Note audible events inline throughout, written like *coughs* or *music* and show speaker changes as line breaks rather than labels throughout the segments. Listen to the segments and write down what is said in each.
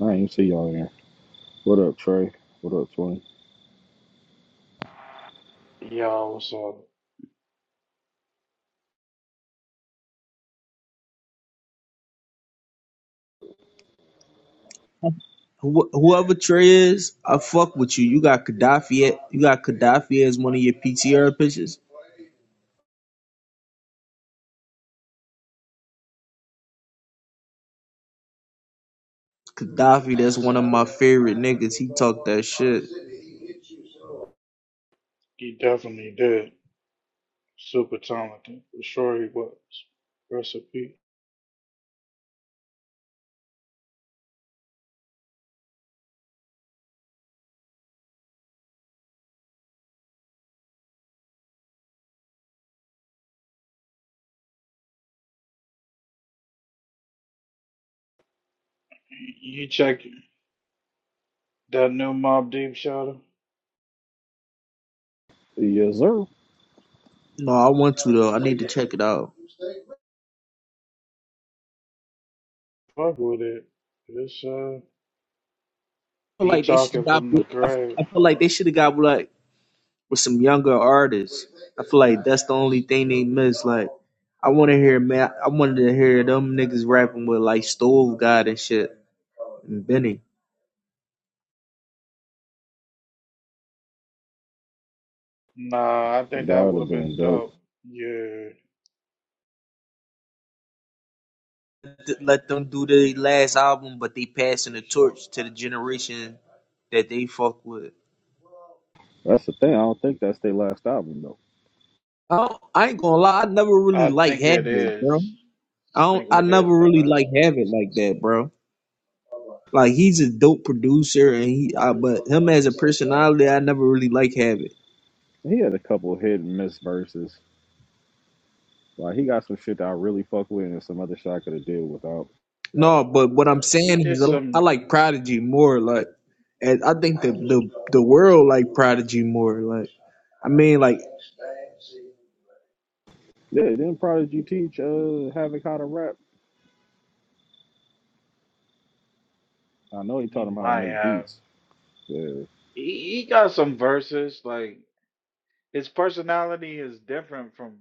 I ain't see y'all in here. What up, Trey? What up, Twin?
Y'all, so
Wh- whoever Trey is, I fuck with you. You got Gaddafi. at- You got Gaddafi as one of your PTR pictures. Gaddafi, that's one of my favorite niggas. He talked that shit.
he definitely did. Super talented. For sure he was. Recipe. You check that new Mob Deep Shadow?
Yes, sir.
No, I want to though. I need to check it out.
Fuck with it. It's uh
I feel
P
like they should
talking
got.
from
I
the
f-
grave.
I feel like they should have got like with some younger artists. I feel like that's the only thing they miss. Like, I want to hear man. I wanted to hear them niggas rapping with like Stove God and shit and Benny.
Nah, I think
That
that
would
would
have
have
been
been
dope.
dope. Yeah.
let them do their last album, but they passing the torch to the generation that they fuck with.
That's the thing. I don't think that's their last album though.
I, don't, I ain't gonna lie, I never really
I
like
think it
Havoc, bro.
is.
I
I
don't,
think
I
it
never
is the
really
last
like
one.
Havoc like that, bro. Like he's a dope producer, and he, I, but him as a personality, I never really like Havoc.
He had a couple hit and miss verses. Like he got some shit that I really fuck with, and some other shit I could have did without.
No, but what I'm
He
saying
did
is, I
some
like Prodigy more. Like, and I think the the the world like Prodigy more. Like. I mean, like
Yeah, didn't Prodigy teach uh Havoc how to rap? I know he taught
he
him how to
might
make
have.
beats. Yeah,
He, he got some verses, like his personality is different from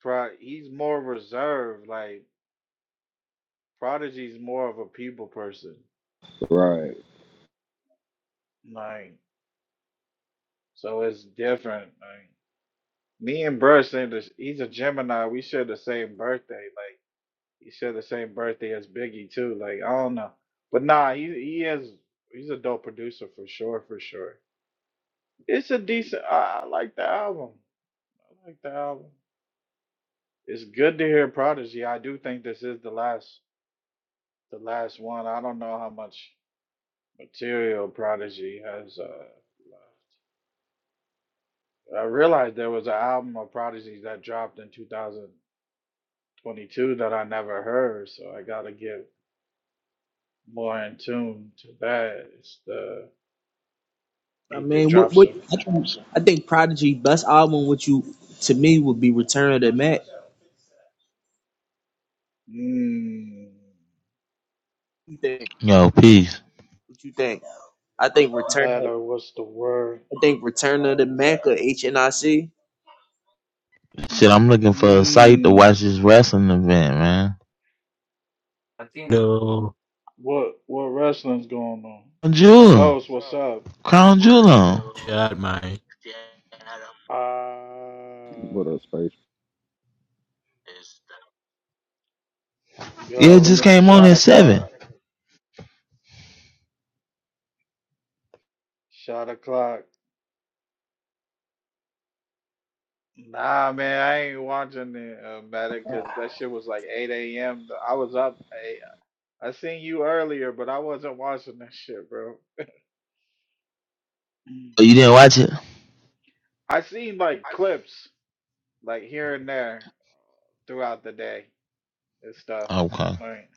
Pro, he's more reserved. Like Prodigy's more of a people person.
right.
Like so, it's different. Like me and Bruh share this. He's a Gemini. We share the same birthday. Like he share the same birthday as Biggie too. Like I don't know, but nah, he he is he's a dope producer for sure, for sure. It's a decent. I, I like the album. I like the album. It's good to hear Prodigy. I do think this is the last the last one. I don't know how much. Material Prodigy has uh I realized there was an album of Prodigy that dropped in 2022 that I never heard, so I gotta get more in tune to that. It's the
I
it did
mean, what
drop
what
some
I do I think Prodigy best album would you to me would be Return of the Mac. What
mmm
you think?
Yo, peace.
What you think? I think Return of
matter what's the word?
I think Return of the Mac or HNIC.
Shit, I'm looking for a site to watch
Mmm
this wrestling event, man.
No,
what what wrestling's going on?
Crown Jewel.
Ghost, what's up?
Crown Jewel on.
chat, man.
Uh
What up, space?
Yeah,
Back
it
From
just
the
Ghost,
came on
stove.
shot
at 7.
o'clock, shot o'clock. Nah, man, I ain't watching it, uh, matter
No,
because that shit was like 8 a.m. I was up. I, I seen you earlier, but I wasn't watching that shit, bro. Mm.
Oh, you didn't watch it?
I seen like clips, like here and there, throughout the day and stuff.
Okay.
Like,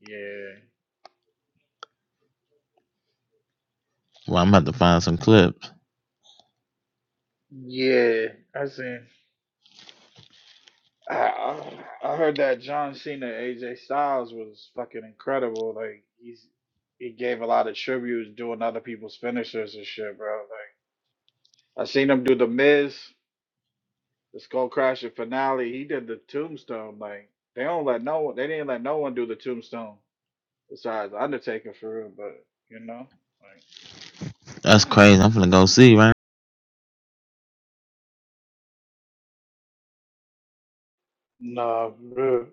yeah,
Well, I'm about to find some clips.
yeah, I seen. I, I I heard that John Cena, AJ Styles was fucking incredible. Like, he's he gave a lot of tributes doing other people's finishers and shit, bro. Like. I seen him do the Miz, the Skull Crusher finale. He did the Tombstone. Like they don't let no one. They didn't let no one do the Tombstone besides Undertaker for real. But you know, like
That's crazy. I'm finna go see, right?
no, bro.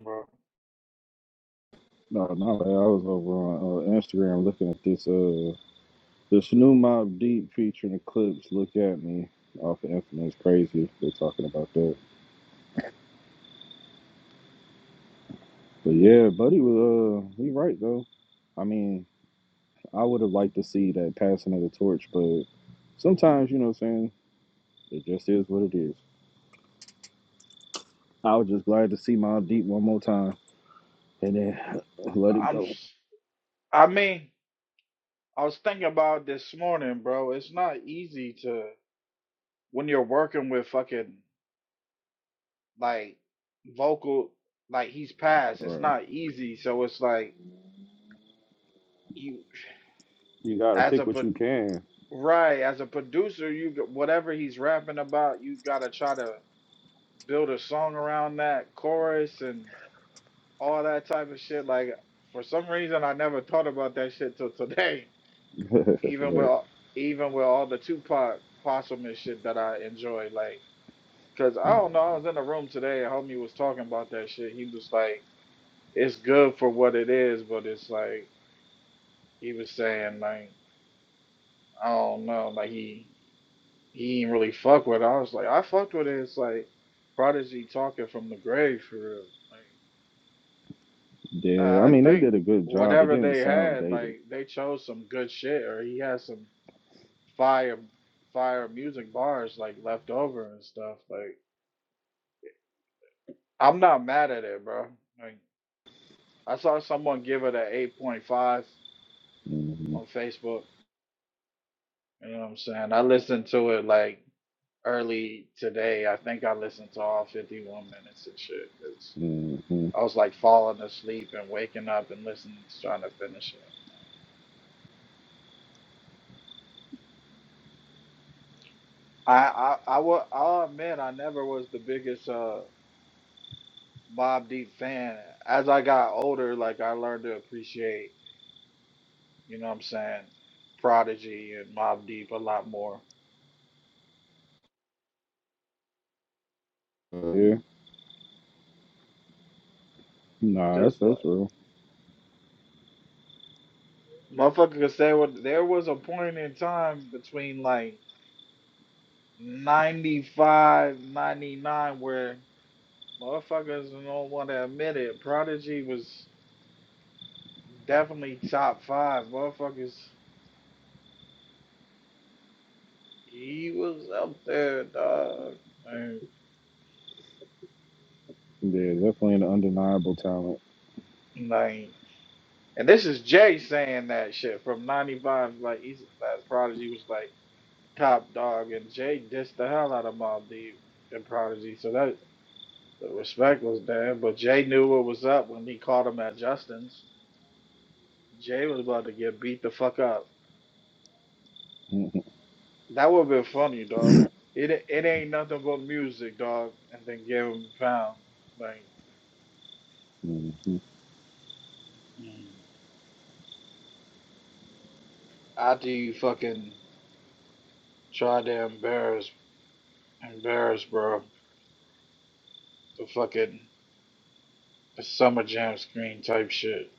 bro.
no, I was over on uh, Instagram looking at this. Uh, This new Mob Deep featuring Eclipse, Look At Me, off of Infamous Crazy. We're talking about that. But yeah, Buddy was, uh, he right though. I mean, I would have liked to see that passing of the torch, but sometimes, you know what I'm saying, it just is what it is. I was just glad to see Mob Deep one more time and then *laughs* let it
I'm.
go.
s- I mean, I was thinking about this morning, bro. It's not easy to when you're working with fucking like vocal. Like he's passed. It's
Or
not easy. So it's like you
you gotta
as
pick
a
what
pro-
you can.
Right, as a producer, you g- whatever he's rapping about, you gotta try to build a song around that chorus and all that type of shit. Like for some reason, I never thought about that shit till today.
*laughs*
*laughs* Even with
right.
all- even with all the Tupac Possum and shit that I enjoy, like, cause I don't know, I was in the room today, and homie was talking about that shit. He was like, "It's good for what it is," but it's like he was saying, like, I don't know, like he he didn't really fuck with it. I was like, I fucked with it. It's like Prodigy talking from the grave for real. Like,
Yeah, I
I I
mean, they
think
did a good job. It
whatever
didn't
they
sound
had,
dated.
like they chose some good shit, or he had some fire, fire music bars like left over and stuff. Like, I'm not mad at it, bro. Like, I saw someone give it a 8.5
hmm
on Facebook. You know what I'm saying? I listened to it like early today. I think I listened to all 51 minutes and shit. It's I was like falling asleep and waking up and listening, trying to finish it. I I I will. I'll admit, I never was the biggest uh Mob Deep fan. As I got older, like I learned to appreciate, you know, what I'm saying, Prodigy and Mob Deep a lot more.
hmm Nah, that's
Just like
that's real.
motherfucker could say what. There was a point in time between like 95 99 where motherfuckers don't want to admit it. Prodigy was. Definitely top five, motherfuckers. He was up there, dog. And,
Yeah, definitely an undeniable talent.
Like, and this is Jay saying that shit from '95. Like, he's that Prodigy was like top dog, and Jay dissed the hell out of Mobb Deep and Prodigy. So that the respect was there, but Jay knew what was up when he caught him at Justin's. Jay was about to get beat the fuck up.
*laughs*
That would have been funny, dog. It it ain't nothing but music, dog. And then give him a pound, like.
Mhm.
Mm. After you fucking try to embarrass, embarrass, bro, the fucking the summer jam screen type shit.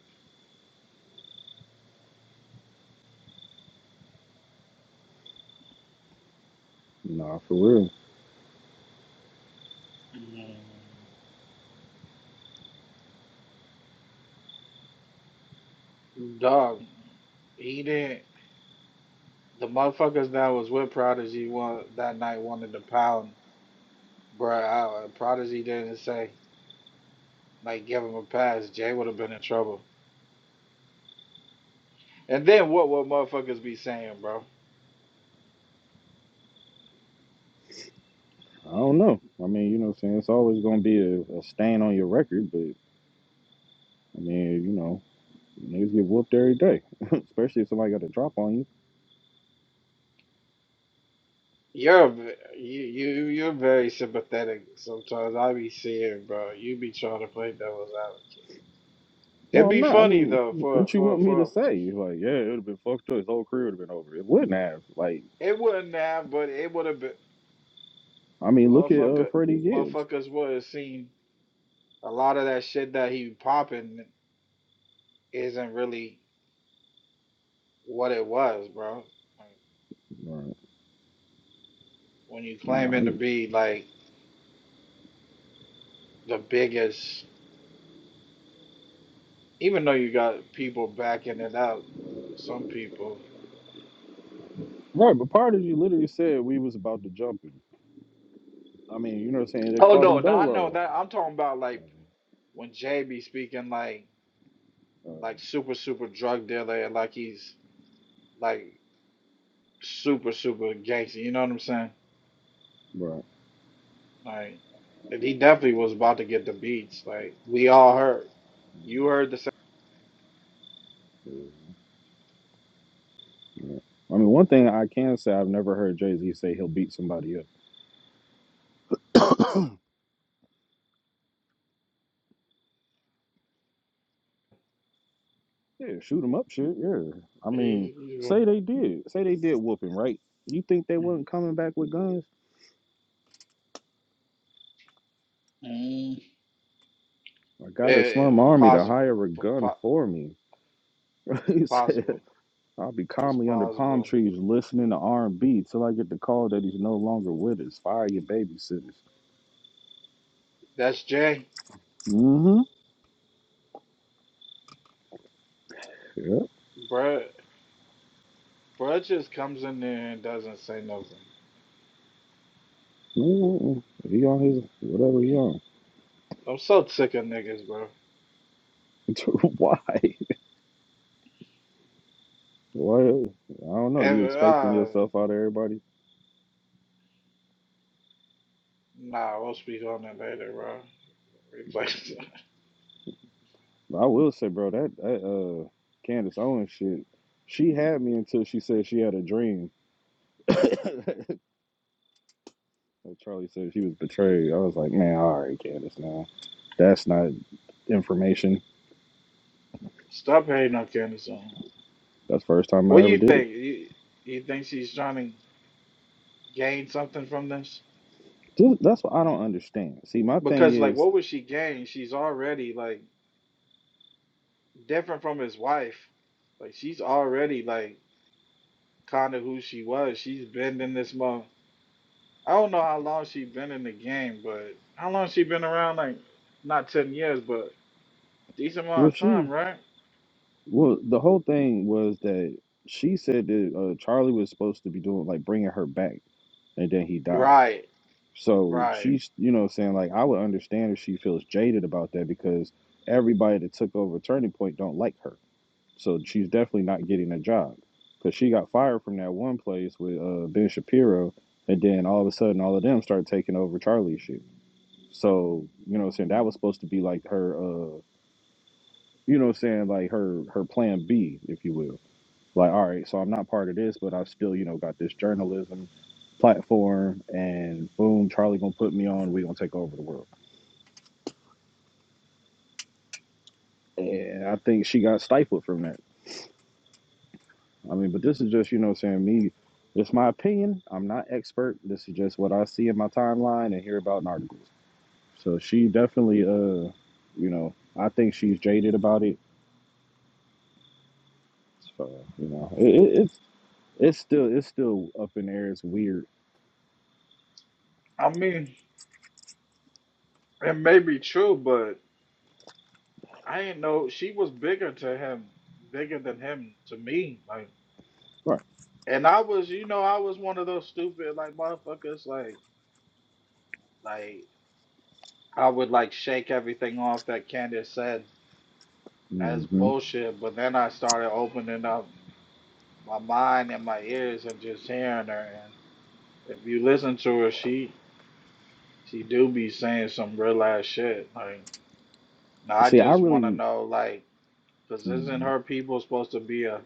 nah, for real.
Mm. Dog, he didn't. The motherfuckers that was with Prodigy one that night wanted to pound, bro. I, uh, Prodigy didn't say like give him a pass. Jay would have been in trouble. And then what would motherfuckers be saying, bro?
I don't know. I mean, you know, what I'm saying it's always gonna be a, a stain on your record, but I mean, you know, niggas get whooped every day, *laughs* especially if somebody got a drop on you.
You're a ve- you you you're very sympathetic sometimes. I be seeing, bro. You be trying to play devil's advocate.
No,
It'd
I'm
be
not. I
funny
mean,
though for
what you
for
want me to
for
say? Like, yeah, it would have been fucked up. His whole career would have been over. It wouldn't have. Like,
it wouldn't have, but it would have been
I mean, look at uh,
motherfucker
Freddie Gibbs.
motherfuckers would have seen a lot of that shit that he popping isn't really what it was, bro. Like
Right.
when you
Nah,
claiming to
I-
be like the biggest, even though you got people backing it out, some people.
right. But part of you literally said we was about to jump him. I mean, you know what I'm saying? They
Oh
called him
no, no, I know
Dolo.
that. I'm talking about like when Jay be speaking like
Oh,
like super super drug dealer, and like he's like super super gangster. You know what I'm saying?
right.
Like, and he definitely was about to get the beats. Like we all heard. You
Mhm.
heard the same.
Yeah. I mean, one thing I can say I've never heard Jay Z say he'll beat somebody up. Yeah, shoot him up, shit. Yeah. I mean,
He-
say
he's-
they did, say they did whoop him, right? You think they
mm,
wasn't coming back with guns?
mm.
I got a slum
eh,
army to
possible,
hire a
P-
gun
po-
for me. *laughs* he said,
possible.
"I'll be
It's
calmly under palm
possible.
trees listening to R and B till I get the call that he's no longer with us. Fire your babysitters."
That's Jay,
Mm-hmm. Yep.
bruh. Bruh just comes in there and doesn't say nothing.
mm He on his whatever he on.
I'm so sick of niggas, bro.
*laughs* Why? Well, I don't know. You
And
expecting
uh,
yourself out of everybody?
nah, we'll speak on that later, bro. Replace.
But I will say, bro, that that uh Candace Owens shit, she had me until she said she had a dream. *laughs* And Charlie said she was betrayed. I was like, man, all right, Candace, now that's not information.
*laughs* Stop hating on Candace.
That's the first time I
What do
ever
you
did it.
think? You you think she's trying to gain something from this?
Just, that's what I don't understand. See, my thing
Because like
is,
what would she gain? She's already like different from his wife. Like she's already like kind of who she was. She's been in this month. I don't know how long she been in the game, but how long she been around? Like not ten years, but decent
well,
amount of time,
she,
right?
well, the whole thing was that she said that uh, Charlie was supposed to be doing like bringing her back, and then he dies.
Right,
So
right.
she's, you know, what I'm saying like I would understand if she feels jaded about that because everybody that took over Turning Point don't like her. So she's definitely not getting a job because she got fired from that one place with uh, Ben Shapiro, and then all of a sudden all of them started taking over Charlie's shit. So you know, what I'm saying that was supposed to be like her, uh, you know, what I'm saying like her her plan B, if you will like all right so i'm not part of this but i still you know got this journalism platform and boom charlie gonna put me on we gonna take over the world and i think she got stifled from that i mean but this is just you know what I'm saying me it's my opinion i'm not expert this is just what i see in my timeline and hear about in articles so she definitely uh you know i think she's jaded about it so you know it, it, it's it's still it's still up in the air it's weird
I mean, it may be true, but I didn't know she was bigger to him, bigger than him to me. Like
right
And I was, you know, I was one of those stupid like motherfuckers. Like, like I would like shake everything off that Candace said as
hmm
bullshit. But then I started opening up my mind and my ears and just hearing her. And if you listen to her, she she do be saying some real ass shit. Like, now I
see i
just want to
really
know, like, cause
mm-hmm.
isn't her people supposed to be a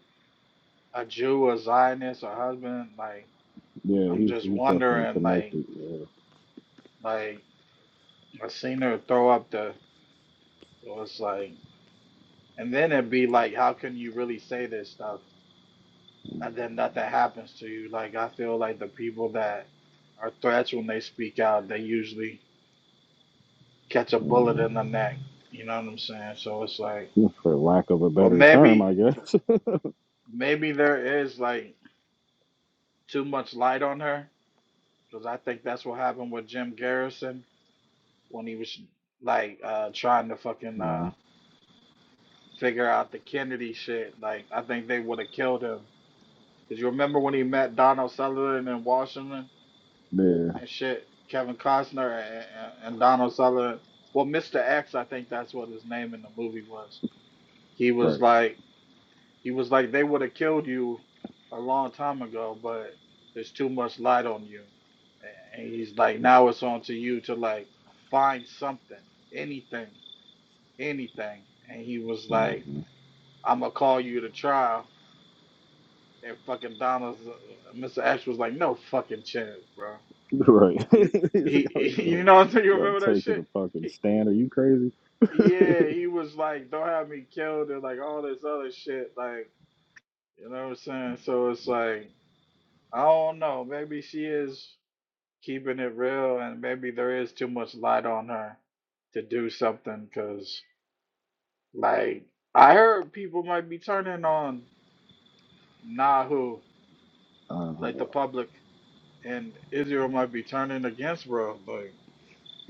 a Jew, a Zionist, a husband? Like,
Yeah,
I'm
he's
just
he's definitely
wondering, like,
connected. Yeah,
like I seen her throw up the So it's like, and then it'd be like, how can you really say this stuff and then nothing happens to you? Like, I feel like the people that are threats when they speak out, they usually catch a bullet
Mhm.
in the neck. You know what I'm saying? So it's like,
Mhm. for lack of a
but
better term,
maybe,
I guess.
maybe there is like too much light on her because I think that's what happened with Jim Garrison when he was like uh trying to
*laughs*
fucking uh
Mhm.
figure out the Kennedy shit. Like, I think they would have killed him Because you remember when he met Donald Sutherland in Washington
Yeah,
and shit, Kevin Costner and, and, and Donald Sutherland. Well, Mr. X, I think that's what his name in the movie was. He was
right.
like, he was like, they would have killed you a long time ago, but there's too much light on you. And he's like, now it's on to you to like find something, anything, anything. And he was like,
Mhm.
I'm gonna call you to trial. And fucking Donald, Mr. X was like, no fucking chance, bro.
*laughs* Right.
He,
*laughs* I was
he, *laughs* you
doing-
know, what you remember that
taking a
shit?
fucking
He,
stand. Are you crazy? *laughs*
yeah, he was like, "Don't have me killed," and like all this other shit. Like, you know what I'm saying? So it's like, I don't know. Maybe she is keeping it real, and maybe there is too much light on her to do something. Cause like, I heard people might be turning on Nahu,
uh,
like the public, and Israel might be turning against bro. But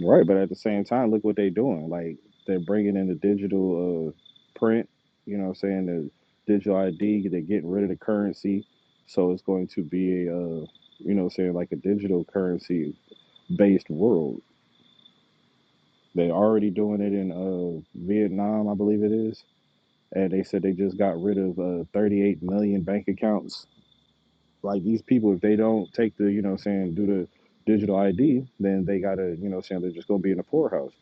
right, but at the same time, look what they're doing. Like they're bringing in the digital uh, print. You know, what I'm saying the digital ID. They're getting rid of the currency, so it's going to be a uh, you know, what I'm saying like a digital currency based world. They're already doing it in uh, Vietnam, I believe it is. And they said they just got rid of uh, 38 million bank accounts. Like these people, if they don't take the, you know, what I'm saying do the digital ID, then they gotta, you know, what I'm saying they're just gonna be in the poorhouse.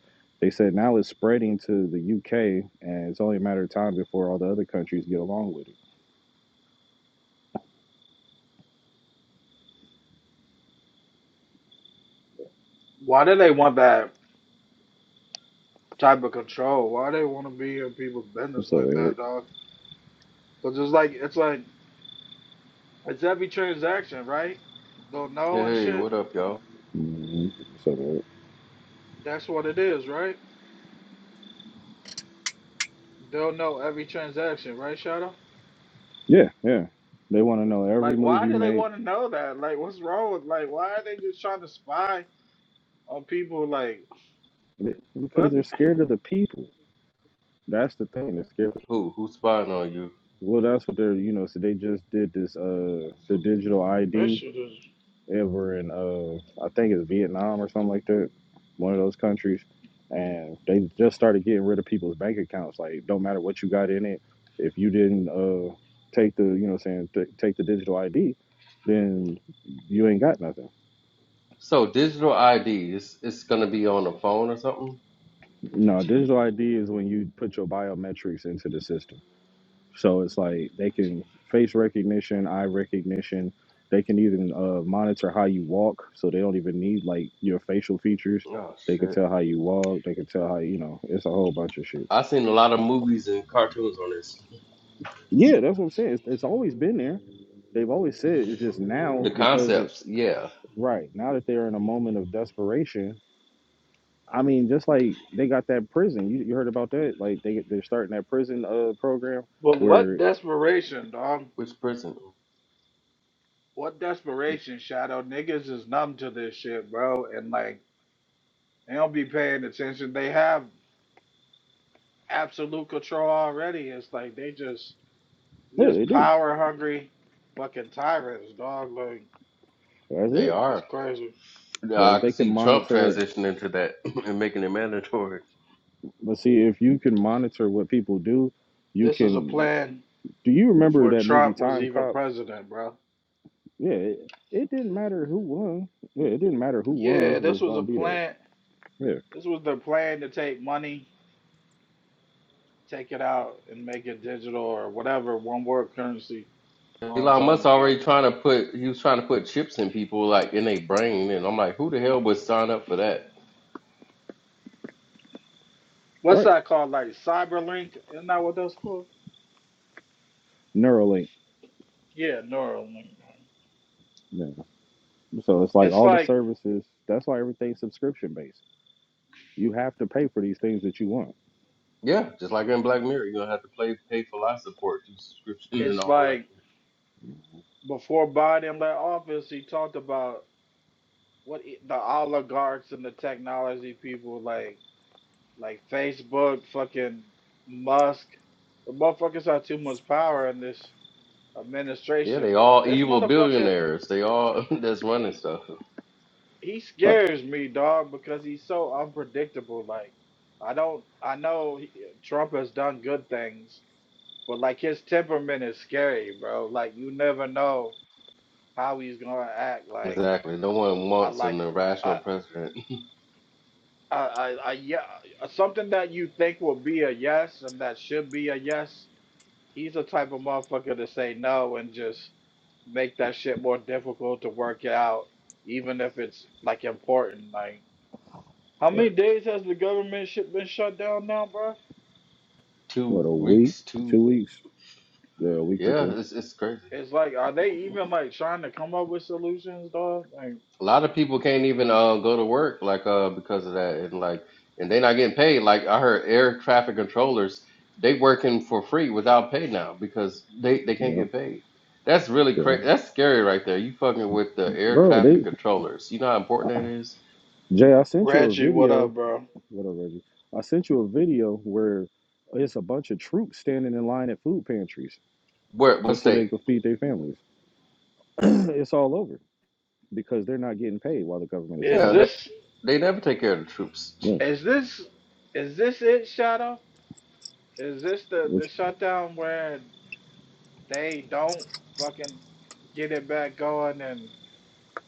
They said now it's spreading to the UK, and it's only a matter of time before all the other countries get along with it.
why do they want that? type of control. Why they want to be in people's business
What's up,
like
Eric?
that, dog? Because it's like it's like it's every transaction, right? They'll know and
Hey,
shit.
what up, y'all?
hmm What's up, Eric?
That's what it is, right? They'll know every transaction, right, Shadow?
Yeah, yeah. They want to know every
Like,
move
why
you
do they
make
want to know that? Like, what's wrong with like? Why are they just trying to spy on people? Like,
because
what?
they're scared of the people. That's the thing.
Who who's spying on you?
Well, that's what they're you know. So they just did this uh the digital
That
ID
shit is.
ever in uh I think it's Vietnam or something like that, one of those countries, and they just started getting rid of people's bank accounts. Like, don't matter what you got in it, if you didn't uh take the you know saying t- take the digital ID, then you ain't got nothing.
So digital ID is it's it's gonna be on the phone or something?
No, digital ID is when you put your biometrics into the system. So it's like they can face recognition, eye recognition. They can even uh, monitor how you walk, so they don't even need like your facial features.
Oh
They can
shit.
tell how you walk. They can tell how you know. It's a whole bunch of shit.
I seen a lot of movies and cartoons on this.
Yeah, that's what I'm saying. It's, it's always been there. They've always said it. it's just
The
now because it,
concepts, yeah.
right now that they're in a moment of desperation. I mean, just like they got that prison. You, you heard about that? Like they they're starting that prison uh program
But what
where
desperation, dog?
Which prison?
What desperation, Shadow? Niggas is numb to this shit, bro. And like, they don't be paying attention. They have. absolute control already. It's like they just
yeah
this
they do.
power hungry fucking tyrants, dog. Like
That's
They
it.
that's
are.
crazy.
Yeah,
But if
I can
they can
see Trump
monitor
transitioning to that *clears throat* and making it mandatory.
But see, if you can monitor what people do, you
This is a
can.
plan
Do you remember
before
that movie
Trump was
Time
even
Cop?
president, bro.
Yeah, it, it didn't matter who won. Yeah, it didn't matter who won.
Yeah,
It
this
was
was a
going to be there.
plan.
Yeah,
This was the plan to take money, take it out, and make it digital or whatever one world currency. Long
Elon
time
Musk
ago.
already trying to put he was trying to put chips in people like in their brain and I'm like, who the hell would sign up for that?
What's
right.
that called? Like Cyberlink? Isn't that what that's called?
Neuralink.
Yeah, Neuralink.
Yeah. So it's like
It's
all the
like
services. That's why everything's subscription based. You have to pay for these things that you want.
Yeah, just like in Black Mirror, you're gonna have to play pay for life support through subscription and
it's
all that.
like before Biden left office, he talked about what i- the oligarchs and the technology people like, like Facebook, fucking Musk. The motherfuckers have too much power in this
Yeah, they
administration.
all
This
evil
motherfucker,
billionaires. They all *laughs* that's running
he
stuff.
he
Right.
scares me, dog, because he's so unpredictable. Like, I don't, I know he, Trump has done good things, but like his temperament is scary, bro. Like, you never know how he's gonna act. Like,
Exactly. No one
I
wants an
like.
irrational
I,
president.
a, a, a yeah, something that you think will be a yes and that should be a yes, he's the type of motherfucker to say no and just make that shit more difficult to work out, even if it's like important. Like, how many
Right.
days has the government shit been shut down now, bro?
*laughs* Two
What a week,
weeks, two.
two weeks, yeah, a week or
Yeah,
two.
it's it's crazy.
It's like, are they even like trying to come up with solutions, dog? Like,
A lot of people can't even uh, go to work like uh because of that, and like and they're not getting paid. Like I heard air traffic controllers, they working for free without pay now because they they can't
Yeah.
get paid. That's really
Yeah.
crazy. That's scary right there. You fucking with the air
Bro,
traffic
they
controllers. You know how important that is.
Jay, I sent you a
Reggie, what
video
up, bro?
What up, Reggie? I sent you a video where it's a bunch of troops standing in line at food pantries
Where what
just so
state?
they could feed their families. *clears throat* it's all over because they're not getting paid while the government is shut
Is
Yeah,
down.
they,
this
they never take care of the troops. *laughs*
Yeah.
is this is this it, Shadow? Is this the the
Which
shutdown where? they don't fucking get it back going and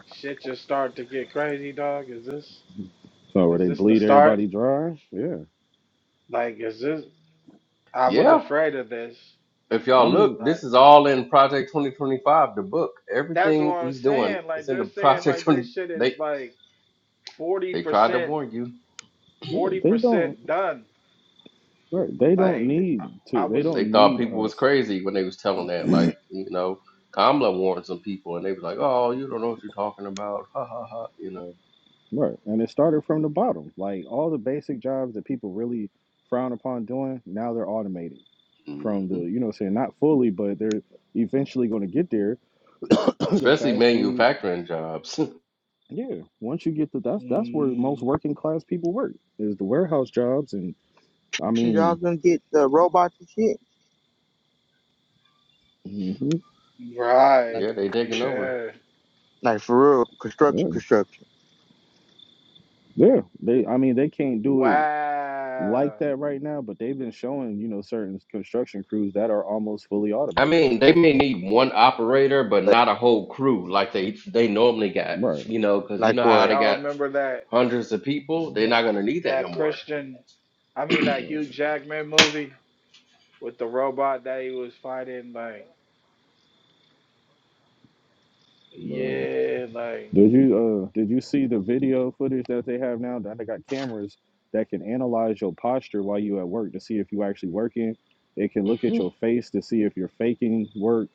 shit just start to get crazy, dog, is this
so where
is
they
this the
bleed
start?
everybody dry? Yeah.
Like is this I was
Yeah.
afraid of this.
If
I
y'all look,
mean,
this
Like
is all in Project 2025, the book.
that's
Everything
what I'm
he's doing,
saying.
it's
Like
in
they're
the *laughs*
saying
Project
like
20.
this shit is
They
like forty
they tried to
percent
warn you.
yeah,
forty
they don't
percent done.
right. They
And They
don't
Like I,
need
I
to they
was
they
don't
thought
need
people was
us.
crazy when they was telling that. Like, you know, Kamala warned some people, and they was like, "Oh, you don't know what you're talking about." Ha ha ha. You know,
Right. And it started from the bottom. Like all the basic jobs that people really frown upon doing, now they're automated from the
hmm
you know what I'm saying not fully, but they're eventually going to get there *clears throat* the
especially
fast food.
manufacturing jobs.
Yeah, once you get to that's that's where most
mm,
working class people work is the warehouse jobs, and I
construction y'all
mean,
gonna get the robots and shit?
hmm
*laughs*
Like
right.
yeah, they taking over.
Yeah.
Like for real, construction,
yeah,
construction.
yeah, they. I mean, they can't do it like
Wow.
that right now, but they've been showing you know certain construction crews that are almost fully
I
automated.
mean, they may need one operator, but
But
not a whole crew like they they normally got.
Right,
You know, because you know
like
how they
what?
Y'all
got.
remember that
hundreds of people,
Mm-hmm.
they're
That
not gonna need that no
that
more.
Christian, I mean that Hugh
right,
Jackman movie with the robot that he was fighting, like
Right.
yeah, like
Did you uh did you see the video footage that they have now? That they got cameras that can analyze your posture while you at work to see if you actually working. It can look at
*laughs*
your face to see if you're faking work,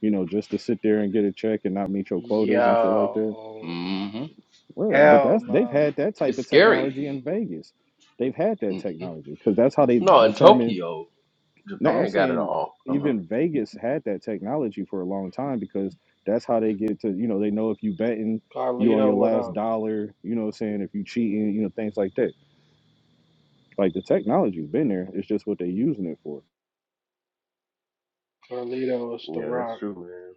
you know, just to sit there and get a check and not meet your quotas and shit like that.
yo,
hmm
Where? But
hell
that's they've
no.
had that type
It's
of
scary.
technology in Vegas. They've had that
hmm
technology because that's how they
No, in
determine
Tokyo,
no, I'm
Japan got it
saying
all. Uh huh.
even Vegas had that technology for a long time because that's how they get to, you know, they know if you betting, you on
Carlito,
your
what
last
up?
dollar, you know what I'm saying, if you cheating, you know, things like that. Like the technology's been there. It's just what they using it for.
Carlito, it's The
Yeah, that's
Rock.
true, man.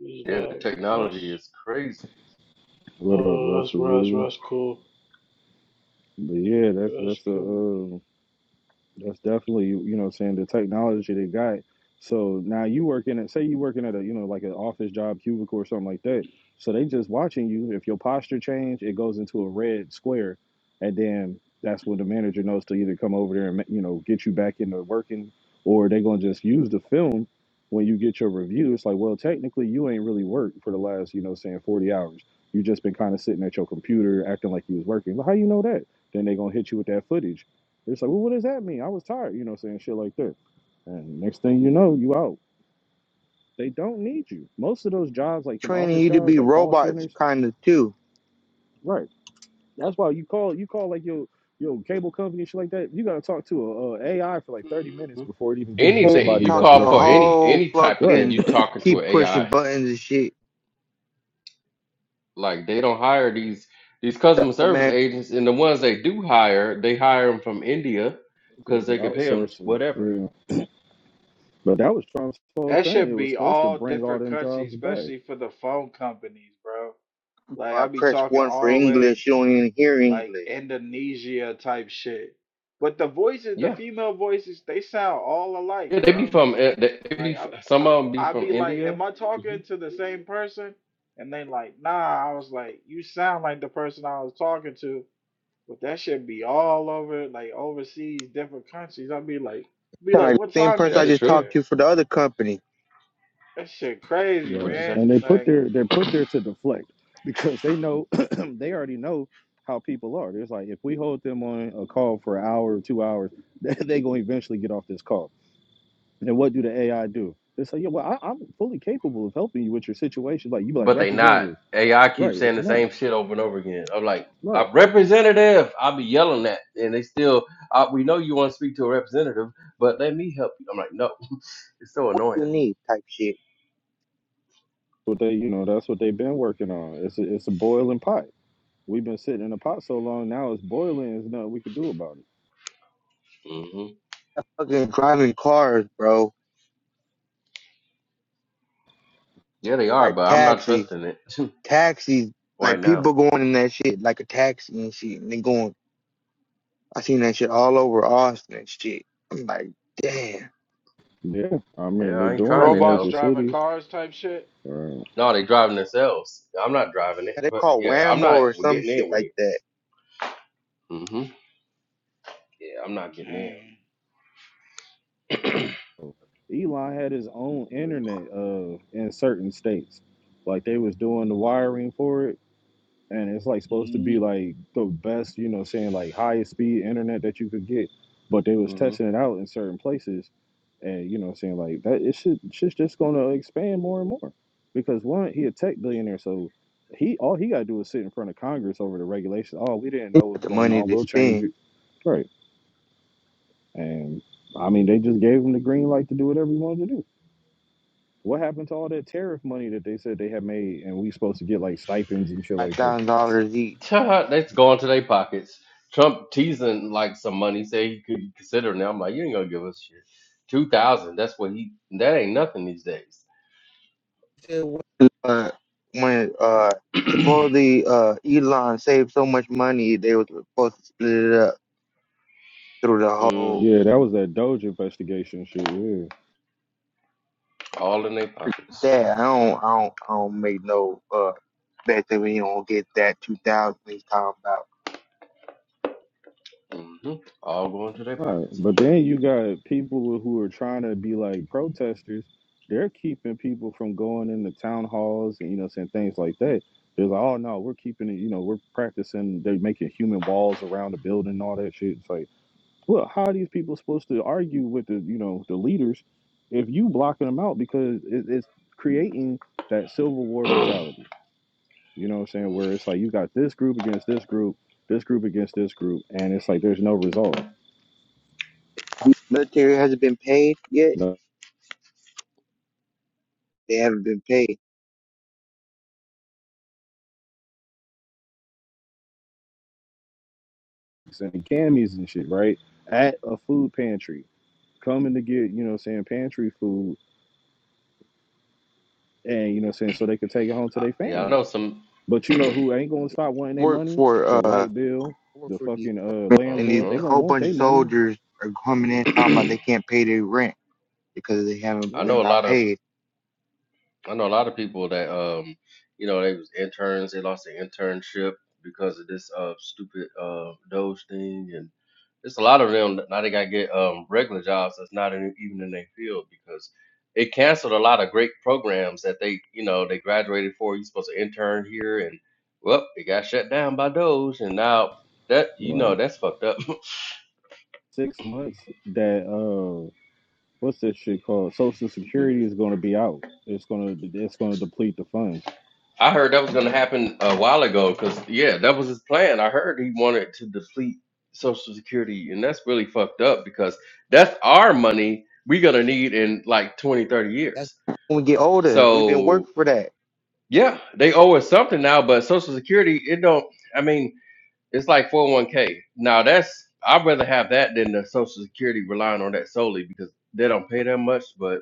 Is
Yeah, the
that
technology
that's
is crazy.
What up,
oh that's
Roster
Russ,
Ruler?
that's cool,
But yeah, that's
that's
that's a
cool.
uh, That's definitely, you know, what I'm saying the technology they got. So now you working at, say you working at a, you know, like an office job, cubicle or something like that. So they just watching you. If your posture change, it goes into a red square, and then that's when the manager knows to either come over there and ma- you know get you back into working, or they gonna just use the film when you get your review. It's like, well, technically you ain't really worked for the last, you know, what I'm saying forty hours. You just been kind of sitting at your computer acting like you was working. Well, how you know that? Then they gonna hit you with that footage it's like, well, what does that mean? I was tired, you know, saying shit like that. And next thing you know, you out. They don't need you. Most of those jobs, like them
Training
office
you to
jobs,
be
like call
robots
centers,
kind of too.
right? That's why you call you call like your your cable company and shit like that. You got to talk to a, AI for like thirty minutes
hmm
before it even gives you
Anything
somebody
you
Talk
that's a
to
call
a
for
representative,
any
whole
any type of thing,
right? *laughs*
you
fucking
talking to an
keep pushing
AI.
buttons and shit.
Like they don't hire these these customer
I
service
mean,
agents, and the ones they do hire, they hire them from India
*clears throat*
because
They
they can pay them
outsource it,
whatever.
yeah. But that was Trump's whole
That
thing. It
should
was
be
supposed to
all
bring all
different
them
countries,
jobs back.
especially for the phone companies, bro. Like
I
I be
press
talking
one for
all the way.
English, you don't even hear
like
English.
Indonesia type shit. But the voices, the
Yeah,
female voices, they sound all alike,
yeah, they be
bro.
from eh, they they be
Like I,
f-
I,
some of them be
I
from
be like, am
India.
I
Mm-hmm.
talking to the same person? And they like, nah. I was like, you sound like the person I was talking to, but that should be all over, like overseas, different countries. i be like, be
Kinda
like,
like
what
the same
time
person
is
I
That's
it
just
true.
talked
there?
to for the other company.
That shit crazy,
What you
Right.
man.
say?
And they put
Like
their they're put there to deflect because they know *clears throat* they already know how people are. It's like if we hold them on a call for an hour or two hours, *laughs* they they gonna eventually get off this call. And then what do the AI do? They say, yeah, well, I, I'm fully capable of helping you with your situation. Like you be like
But they not.
representative,
AI
right?
keeps saying
It's
the same
not
shit over and over again. I'm like, a
right.
representative. I'll be yelling that, and they still. Uh, we know you want to speak to a representative, but let me help you. I'm like, no, *laughs* it's so annoying.
You need type shit.
But they, you know, that's what they've been working on. It's a, it's a boiling pot. We've been sitting in the pot so long now it's boiling. There's nothing we could do about it.
hmm
Fucking driving cars, bro.
Yeah, they are,
Like
but I'm not
taxis.
trusting it *laughs*
Taxis.
right
Like
now.
people going in that shit like a taxi and shit and they going I seen that shit all over Austin and shit. I'm like, damn.
Yeah, I
Yeah,
mean they're
I ain't
doing
trying
the
it
robots
though.
major
driving
cities.
cars type shit.
Right.
No, they driving themselves. I'm not driving it,
Yeah, They
but
call
yeah, I'm
Whammo
not
or some
getting
shit
in with
like
it.
that.
hmm Yeah, I'm not getting
Damn.
Elon had his own internet uh in certain states. Like they was doing the wiring for it and it's like supposed to be
Mhm.
like the best, you know, saying like highest speed internet that you could get. But they was
in.
testing it out in certain places and you know saying like that it should shit's just gonna expand more and more. Because one, he a tech billionaire, so he all he gotta do is sit in front of Congress over the regulations. Oh, we didn't know what
But
was
the
going
money
on,
to
we'll change
spend,
it. Right. And I mean they just gave him the green light to do whatever he wanted to do. What happened to all that tariff money that they said they had made and we supposed to get like stipends and shit
five
like that?
thousand dollars each.
*laughs* That's going to their pockets. Trump teasing like some money, say he could consider it now. I'm like, you ain't gonna give us shit. Two thousand. That's what he. That ain't nothing these days.
Uh, when uh
*clears throat*
supposedly uh Elon saved so much money, they was supposed to split it up through the
mm,
whole.
Yeah, that was that Doge investigation shit, yeah.
all in their pockets.
That I don't, I don't, I don't make no uh bet that we don't get that two thousand he's talking about.
hmm All going to their
All right.
pockets.
But then you got people who are trying to be like protesters. They're keeping people from going into town halls and you know saying things like that. They're like, oh no, we're keeping it. You know, we're practicing. They're making human walls around the building and all that shit. It's like, Look, how are these people supposed to argue with the you know the leaders if you blocking them out because it, it's creating that civil war mentality. You know what I'm saying? Where it's like you got this group against this group, this group against this group, and it's like there's no resolve.
Military hasn't been paid yet.
No
They haven't been paid.
sending camis and shit, right? At a food pantry, coming to get you know what I'm saying pantry food, and you know what I'm saying so they can take it home to
I,
their
yeah, I
families.
know some.
But you know who ain't gonna stop wanting their
Work
money?
for
The
uh
light bill,
work
the
for DC.
fucking uh
and these
landlord. They
uh
gonna
whole
want
bunch
their
of
money.
soldiers are coming in
*clears throat*
talking about they can't pay their rent because they haven't
I
been-
know a
got
lot of
paid.
I know a lot of people that um, you know, they was interns, they lost their internship because of this uh stupid uh Doge thing and it's a lot of them that now they gotta get um regular jobs that's not in, even in their field because it canceled a lot of great programs that they you know they graduated for. You're supposed to intern here and well, it got shut down by Doge and now that you know
Right.
that's fucked up. *laughs*
Six months that uh what's this shit called? Social Security is gonna be out. It's gonna it's gonna deplete the funds.
I heard that was going to happen a while ago because, yeah, that was his plan. I heard he wanted to deplete Social Security, and that's really fucked up because that's our money we're going to need in like 20, 30
That's
years.
when we get older. We've been
So,
working for that.
yeah, they owe us something now, but Social Security, it don't, I mean, it's like 401k. Now, that's, I'd rather have that than the Social Security relying on that solely because they don't pay that much, but.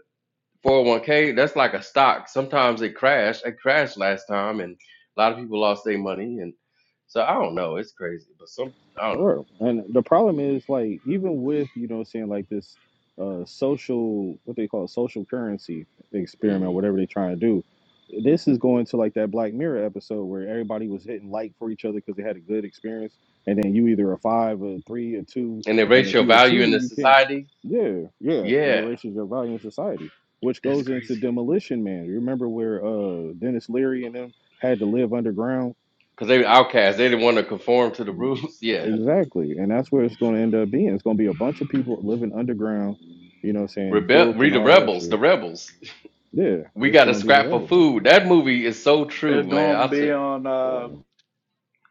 401k, that's like a stock. Sometimes it crashed. It crashed last time, and a lot of people lost their money. And so I don't know. It's crazy, but some I don't
Sure. And the problem is like even with, you know, saying like this uh social what they call it, social currency
know.
experiment,
Mm.
whatever they're trying to do, this is going to like that Black Mirror episode where everybody was hitting like for each other because they had a good experience and then you either a five or a three or two,
And the
and if
racial
you a
value in
two
the
you can't
society,
yeah, yeah. It
yeah,
erases your value in society. Which
that's
goes
crazy.
into demolition man. You remember where uh Dennis Leary and them had to live underground?
Cause they were outcasts. They didn't want to conform to the rules. *laughs* Yeah,
Exactly. And that's where it's going to end up being. It's going to be a bunch of people living underground, you know what I'm saying,
rebel.
filth
Read
and
the
all that
rebels. The
shit.
rebels.
Yeah,
We
it's
got to
going to be the
scrap for
rebels
food.
underground.
That movie is so true,
It's
man.
gonna
I
be
said
on. Uh,
Wow.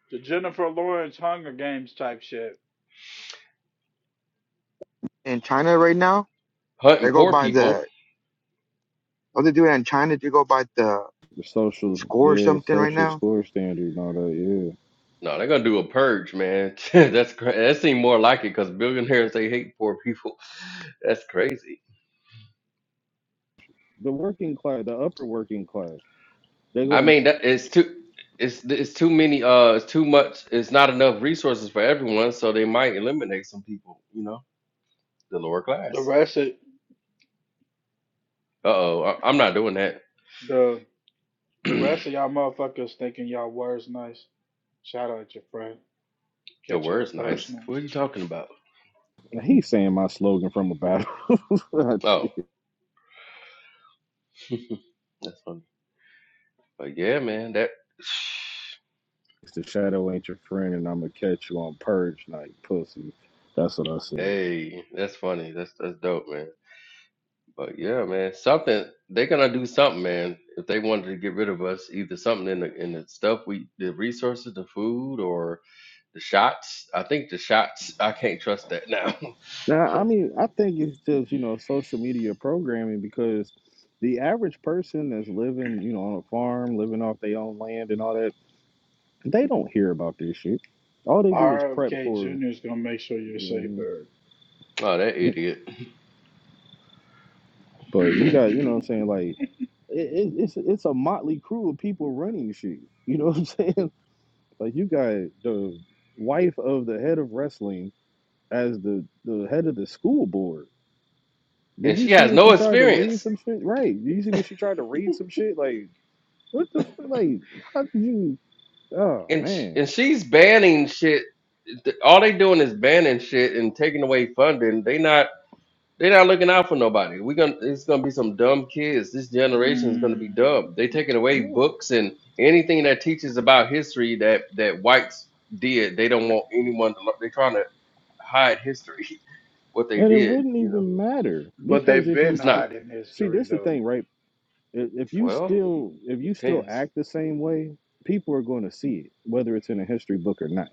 The Jennifer Lawrence Hunger Games type shit.
In China right now,
hunting
they go
poor
by
people.
the what they do in China. They go by the
The social,
score or
yeah,
something right
social
now.
score standards and all that, yeah.
No, they're gonna do a purge, man. *laughs* that's cra- that seems more like it because billionaires they hate poor people. *laughs* That's crazy.
The working class, the upper working class, they're
I
going
mean, that it's too it's it's too many uh it's too much it's not enough resources for everyone, so they might eliminate some people, you know, the lower
The
class.
rest of
Uh-oh, I, I'm not doing that.
the the rest of y'all motherfuckers thinking y'all words nice. Shout out your friend.
*clears throat* Your
Catch your
word's nice.
personal.
What are you talking about?
to, he's saying my slogan from a battle. *laughs* it's
Oh, *laughs* that's funny. But yeah, man, that *sighs*
the shadow ain't your friend and I'm going to catch you on purge night, pussy. That's what I said.
hey, that's funny. That's that's dope, man. But yeah, man, something they're gonna do something, man. If they wanted to get rid of us, either something in the in the stuff we the resources, the food, or The shots. I think the shots. I can't trust that now. *laughs*
Now, I mean, I think it's just, you know, social media programming because the average person that's living, you know, on a farm, living off their own land and all that, they don't hear about this shit. All they do is prep
RFK
for,
Jr. is gonna make sure you're safe,
um,
oh, that idiot.
but you
Eric. *coughs*
got, you know what I'm saying? Like, it, it, it's it's a motley crew of people running shit. You know what I'm saying? *laughs* Like, you got the wife of the head of wrestling as the, the head of the school board. Did
And
you
she
see
has
when
no
she tried to read
experience.
some shit? Right. Did you see when she tried to read some shit? Like, What the fuck? Like, how did you? Oh
And sh-
man,
and she's banning shit. Th- All they doing is banning shit and taking away funding. They not they not looking out for nobody. We gonna it's gonna be some dumb kids. This generation is gonna be
Mm.
dumb. They taking away
no.
books and anything that teaches about history that that whites did. They don't want anyone to. lear- They trying to hide history. *laughs* What they
And it
did,
wouldn't
you know,
even matter
But
because
they've
if you
been
it's
st-
not
hiding
see,
history
this the
though.
thing, right? I- If you
well
still, if you still
depends.
act the same way, people are going to see it, whether it's in a history book or not.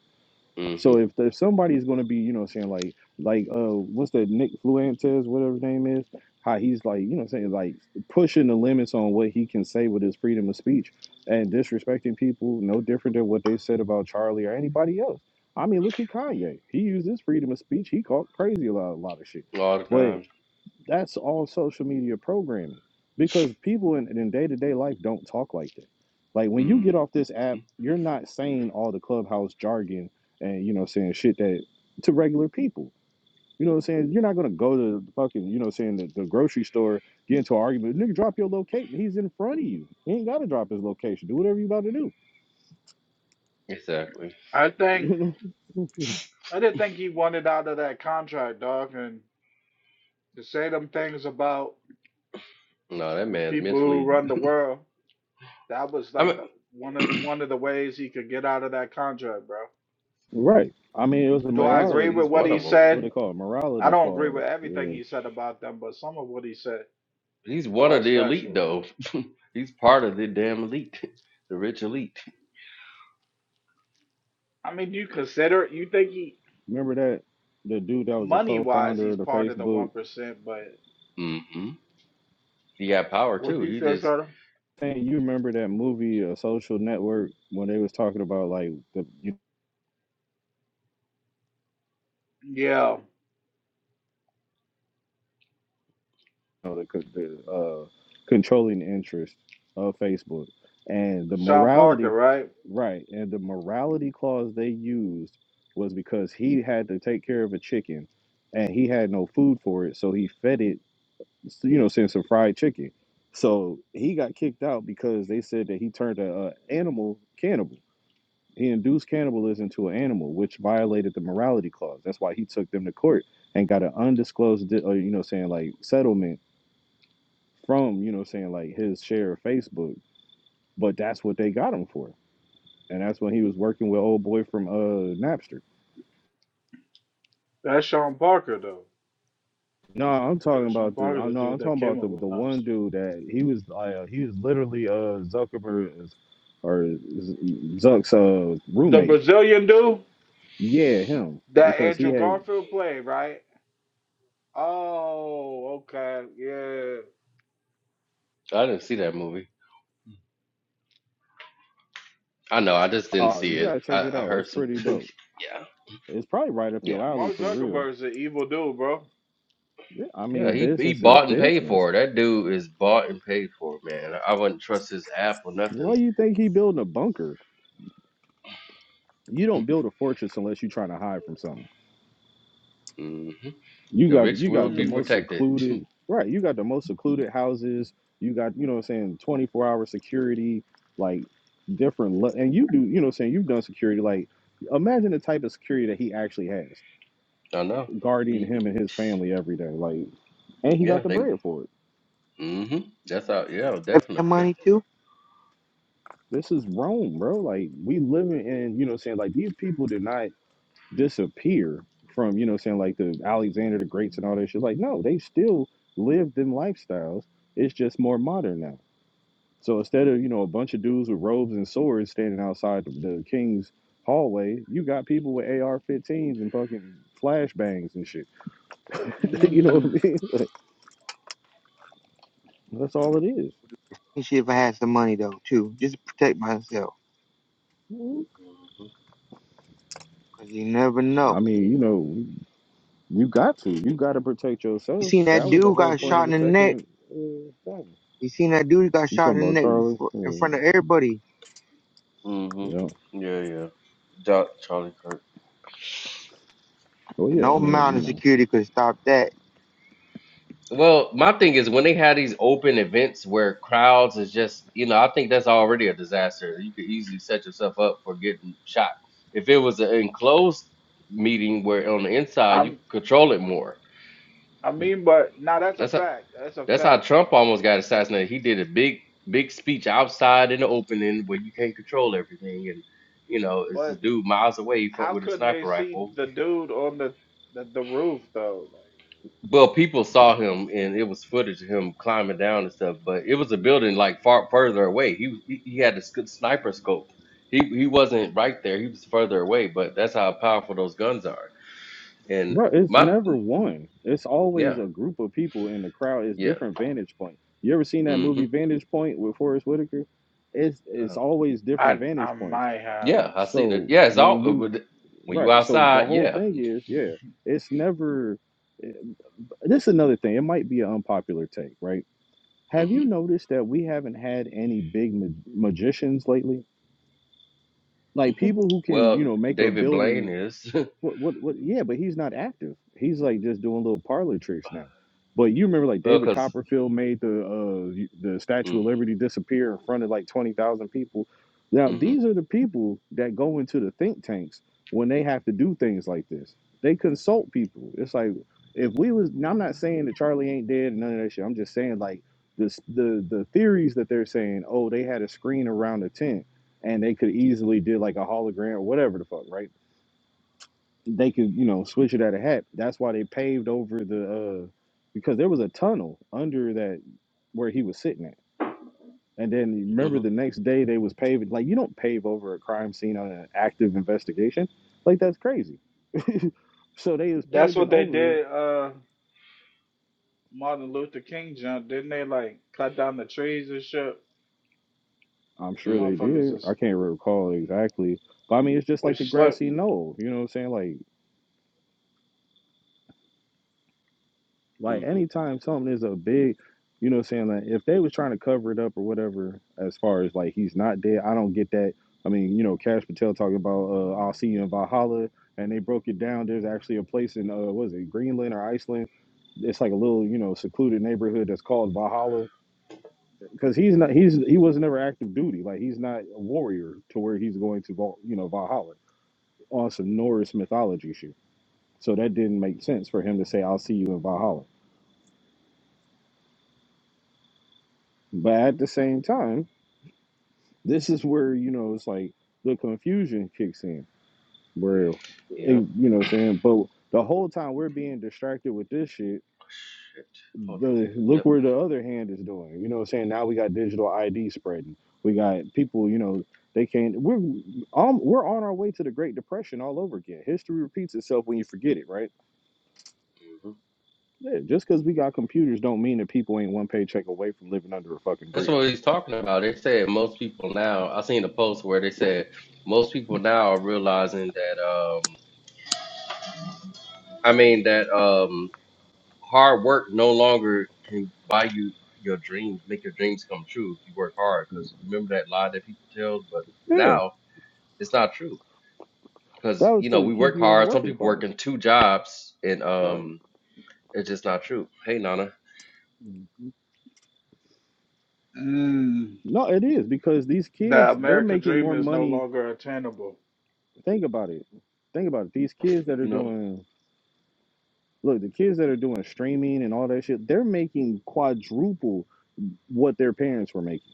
Mm-hmm.
So if if somebody's gonna be, you know, what I'm saying like like uh what's that Nick Fluentes, whatever his name is, how he's like, you know, what I'm saying like pushing the limits on what he can say with his freedom of speech and disrespecting people, no different than what they said about Charlie or anybody else. I mean, look at Kanye. He used his freedom of speech. He called crazy a lot, a lot of shit.
All the
but.
time.
That's all social media programming because people in, in day-to-day life don't talk like that. Like when you get
Mm,
off this app, you're not saying all the clubhouse jargon and you know saying shit that to regular people. You know what I'm saying? You're not gonna go to the fucking, you know, saying the, the grocery store, get into an argument, nigga drop your location. He's in front of you. He ain't gotta drop his location. Do whatever you about to do.
exactly.
I think
*laughs* You know?
I didn't think he wanted out of that contract, dog, and to say them things about
No, that
the
man's
people who
mentally.
run the world, that was
I
like the
mean,
one of
*clears throat*
one of the ways he could get out of that contract, bro.
Right. I mean, it was a
Do
but
I
he's
agree
morality.
with
he's
what
one
he
of them.
What they
said?
call it?
I
Morality
don't agree
clause.
with everything
Yeah.
he said about them, but some of what he said
He's one of
was
the elite,
factual.
though. *laughs* he's part of the damn elite, *laughs* the rich elite.
I mean, you consider you think he
Remember that the dude that was a
money wise
co-founder of
he's
the
part of the
Facebook.
one percent, but
hmm He got power
what did
too.
you
He
say,
just
Shadow?
Hey, you remember that movie, uh, Social Network, when they was talking about like the you
Yeah,
know the co- the uh, controlling interest of Facebook and the
Sean Parker,
morality,
right?
right? And the morality clause they used was because he had to take care of a chicken, and he had no food for it, so he fed it, you know, since some fried chicken. So he got kicked out because they said that he turned a, uh animal cannibal. He induced cannibalism to an animal, which violated the morality clause. That's why he took them to court and got an undisclosed, di- or, you know, saying like settlement from, you know, saying like his share of Facebook. But that's what they got him for, and that's when he was working with old boy from uh Napster.
That's Sean Parker though.
No, I'm talking
Yeah, Sean
about the.
Parker,
I
the
know I'm
dude that
talking about
came up
the the
with
one
Napster.
dude that he was. Uh, he was literally uh Zuckerberg's or Zuck's uh
The
roommate.
Brazilian dude
Yeah, him
that
because he
Andrew
had.
Garfield played, right? Oh, okay, yeah.
I didn't see that movie. I know. I just didn't
Oh,
see
you
it.
gotta check
I,
it
I
out.
heard
It's
some.
pretty
*laughs*
dope.
yeah,
It's probably right up
yeah,
your alley
Mark
for real.
Zuckerberg's an evil dude, bro.
Yeah, I
yeah.
mean,
He he
business is
bought and paid
business.
for it. That dude is bought and paid for, man. I wouldn't trust his app or
Why
nothing.
you think he building a bunker? You don't build a fortress unless you're trying to hide from something.
hmm
You
The
got the,
rich
you
will
got the
be
Mm.
most
protected.
secluded right. You got the most secluded houses. You got you know what I'm saying 24 hour security, like different le- and you do you know what I'm saying you've done security like imagine the type of security that he actually has
*laughs* I know.
guarding him and his family every day like and he got
Yeah,
the
they.
bread for it
hmm That's how.
If
Yeah,
I
definitely.
have money too,
this is Rome, bro. Like we living in, you know, what I'm saying like these people deny. disappear from, you know, saying like the Alexander the Greats and all that shit. Like, no, they still lived them lifestyles. It's just more modern now. So instead of, you know, a bunch of dudes with robes and swords standing outside the, the king's hallway, you got people with AR 15s and fucking flashbangs and shit. *laughs* you know what
Mm.
I mean? That's all it is.
and see if I had some money though too, just to protect myself
definitely.
because you never
I
know.
mean, you know, you got to. You got to protect
You
yourself.
seen that
That was the
dude
whole
got
hmm
point of
shot in
the
the neck.
second uh, thing.
You seen that dude got
You talking
shot in
about
the neck
Charlie?
before, in
Yeah.
front of everybody.
hmm hmm
yeah.
Yeah, yeah. Jo- Charlie Kirk.
Well,
And
yeah.
no
I mean,
amount
you
of
know.
security could stop that
Well, my thing is when they have these open events where crowds is just, you know, I think that's already a disaster. You could easily set yourself up for getting shot. If it was an enclosed meeting where on the inside you
I'm,
could control it more.
I mean, but now that's a
that's
fact. That's a
That's how
fact.
Trump almost got assassinated. He did a big, big speech outside in the opening where you can't control everything, and you know, it's this
But
dude miles away from
how
with a
couldn't they
sniper
see
rifle.
the dude on the the, the roof though?
Well, people saw him, and it was footage of him climbing down and stuff. But it was a building like far further away. He was he, he had a sc- sniper scope. He he wasn't right there. He was further away. But that's how powerful those guns are. And
Bro, it's
my
never one. It's
yeah
always a group of people in the crowd. It's
yeah
different vantage point. You ever seen that
hmm
movie Vantage Point with Forrest Whitaker? It's it's
uh,
always different
Like, I
vantage
I
points.
might have.
yeah I seen it.
So
Yeah, it's all
when you
when you
right, so the
outside.
whole
Yeah.
thing is, yeah, it's never eh, this is another thing. It might be an unpopular take, right?
mm-hmm.
Have you noticed that we haven't had any big ma- magicians lately? Like
Mhm.
people who can, you
Well,
know, make a
David
building
Blaine is. *laughs*
What, what, what? Yeah, but he's not active. He's like just doing little parlor tricks now. But you remember, like
well,
David
because.
Copperfield made the uh, y- the Statue
Mm,
of Liberty disappear in front of like twenty thousand people. Now
hmm
these are the people that go into the think tanks when they have to do things like this. They consult people. It's like if we was. Now I'm not saying that Charlie ain't dead and none of that shit. I'm just saying like this the the theories that they're saying. Oh, they had a screen around a tent and they could easily did like a hologram or whatever the fuck, right? they could, you know, switch it at a hat. That's why they paved over the uh because there was a tunnel under that where he was sitting at. And then you remember
hmm
the next day they was paving like you don't pave over a crime scene on an active investigation. Like that's crazy. So they was
That's
paving
what they
over it.
did. Uh, Martin Luther King jump, didn't they? Like cut down the trees and shit.
I'm sure
hmm
they
Motherfuckers
did. I
is
can't recall exactly. But I mean it's just like
was
the
slick.
grassy knoll. You know what I'm saying? like. Like
hmm
anytime something is a big, you know what I'm saying? Like if they was trying to cover it up or whatever, as far as like he's not dead, I don't get that. I mean, you know, Cash Patel talking about uh, I'll see you in Valhalla, and they broke it down. There's actually a place in uh, was it Greenland or Iceland? It's like a little, you know, secluded neighborhood that's called Valhalla because he's not he's he was never active duty. Like he's not a warrior to where he's going to Val, you know Valhalla on some Norse mythology shit. So that didn't make sense for him to say I'll see you in Valhalla. But at the same time This is where, you know, it's like the confusion kicks in, where, eh,
Yep.
you know what I'm saying? But the whole time we're being distracted with this shit,
Shit. Hold on.
the look
Yep.
where the other hand is doing. You know what I'm saying? Now we got digital ID spreading. We got people, you know, they can't. We're, um, we're on our way to the Great Depression all over again. History repeats itself when you forget it, right?
hmm
Yeah, just because we got computers don't mean that people ain't one paycheck away from living under a fucking
That's what
bridge.
he's talking about. They said most people now. I seen a post where they said most people now are realizing that. Um, I mean that um, hard work no longer can buy you your dreams, make your dreams come true if you work hard. Because remember that lie that people tell, but
Yeah,
now it's not true
that
because
was
you know
to
we
keep
work
you in the
hard. Some
working
people
class.
working two jobs, and
Right.
um, it's just not true. Hey, Nana,
Mm,
No, it is because these
the
kids they're
American
making
dream
more
is no
money.
longer attainable.
Think about it. Think about it. These kids that are
you know.
doing look, the kids that are doing streaming and all that shit, they're making quadruple what their parents were making.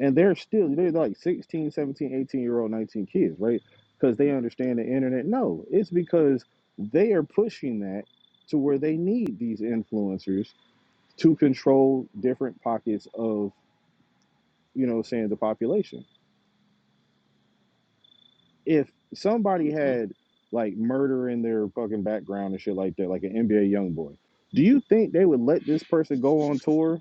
And they're still they're like 16, 17, 18 year old, 19 kids, right? Because they understand the internet. No, it's because they are pushing that to where they need these influencers to control different pockets of, you know, saying the population if somebody
hmm,
had like murder in their fucking background and shit like that, like an NBA young boy, do you think they would let this person go on tour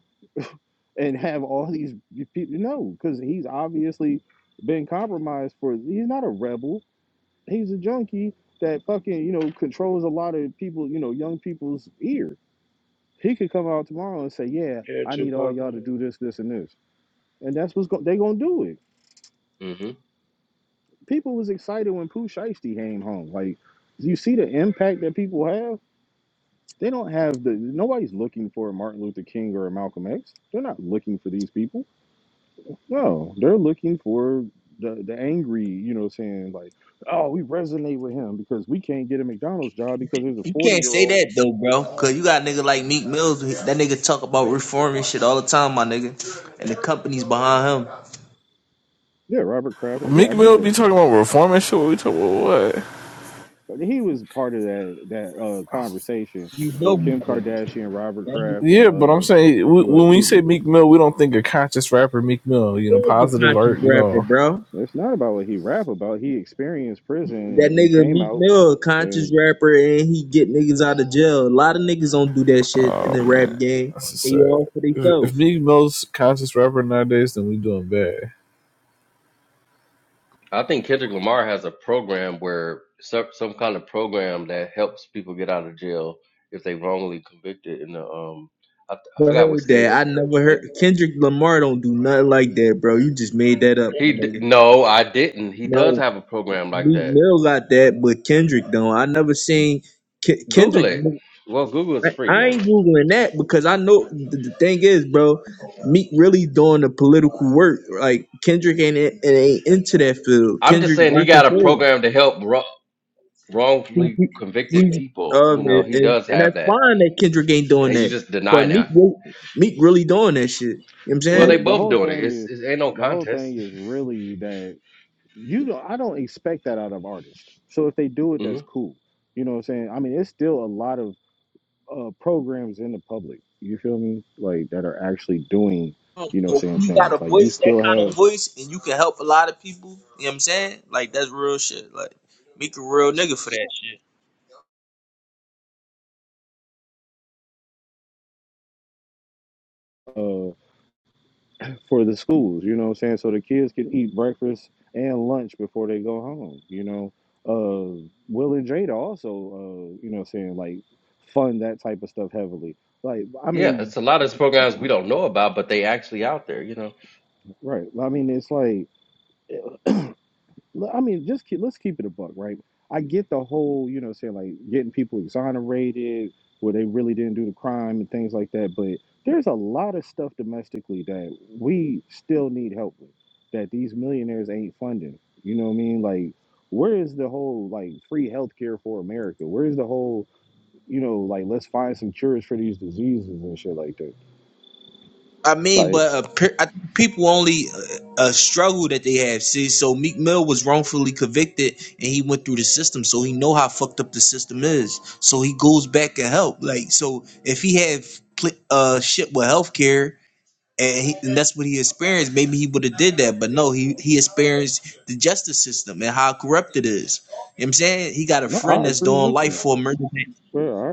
and *laughs* have all these people? No, because he's obviously been compromised for. He's not a rebel. He's a junkie that fucking you know controls a lot of people. You know, young people's ear. He could come out tomorrow and say, "Yeah,
Yeah,
I need all
Tupac.
y'all
with
to
it.
do this, this, and this," and that's what's go- they gonna do it
Mm-hmm.
people was excited when Pooh Shiesty came home. Like, you see the impact that people have. They don't have the nobody's looking for a Martin Luther King or a Malcolm X. They're not looking for these people. No, they're looking for the the angry. You know, what I'm saying like, oh, we resonate with him because we can't get a McDonald's job because there's a
You
forty
can't
year
say
old.
that though, bro, because you got nigga like Meek Mills. That nigga talk about reforming shit all the time, my nigga, and the company's behind him.
Yeah, Robert Kraft. Yeah, I
Meek
get
Mill be
that.
talking about reform and shit. What we talking about? What?
But He was part of that that uh, conversation
You know,
with Kim Kardashian, Robert
he
Kraft, and
Yeah, but I'm
uh,
saying
a
we,
few other
when we
people.
say Meek Mill, we don't think a conscious rapper Meek Mill. You know,
is a
positive art.
conscious
You
rapper,
know,
bro.
It's not about what he rap about. He experienced prison and
That
he
nigga
came
Meek
out
Mill, a conscious
and
rapper, and he get niggas out of jail. A lot of niggas don't do that shit in the rap game.
that's just
They
sad.
all for
If, if
themselves.
Meek Mill's conscious rapper nowadays, then we doing bad.
I think Kendrick Lamar has a program where some some kind of program that helps people get out of jail if they wrongly convicted. In the um, I, I
Never
forgot what
heard
state
that. I
it's in.
never heard
Maybe
Kendrick Lamar don't do nothing like that, bro. You just made that up,
he
my
d-
nigga.
no, I didn't. He does
No,
have a program like
Meek
that.
Mill got that, but Kendrick don't. I never seen Ke-
Google
Kendrick.
it. Well, Google is
I,
free,
I
man.
ain't googling that because I know the, the thing is, bro. Meek really doing the political work. Like Kendrick ain't it ain't into that field.
I'm just
Kendrick
saying he
rocking
got a
shows.
program to help wro-
He,
wrongfully
he,
convicted
he's
people.
um
You know,
and,
he
and,
does
and
have
that's
that.
fine that Kendrick ain't doing
and you
that,
just
but
denying
Meek
that.
re- Meek really doing that shit. You know what I'm
Well,
saying?
they
but the
both
whole
doing it.
thing
It's
is
it ain't no
the whole
contest.
thing is really that you don't I don't expect that out of artists. So if they do
*laughs*
it
hmm
that's cool. You know what I'm saying? I mean it's still a lot of uh programs in the public. You feel me? Like that are actually doing, you know,
But when
saying
you got a
things. Like you
voice, that
still
kind of
have
voice, and you can help a lot of people, you know what I'm saying? Like that's real shit. Like Meek a real nigga for that shit.
uh for the schools, you know what I'm saying? So the kids can eat breakfast and lunch before they go home, you know. Uh Will and Jada also uh, you know what I'm saying, like fund that type of stuff heavily. Like I
Yeah,
mean,
it's a lot of these programs we don't know about, but they actually out there. You know.
right. I mean it's like l- I mean, just keep, let's keep it a buck, right? I get the whole, you know, saying like getting people exonerated where they really didn't do the crime and things like that. But there's a lot of stuff domestically that we still need help with that these millionaires ain't funding. You know what I mean? Like, where is the whole like free healthcare for America? Where is the whole, you know, like let's find some cures for these diseases and shit like that?
I mean,
Like,
but uh, pe- I think people only uh, uh, struggle that they have. See, so Meek Mill was wrongfully convicted, and he went through the system, so he know how fucked up the system is. So he goes back and help. Like, so if he had pl- uh shit with healthcare, and, he, and that's what he experienced, maybe he would have did that. But no, he he experienced the justice system and how corrupt it is. You know what I'm saying he got a
no,
friend
I
that's
agree
doing
with
life
you.
for murder.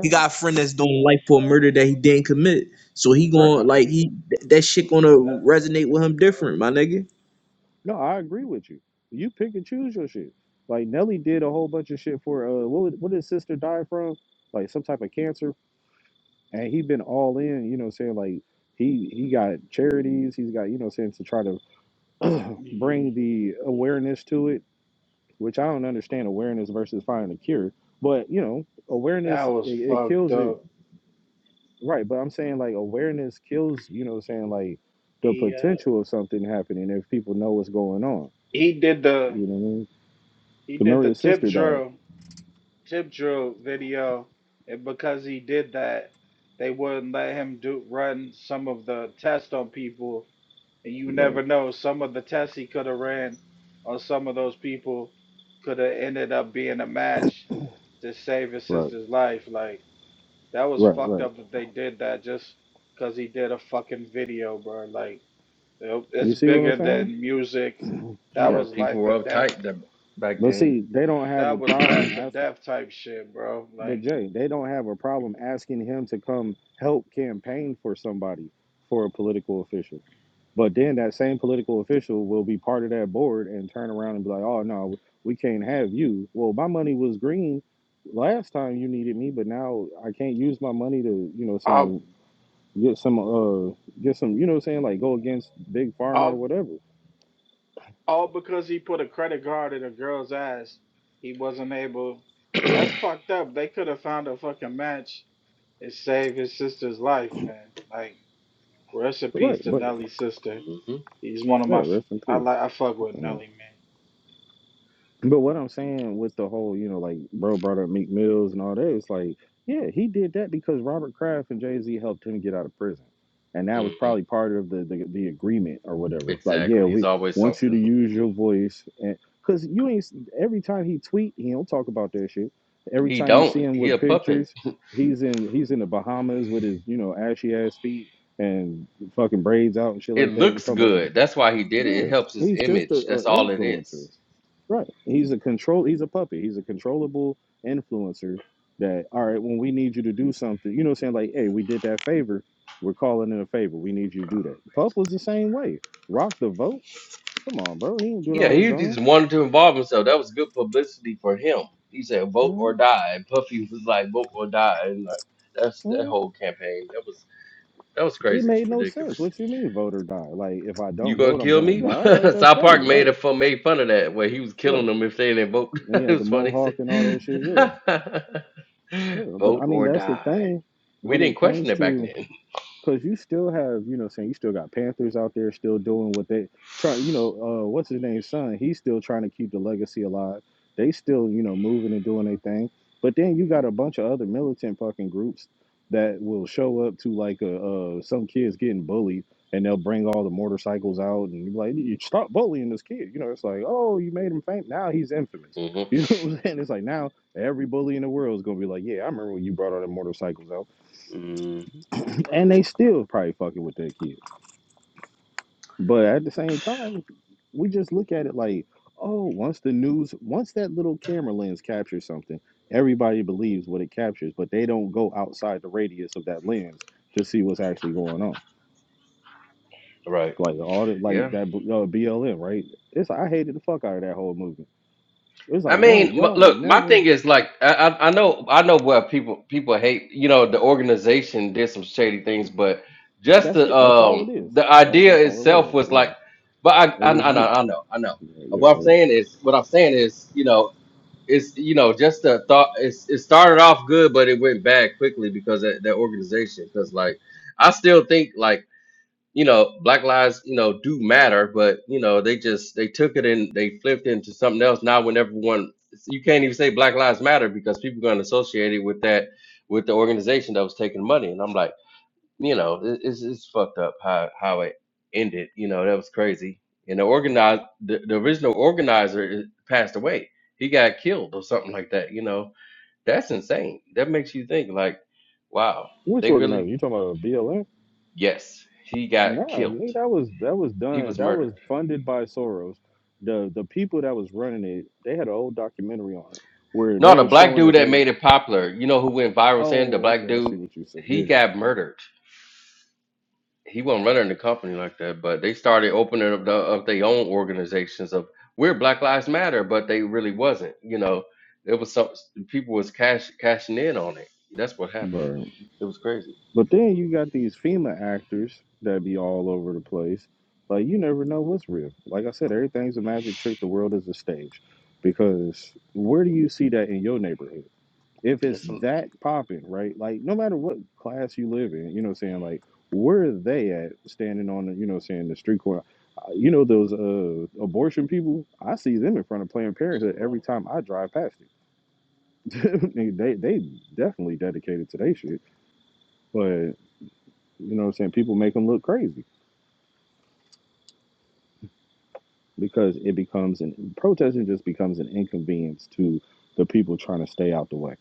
He got a friend that's doing life for a murder that he didn't commit. So he going like he th- that shit gonna resonate with him different, my nigga.
No, I agree with you. You pick and choose your shit. Like Nelly did a whole bunch of shit for uh what would- what did his sister die from? Like some type of cancer. And he been all in, you know what I'm saying? Like he he got charities, he's got, you know what I'm saying, to try to *clears throat* bring
Mm,
the awareness to it, which I don't understand awareness versus finding a cure. But, you know,
that
awareness it,
was
it
fucked
kills it.
up.
Right, but I'm saying like awareness kills, you know what I'm saying, like the
He uh,
potential of something happening if people know what's going on.
he did the
You know what I mean?
he did the
Maria's
tip
sister died.
drill Tip Drill video, and because he did that, they wouldn't let him do run some of the tests on people. And you
Right,
never know, some of the tests he could have ran on some of those people could have ended up being a match to save his
right,
sister's life. Like that was
right,
fucked
right.
up that they did that just because he did a fucking video, bro. Like it-
You
it's
see what I'm
bigger
saying?
than music. That
Yeah,
Right.
was
people
life or
were
death.
uptight that back
But
then.
see, they don't have a
That
*clears throat*
was
problem
hmm
life or
asking.
death type shit, bro.
But
Like.
Jay, they don't have a problem asking him to come help campaign for somebody, for a political official. But then that same political official will be part of that board and turn around and be like, "Oh no, we can't have you." Well, my money was green last time you needed me, but now I can't use my money to, you know,
I
saying get some uh get some you know saying like go against big pharma or
All
whatever
all because he put a credit card in a girl's ass, he wasn't able. That's fucked up. They could have found a fucking match and saved his sister's life, man. Like rest in
Right,
peace to
but
Nelly's sister. He's one of my.
yeah,
f-
rest in
I
peace.
like. I fuck with
Uh,
Nelly, man.
but what I'm saying with the whole, you know, like bro brought up Meek Mills and all that, it's like, yeah, he did that because Robert Kraft and Jay Z helped him get out of prison, and that was
hmm
probably part of the the, the agreement or whatever. Like, yeah,
Exactly. It's
we
always
want you to
something. *laughs*
use your voice, and because you ain't every time he tweet, he don't talk about that shit. Every
He
time you
don't.
see him
He
with
a puppet.
pictures, he's in he's in the Bahamas with his you know ashy ass feet and fucking braids out and shit
It
like that.
looks
It's almost
good. That's why he did it. It
Yeah,
helps his
he's just a,
image.
a
That's all it
influencer,
is.
right? He's a control. He's a puppet. He's a controllable influencer. That all right when we need you to do something, you know, what I'm saying like, hey, we did that favor. We're calling it a favor. We need you to do that. Puff was the same way. Rock the vote. Come on, bro. He didn't do it
Yeah,
on his
he just
own.
wanted to involve himself. That was good publicity for him. He said, "Vote or
Mhm,
die." And Puffy was like, "Vote or die," and like that's that
mhm.
whole campaign. That was. That was
It
crazy,
made no sense.
ridiculous.
What you mean, vote or die? Like, if I
You
don't
gonna
vote, I'm
kill
gonna
me? *laughs*
die. Like, that's
South Park
crazy,
made
right?
a fun, made fun of that where he was killing
Right.
them if they didn't vote. *laughs*
And he
it
had the
was funny.
mohawk and all
He
that shit. Yeah,
said,
yeah.
*laughs*
But
vote
I mean,
or
that's the
die.
thing
We
when
didn't
it
question
comes
it back
to
then.
because you still have, you know, saying you still got Panthers out there still doing what they try. You know, uh, what's his name, son? He's still trying to keep the legacy alive. They still, you know, moving and doing their thing. But then you got a bunch of other militant fucking groups that will show up to like a, uh, some kids getting bullied, and they'll bring all the motorcycles out and be like, you stop bullying this kid. You know, it's like, oh, you made him famous. Now he's infamous. *laughs*
*laughs* hmm
You know what I'm saying? It's like now every bully in the world is gonna be like, yeah, I remember when you brought all the motorcycles out
hmm
and they still probably fucking with their kids. But at the same time, we just look at it like, oh, once the news, once that little camera lens captures something, everybody believes what it captures, but they don't go outside the radius of that lens to see what's actually going on.
Right.
Like all the like
Yeah.
that uh, BLM, right? It's I hated the fuck out of that whole movement. It's
I
like one,
mean, m-
y'all ain't
look, my
never.
thing is like I, I I know I know what people people hate. You know, the organization did some shady things, but just
That's
the
it. That's all
um
it is.
the
That,
idea
that's all it
itself
was.
was like.
Yeah,
But I
it
I,
was
I know I
beautiful.
know I know.
Yeah, yeah,
What I'm
yeah.
saying is what I'm saying is you know it's you know just the thought it's, it started off good, but it went bad quickly because of that organization. Because like I still think like you know, black lives, you know, do matter, but you know, they just they took it and they flipped into something else. Now, when everyone, you can't even say black lives matter because people are going to associate it with that with the organization that was taking money. And I'm like, you know, it, it's it's fucked up how how it ended. You know, that was crazy. And the organize the, the original organizer passed away. He got killed or something like that. You know, that's insane. That makes you think like, wow,
Which
they
organizer?
really
You talking about BLM?
yes, he
No,
got killed.
nigga, that was that was
He
done.
was
That
murdered
was funded by Soros. The the people that was running it, they had an old documentary on it where
No,
they
the
were
black
showing
dude
that they
that
were.
made it popular, you know who went viral saying the
Oh,
black
okay, I see
dude,
what you said.
he
Yeah,
got murdered. He wasn't running the company like that, but they started opening up the, of their own organizations of we're Black Lives Matter, but they really wasn't. You know, it was some people was cash cashing in on it. That's what happened.
right.
It was crazy.
But then you got these FEMA actors that be all over the place. Like you never know what's real. Like I said, everything's a magic trick. The world is a stage. Because where do you see that in your neighborhood? if it's
It's some,
that popping, right? Like no matter what class you live in, you know, what I'm saying like where are they at standing on, the, you know, what I'm saying the street corner. Uh, You know those uh, abortion people. I see them in front of Planned Parenthood every
So,
time I drive past it. *laughs* they they definitely dedicated to their shit, but you know, what I'm saying people make them look crazy because it becomes an protesting just becomes an inconvenience to the people trying to stay out the way.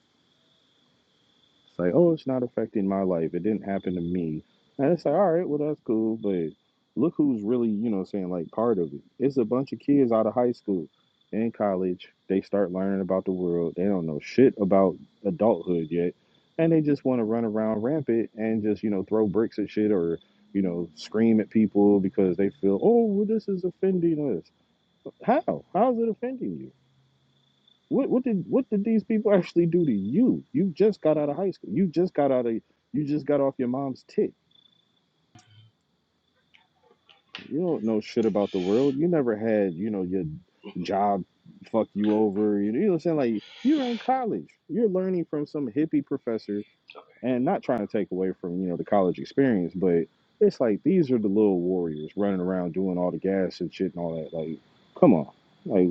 It's like, oh, it's not affecting my life. It didn't happen to me. And it's like, all right, well, that's cool. But look who's really, you know, saying like part of it. It's a bunch of kids out of high school and college. They start learning about the world. They don't know shit about adulthood yet. And they just want to run around rampant and just, you know, throw bricks at shit or, you know, scream at people because they feel, oh, well, this is offending us. How? How is it offending you? What what did what did these people actually do to you? You just got out of high school. You just got out of you just got off your mom's tit. You don't know shit about the world. You never had, you know, your job fuck you over. You know, you know what I'm saying? Like you're in college. You're learning from some hippie professor and not trying to take away from, you know, the college experience, but it's like these are the little warriors running around doing all the gas and shit and all that. Like, come on. like.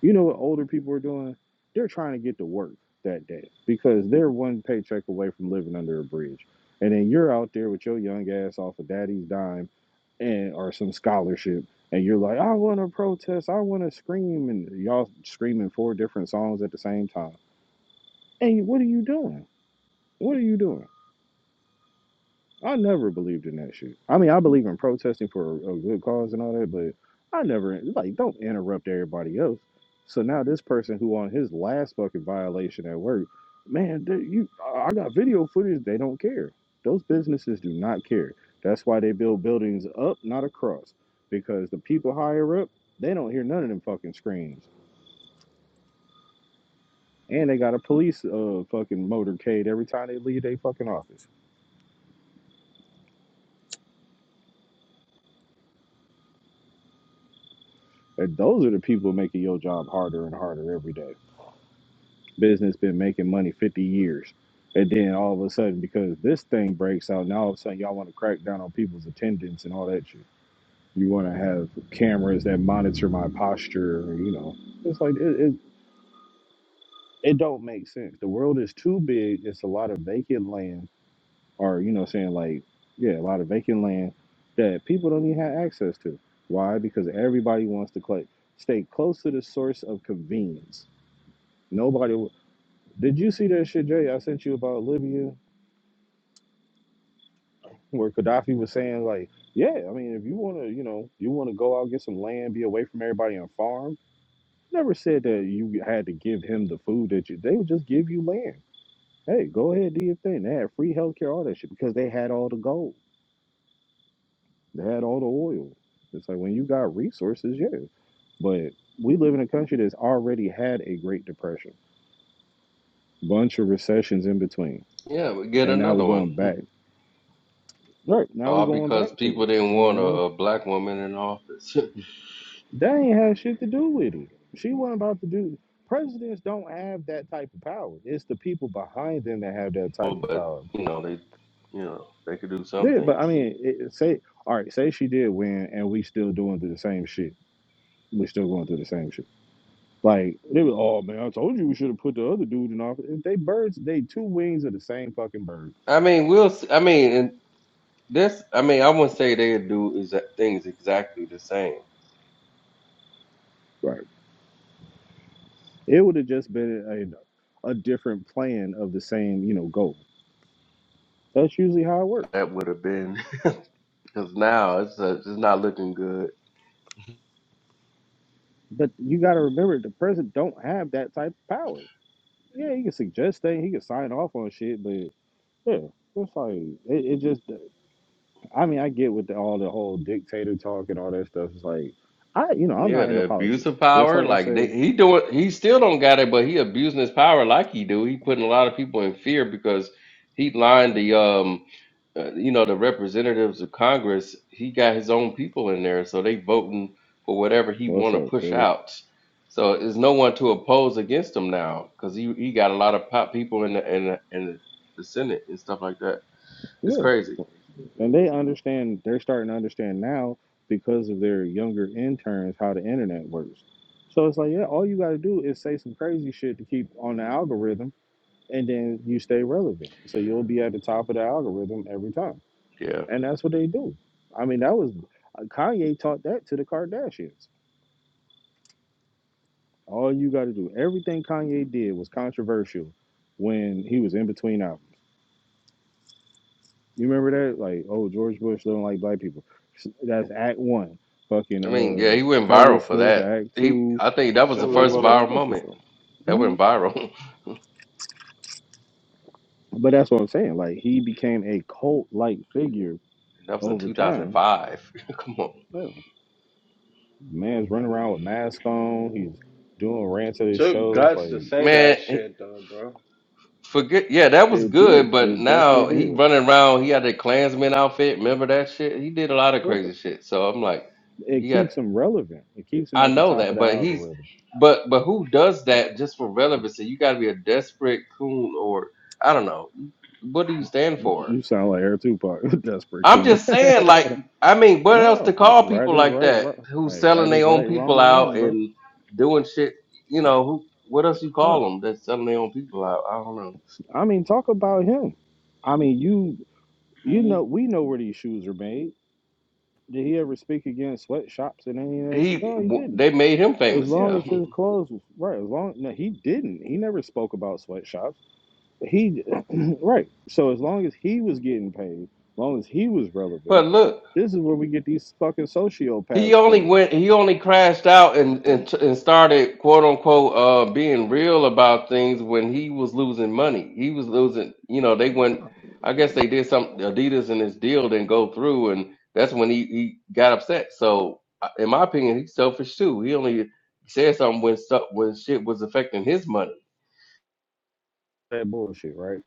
You know what older people are doing? They're trying to get to work that day because they're one paycheck away from living under a bridge. And then you're out there with your young ass off of daddy's dime and or some scholarship and you're like, I wanna protest, I wanna scream and y'all screaming four different songs at the same time. And what are you doing? What are you doing? I never believed in that shit. I mean, I believe in protesting for a, a good cause and all that, but I never like don't interrupt everybody else. So now this person who on his last fucking violation at work, man, they, you, I I got video footage. They don't care. Those businesses do not care. That's why they build buildings up, not across, because the people higher up they don't hear none of them fucking screams, and they got a police uh fucking motorcade every time they leave their fucking office. And those are the people making your job harder and harder every day. business been making money 50 years. And then all of a sudden, because this thing breaks out, now all of a sudden y'all want to crack down on people's attendance and all that shit. You want to have cameras that monitor my posture, you know. It's like, it, it, it don't make sense. The world is too big. It's a lot of vacant land, or, you know, saying like, yeah, a lot of vacant land that people don't even have access to. Why? Because everybody wants to cl- stay close to the source of convenience. Nobody. w- Did you see that shit, Jay? I sent you about Libya. where Gaddafi was saying like, yeah, I mean, if you want to, you know, you want to go out get some land, be away from everybody on farm. Never said that you had to give him the food that you. They would just give you land. Hey, go ahead, do your thing. They had free healthcare, all that shit, because they had all the gold. They had all the oil. It's like when you got resources, yeah. But we live in a country that's already had a Great Depression, bunch of recessions in between,
yeah, we get
and now
another
we're
one.
going back. Right now we're
All
going
because
back to
people
it.
didn't
You
want a,
know.
a black woman in office. *laughs*
They ain't had shit to do with it. She wasn't about to do. Presidents don't have that type of power. It's the people behind them that have that
Well,
type of
but
power.
you know they, you know they could do some
Yeah, but
things.
I mean, it, it- say all right, say she did win, and we still doing the same shit. We still going through the same shit. Like they were, oh man, I told you we should have put the other dude in office. They birds, they two wings of the same fucking bird.
I mean, we'll. s- I mean, This, I mean, I wouldn't say they do exa- things exactly the same.
Right. It would have just been a, a different plan of the same, you know, goal. That's usually how it works.
That would have been *laughs* because now it's uh, it's not looking good.
But you got to remember, the president don't have that type of power. Yeah, he can suggest things, he can sign off on shit, but yeah, it's like it, it just. I mean, I get with the, all the whole dictator talk and all that stuff. It's like I, you know, I'm
Yeah,
not into
the abuse
politics.
of
Just
power,
like I
like they,
say,
he doing, he still don't got it, but he abusing his power like he do. He putting a lot of people in fear because he lined the um uh, you know the representatives of Congress, he got his own people in there, so they voting for whatever he
what's
want to
up,
push
Philly?
out. So there's no one to oppose against him now because he, he got a lot of pop people in the in the, in the Senate and stuff like that. It's
Yeah,
crazy.
and they understand. They're starting to understand now because of their younger interns how the internet works. So it's like, yeah, all you got to do is say some crazy shit to keep on the algorithm and then you stay relevant. So you'll be at the top of the algorithm every time.
Yeah,
And that's what they do. I mean, that was uh, Kanye taught that to the Kardashians. All you got to do, everything Kanye did was controversial when he was in between albums. You remember that? Like, oh, George Bush don't like black people. That's Act One. Fucking
I mean, yeah,
uh,
he went
Taylor
viral for
Swift,
that.
Act
He,
Two.
I think that was the
Silly
Well,
first
would
it's
have.
all
viral
bunch of
moment
stuff.
that went
Mhm.
viral.
But that's what I'm saying. Like, he became a cult like figure
*laughs* that was in
over time.
2005. *laughs* Come on,
Man's running around with mask on. He's doing rants at
It
his
took
shows.
guts to
Like
say that
man.
shit though, bro.
Forget, yeah, that was
it
good,
did.
but
It definitely
now he
did.
running around. He had a Klansman outfit. Remember that shit? He did a lot of
Well,
crazy shit. So I'm like,
It
he got.
keeps him relevant. It keeps him
I
at the
know
top
that,
of the
but he's,
algorithm.
but but who does that just for relevancy? You got to be a desperate coon, or I don't know. What do you stand for?
You sound like Air Tupac. *laughs* That's pretty
I'm
cool.
just saying, like, I mean,
*laughs*
what else to
no,
call
right
people
is
like
right.
that
right.
who's
Hey,
selling
right
their
is
own
right.
people
Wrong is
out
wrong, bro.
and doing shit? You know, who? What else you call
Look,
them that's selling their own people out? I don't know.
I mean, talk about him. I mean, you you know
Mm,
we know where these shoes are made. Did he ever speak against sweatshops and any of that shit?
He,
No, he
w-
didn't.
they made him
As
famous.
long
Yeah.
as his clothes was right, as long no, he didn't. He never spoke about sweatshops. He *clears throat* right. So as long as he was getting paid, as long as he was
But
relevant,
look,
this is where we get these fucking
he
sociopaths
only
from.
went, he only crashed out and and, and started quote unquote uh, being real about things when he was losing money. He was losing, you know, they went. I guess they did some Adidas and his deal didn't go through, and that's when he he got upset. So, I- in my opinion, he's selfish too. He only said something when stuff when shit was affecting his money.
That bullshit, right?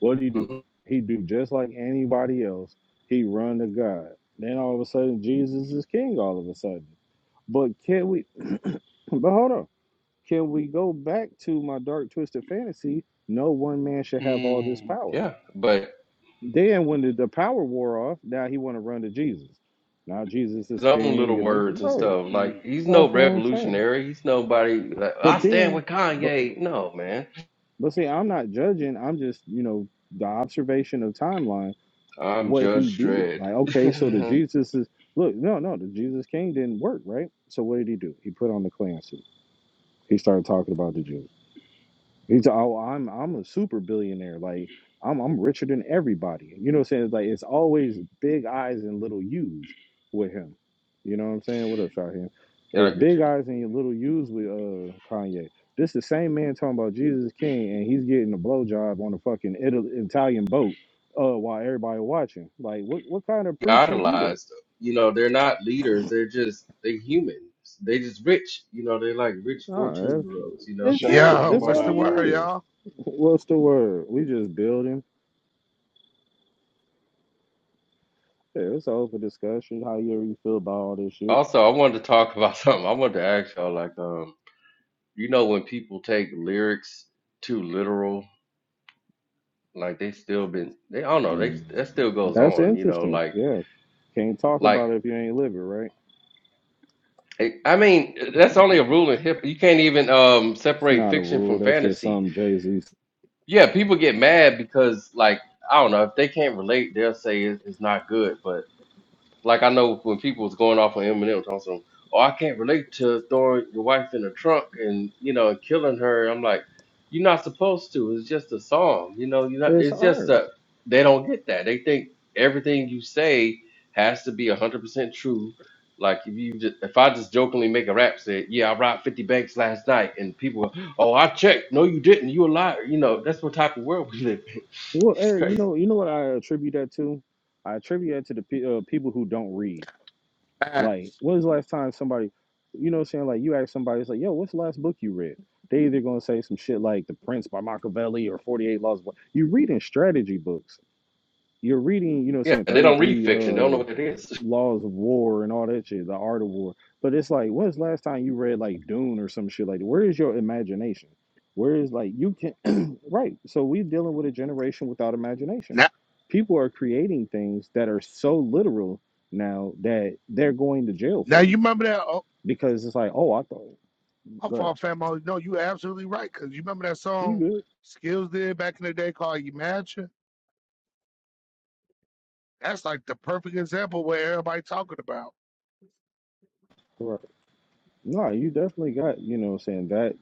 What do you do?
hmm
He do just like anybody else. He run to God. Then all of a sudden Jesus is king all of a sudden. But can we *clears throat* but hold on. Can we go back to my dark twisted fantasy? No one man should have all this
mm, mm,
power.
Yeah, but
Then when the, the power wore off, now he want to run to Jesus. Now Jesus is
his own
king,
little
you know.
words and
Right.
stuff. Like
mm,
he's
That's
no
what I'm saying.
revolutionary. He's nobody. Like I
But
mm.
stand
then,
with
but
Kanye. No man
but see, I'm not judging. I'm just you know the observation of timeline
I'm
what he
Judge
did.
Dredd.
Like okay, so the
*laughs*
Jesus is look no no the Jesus king didn't work right. So what did he do? He put on the clan suit. He started talking about the Jews. He's like, oh, I'm I'm a super billionaire. Like I'm I'm richer than everybody. You know what I'm saying? It's like it's always big eyes and little U's with him. You know what I'm saying? What up, Shaheem? It's
Gotta get
big
you.
eyes and little U's with uh Kanye. This the same man talking about Jesus is King and he's getting a blowjob on a fucking Ital- Italian boat uh while everybody watching. Like what what kind of preacher do that?
Idolized. You know, they're not leaders. They're just they're humans. They just rich. You know, they're like rich
Nah,
14
that's,
year olds, you know.
that's
*laughs*
it.
Yeah,
Shaheem,
That's
what
what's
all
the
he
up,
word,
bro?
is.
y'all?
*laughs* What's the word? We just building. Yeah, it's all for discussion. How you really feel about all this shit?
Also, I wanted to talk about *laughs* something. I wanted to ask y'all like, um, you know, when people take lyrics too literal, like they still been they I don't know, they
Mm.
that still goes
That's
on, you know,
interesting.
like
Yeah, can't talk
like
about it if you ain't live it, right?
I I mean, that's only
*laughs*
a rule in hip. You can't even um
It's
separate
not a
fiction
rule.
from
That's just
fantasy
some Jay Z.
yeah, people get mad because like I don't know if they can't relate, they'll say it- it's not good. But like I know when people was going off on Eminem talking some, oh I can't relate to throwing your wife in a trunk and you know and killing her. I'm like, you're not supposed to. It's just a song. You know, you not.
It's
It's just
art.
that they don't get that. They think everything you say has to be hundred percent true. Like if you just, if I just jokingly make a rap say, yeah I robbed 50 banks last night and people, go, oh I checked. No you didn't. You a liar. You know that's what type of world we live in. *laughs*
Well,
It's
Eric, you
crazy.
know, you know what I attribute that to? I attribute that to the pe- uh, people who don't read. Like,
Facts.
when was the last time somebody, you know, what I'm saying like you ask somebody, it's like, yo, what's the last book you read? They either gonna say some shit like The Prince by Machiavelli or Forty Eight Laws. of War. You're reading strategy books. You're reading, you know, what I'm
Yeah,
saying
they
Thirty
don't read
Three
fiction. They don't
uh
know what it is. *laughs*
laws of war and all that shit, the art of war. But it's like, when's the last time you read like Dune or some shit like that? Where is your imagination? Where is like you can *clears throat* right. So we're dealing with a generation without imagination.
Now,
People are creating things that are so literal now that they're going to jail
now
for
you
it.
remember that? Oh,
Because it's like, oh, I thought
I'm
good.
for family. No, you absolutely right. Cause you remember that
You
song
good.
Skills did back in the day called Imagine. That's like the perfect example where everybody talking about.
Right. No, you definitely got, you know what I'm saying, that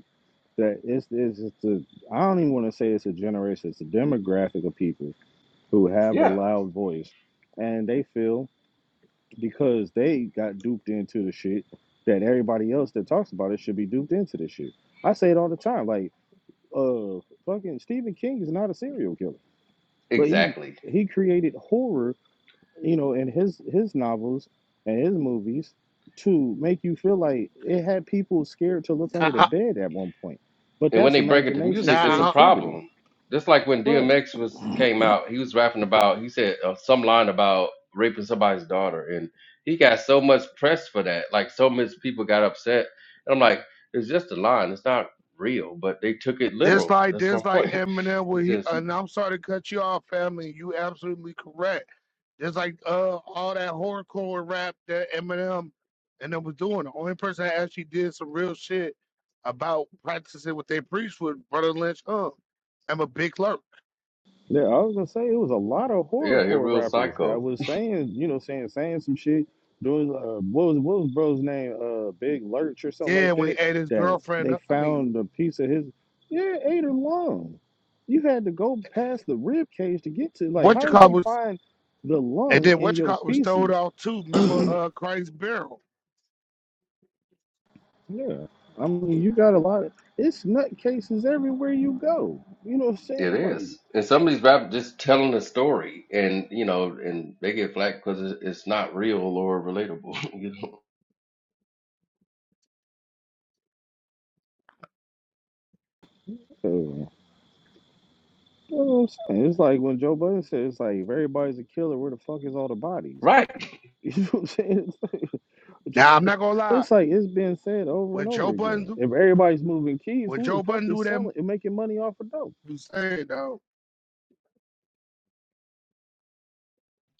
that it's it's it's a I don't even want to say it's a generation, it's a demographic of people who have a
Yeah,
loud voice, and they feel because they got duped into the shit that everybody else that talks about it should be duped into this shit. I say it all the time, like, uh, fucking Stephen King is not a serial killer, but he's
exactly.
he created horror, you know, in his his novels and his movies to make you feel like it had people scared to look under the
Nah,
bed at one point. But
And when
that's
they break it to
imagination and
music, it's a
nah.
creativity,
problem. Just like when
right?
DMX was came out, he was rapping about he said uh, some line about raping somebody's daughter, and he got so much press for that. Like so much people got upset, and I'm like, it's just a line. It's not real, but they took it
This
literal.
like
That's my
this like
point. *laughs*
Eminem. Where
It's
he,
just
and I'm sorry to cut you off, family. You absolutely correct. Just like uh, all that hardcore rap that Eminem and them was doing. The only person that actually did some real shit about practicing what they preached was Brother Lynch Hung. I'm a big lurk.
Yeah, I was gonna say it was a lot of
yeah, you're a
horrorcore
real
rappers that
psycho.
was saying, you know, saying saying some shit. Doing uh, what was what was bro's name? Uh, Big Lurch or something
Yeah,
like
when he
that.
ate his
That
girlfriend
they
up. I mean,
found a piece of his. Yeah, ate her lung. You had to go past the rib cage to get to. Like,
what you
how did
call
they
was,
find the
and
lung
then
in
what you
your
call was told
feces?
off too. Remember uh, Christ Barrel.
Yeah, I mean, you got a lot of it's nut cases everywhere you go. You know what I'm
It
saying?
is, and some of these rappers just telling a story, and you know, and they get flack because it's not real or relatable. *laughs* you know?
Like, You know what I'm saying? It's like when Joe Budden said, it's like, if everybody's a killer, where the fuck is all the bodies? *laughs*
Right?
You know what I'm saying? It's like,
Now I'm not
*laughs*
gonna lie.
it's like it's been said over
When
and
Joe
over
Budden,
again.
do-
If everybody's moving keys,
when
who the
Joe
fuck
Budden
is
do that,
selling and making money off of dope?
you saying though,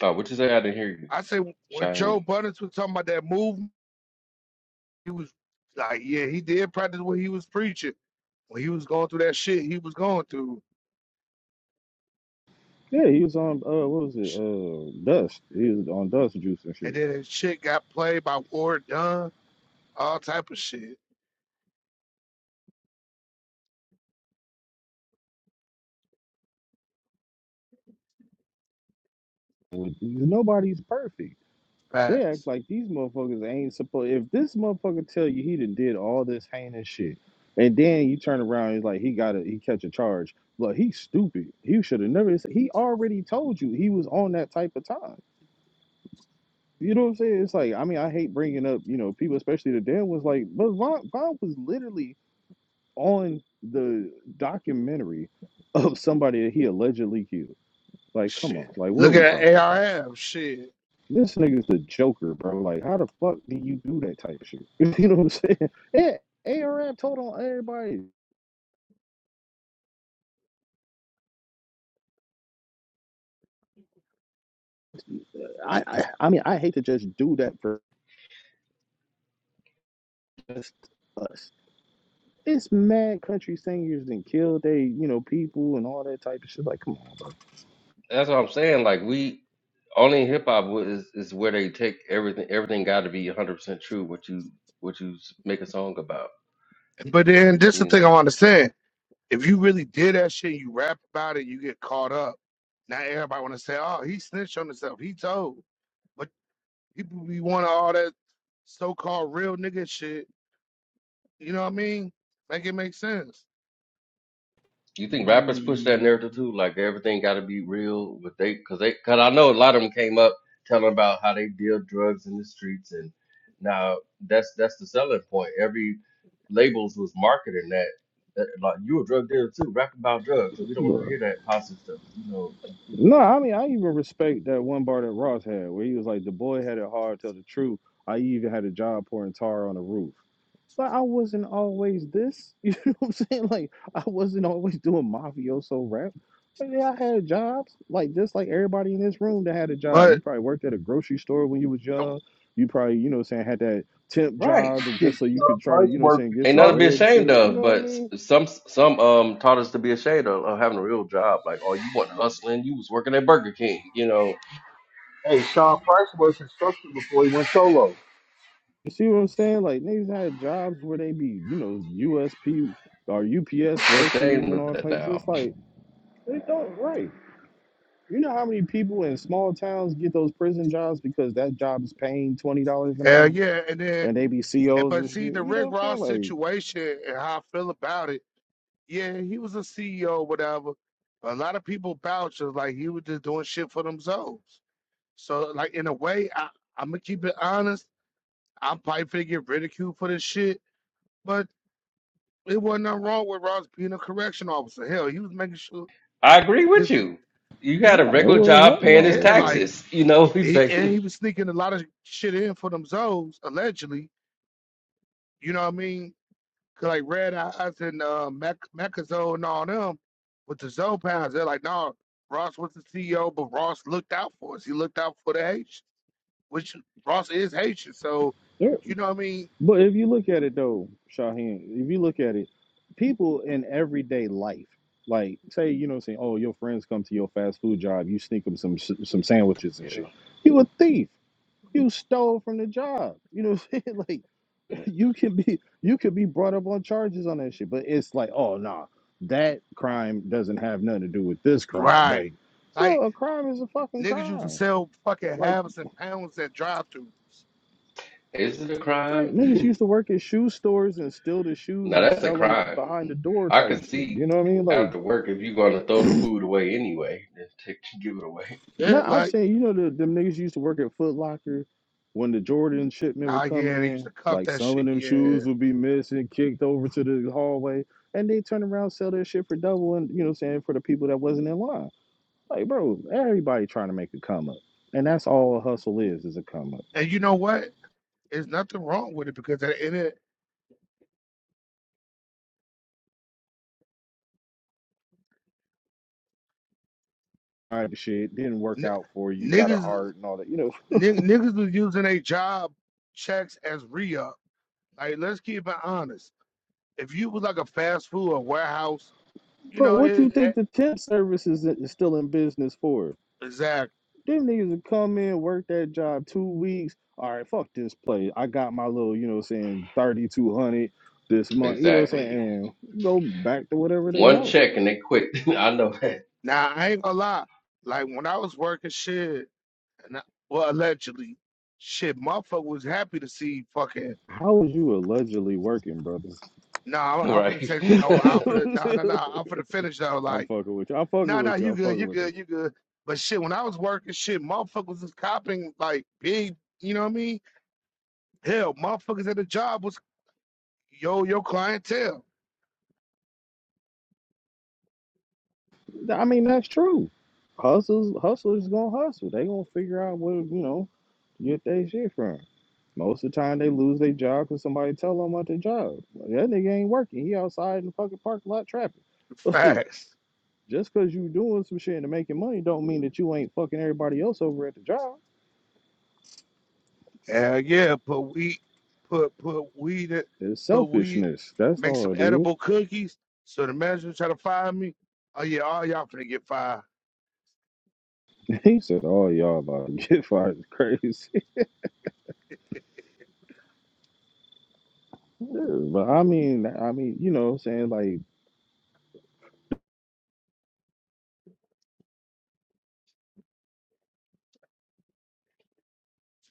Oh, what you say? I didn't hear you,
I say when Joe
Shaheen.
Budden was talking about that movement, he was like, yeah, he did practice what he was preaching. when he was going through that shit he was going through,
Yeah, he was on uh what was it?
sh-
Uh Dust. He was on Dust Juice and
and
shit.
then his shit got played by Ward Dunn, all type of shit.
Nobody's perfect. They act
Facts.
like these motherfuckers ain't supposed. If this motherfucker tell you he done did all this heinous shit, and then you turn around and it's like he got to he catch a charge. Look, he's stupid. He should have never. it's- He already told you he was on that type of time. You know what I'm saying? It's like I mean I hate bringing up you know people especially the damn was like but Von, Von was literally on the documentary of somebody that he allegedly killed. Like come on,
Shit.
like what are
Look
we
at
talking about?
ARM shit.
This nigga's the Joker, bro. Like, how the fuck do you do that type of shit? *laughs* You know what I'm saying? *laughs* Yeah, ARM told on everybody. I, I, I mean, I hate to just do that for just us. It's mad country singers and killed they, you know, people and all that type of shit. Like, come on,
That's what I'm saying. Like we only in hip hop w- is is where they take everything. Everything got to be 100 percent true. What you what you s- make a song about.
But then this the
You
thing I
know.
understand. If you really did that shit, you rap about it, you get caught up. Now everybody wanna say, oh, he snitched on himself. He told. But people be wanting all that so called real nigga shit. You know what I mean? Make it make sense.
You think rappers push that narrative
Mm.
too? Like everything got to be real. But they because they because I know a lot of them came up telling about how they deal drugs in the streets and now that's that's the selling point. Every labels was marketing that. that, Like you a drug dealer too, rap about drugs. We don't wanna
bro.
hear that positive stuff, you know. You know,
No, I mean, I even respect that one bar that Ross had where he was like, the boy had it hard, tell the truth. I even had a job pouring tar on the roof. But I wasn't always this. *laughs* You know what I'm saying? Like I wasn't always doing mafioso rap. But yeah, I had jobs. Like just like everybody in this room that had a job.
But
You probably worked at a grocery store when you was
don't
young. You probably, you know what I'm saying, had that temp
right?
job that
Shit,
just so you could
Sean
try to,
Price
you know what I'm
worked
saying, get
Ain't
some
nothing to be
construction.
bread and shit.
ashamed
You
of,
know what
but
I
s-
mean?
some some um taught us to be ashamed of, of having a real job. Like, oh, you weren't hustling, you was working at Burger King. You know,
Hey, Sean Price worked construction before he went solo.
You see what I'm saying? Like niggas had jobs where they be, you know, USP or UPS
they're
workers
ashamed
and
of
all
that
types.
now.
It's like, they don't right. You know how many people in small towns get those prison jobs because that job is paying twenty dollars an
hell
hour
yeah. And then
and they be
And
COs
but
and shit.
see the
You
Rick
know what I'm saying?
Ross
Like,
situation and how I feel about it. Yeah, he was a CEO, whatever. A lot of people vouch as like he was just doing shit for themselves. So like in a way, I, I'm gonna keep it honest. I'm probably gonna get ridiculed for this shit, but it wasn't nothing wrong with Ross being a correction officer. Hell, he was making sure
I agree with
because
you. You had a
no, there
regular
wasn't
job
nothing
paying his
wrong
yeah,
with that.
like
taxes. You know, *laughs* we
he, and
paying.
he was sneaking a lot of shit in for themselves allegedly. You know what I mean? Cause like Red Eyes and uh, Mac Macazone and all them with the Zoe they're like, no, Ross was the CEO, but Ross looked out for us. He looked out for the Haitians, which Ross is Haitian, so
There,
you know what I mean,
but if you look at it though, Shaheen, if you look at it, people in everyday life, like say, you know, what I'm saying, oh, your friends come to your fast food job, you sneak them some s- some sandwiches and shit.
Yeah.
You a thief. You stole from the job. You know, what I'm saying? *laughs* Like. you can be you could be brought up on charges on that shit. But it's like, oh nah, that crime doesn't have nothing to do with this crime.
right?
Like, bro,
Like
a crime is a fucking
niggas used to
crime.
sell fucking
Like,
halves and pounds at drive-throughs.
Is it a
right,
crime? *laughs*
niggas used to work at shoe stores and steal the shoes
No,
and
that's a
sell them
crime.
behind the door
I can
type shit.
see
You know what I mean? Like,
after work if you're going to throw the food away anyway, just take *laughs* give it away.
no,
Yeah,
I'm
like
saying, you know, the them niggas used to work at Foot Locker when the Jordan shipment would
ah,
come
yeah, they used
in.
to cuff
Like
that
some
shit.
of them
Yeah,
shoes would be missing, kicked over to the hallway, and they turn around, sell their shit for double, and you know, what I'm saying for the people that wasn't in line. Like, bro, everybody trying to make a come up. And that's all a hustle is, is a come up.
and you know what? There's nothing wrong with it because at the end of
All right, shit, didn't work
n-
out for you, You got a
niggas,
heart and all that. You know,
n- niggas was using their job checks as re Like, let's keep it honest. If you was like a fast food or warehouse,
*laughs*
you
bro,
know,
what
it,
you think
it
the temp service is, is still in business for?
exactly.
Them niggas would come in, work that job two weeks. All right, fuck this place. I got my little, you know what I'm saying, 3200 this month, you know what I'm
Exactly.
saying? And go back to whatever they
One
know.
check and they quit. *laughs* I know that,
Now I ain't gonna lie. Like when I was working shit, and I, well, allegedly, shit, motherfucker was happy to see fucking.
How was you allegedly working, brother?
No,
*laughs*
I'm, I'm finna take. No,
right? *laughs*
I'm finna. No, no,
*laughs*
no. I'm finna finish though.
I'm
Like,
fucking with you. I'm fucking
no, no,
with you.
you
I'm
good,
fucking
you
with you.
good, you good. But shit, when I was working shit, motherfuckers was copping like big. You know what I mean? Hell, motherfuckers at the job was yo, your clientele.
I mean, that's true. Hustlers, hustlers gonna hustle. They gonna figure out where you know to get their shit from. Most of the time, they lose their job because somebody tell them about their job. Like, that nigga ain't working. He outside in the fucking parking lot trapping. *laughs* Like,
Facts.
just because you doing some shit and making money, don't mean that you ain't fucking everybody else over at the job.
Hell yeah, put wheat, put put weed, in-
It's
put weed,
selfishness. That's
make
all
some
it is.
edible cookies. So the manager try to fire me. Oh yeah, all y'all finna get fired.
*laughs* He said, "Oh, y'all about to *laughs* get fired is crazy." *laughs* Yeah, but I mean, I mean, you know, what I'm saying like,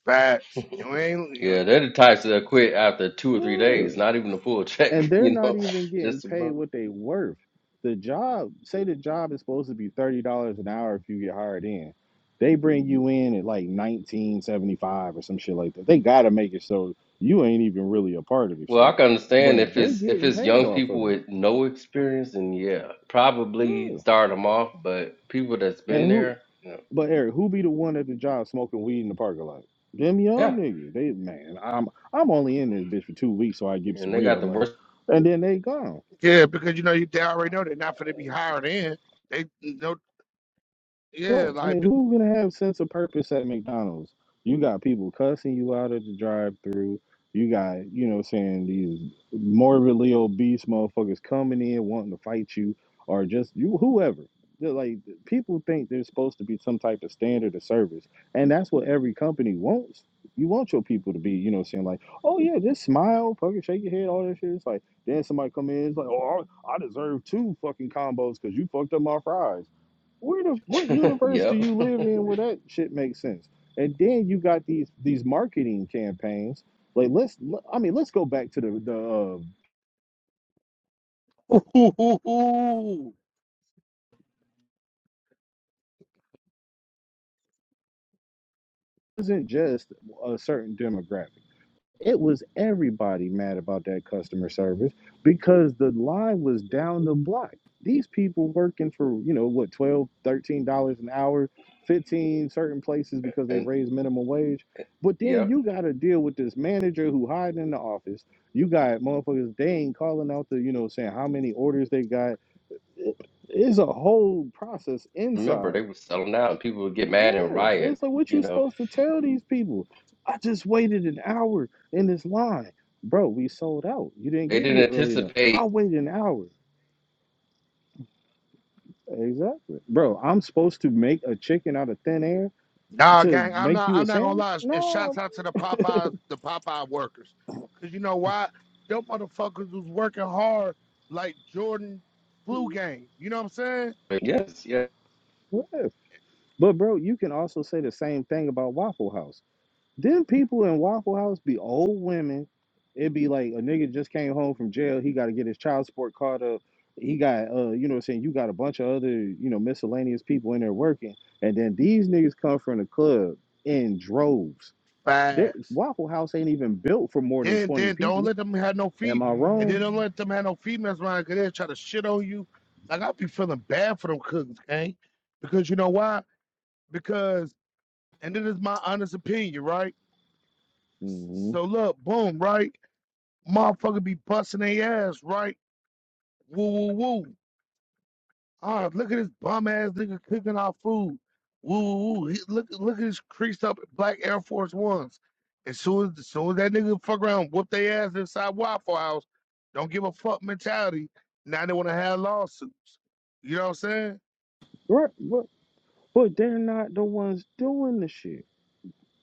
Facts. You ain't you,
Yeah, they're the types that quit after two or three
yeah.
days, not even a full
and
check, *laughs*
they're
you
not
know.
even getting
Just a
paid what they worth. The job, say the job is supposed to be thirty dollars an hour if you get hired in. They bring you in at like nineteen seventy five or some shit like that. They gotta make it so you ain't even really a part of the
well, I
shit.
can understand
But
if
they
it's if
getting
it's
paid
young
off
people
of it.
with no experience, and yeah, probably
Yeah.
start them off. But people that's
And
been
who
there, you know,
but Eric, who be the one at the job smoking weed in the parking lot? Them
yeah,
young niggas. They man, I'm I'm only in this bitch for two weeks so I get
and
some
they got
real
the
money.
worst.
And then they gone.
yeah, because you know you they already know they're not finna be hired in. They no yeah,
Right. I
like
mean, who gonna have sense of purpose at McDonald's? You got people cussing you out at the drive-through. You got, you know, what I'm saying these morbidly obese motherfuckers coming in wanting to fight you, or just you, whoever. They're like people think there's supposed to be some type of standard of service, and that's what every company wants. You want your people to be, you know, what I'm saying like, oh yeah, just smile, fucking shake your head, all that shit. It's like then somebody come in, it's like, oh, I I deserve two fucking combos because you fucked up my fries where the what
*laughs*
universe do
yep,
you live in where that shit makes sense? And then you got these these marketing campaigns. Like let's I mean let's go back to the the uh,
ooh, ooh, ooh, ooh. *laughs*
isn't just a certain demographic. It was everybody mad about that customer service because the line was down the block. These people working for, you know, what, twelve, thirteen dollars an hour, 15 certain places
*laughs*
because they
and
raise minimum wage. But then
yep.
you got to deal with this manager who hiding in the office. You got motherfuckers, they ain't calling out the, you know, saying how many orders they got. It- It's a whole process
Remember,
inside.
they were selling out, and people would get
Yeah,
mad and riot.
it's like what
You
you
know,
supposed to tell these people? I just waited an hour in this line, bro. We sold out. You didn't
they
get
didn't
here early enough. I
anticipate.
waited an hour. Exactly, bro. I'm supposed to make a chicken out of thin air
Nah,
to
gang, I'm
make
not
you a
I'm not gonna lie.
sandwich?
And shouts
No,
out to the Popeyes, the Popeye workers. Cause you know why? Them motherfuckers was working hard like Jordan flu game. You know what I'm saying?
but Yes, yeah,
yeah. But bro, you can also say the same thing about Waffle House. Then people in Waffle House be old women. It'd be like a nigga just came home from jail. He got to get his child support caught up. He got, uh, you know, what I'm saying you got a bunch of other, you know, miscellaneous people in there working. And then these niggas come from the club in droves. That
Fast.
Waffle House ain't even built for more than
Then
twenty
then don't
people.
let them have no
Am
feet.
I
And
wrong?
then don't let them have no feet mesmerized because they'll try to shit on you. Like I be feeling bad for them cousins, gang. Because you know why? Because and this is my honest opinion, right?
hmm
So look, boom, right? Motherfucker be busting their ass, right? Woo woo woo. Ah, look at this bum ass nigga cooking our food. Woo woo woo. He, look look at his creased up black Air Force Ones. As soon as, as soon as that nigga fuck around, whoop their ass inside Waffle House, don't give a fuck mentality. Now they wanna have lawsuits. You know what I'm saying?
Right, but but they're not the ones doing the shit.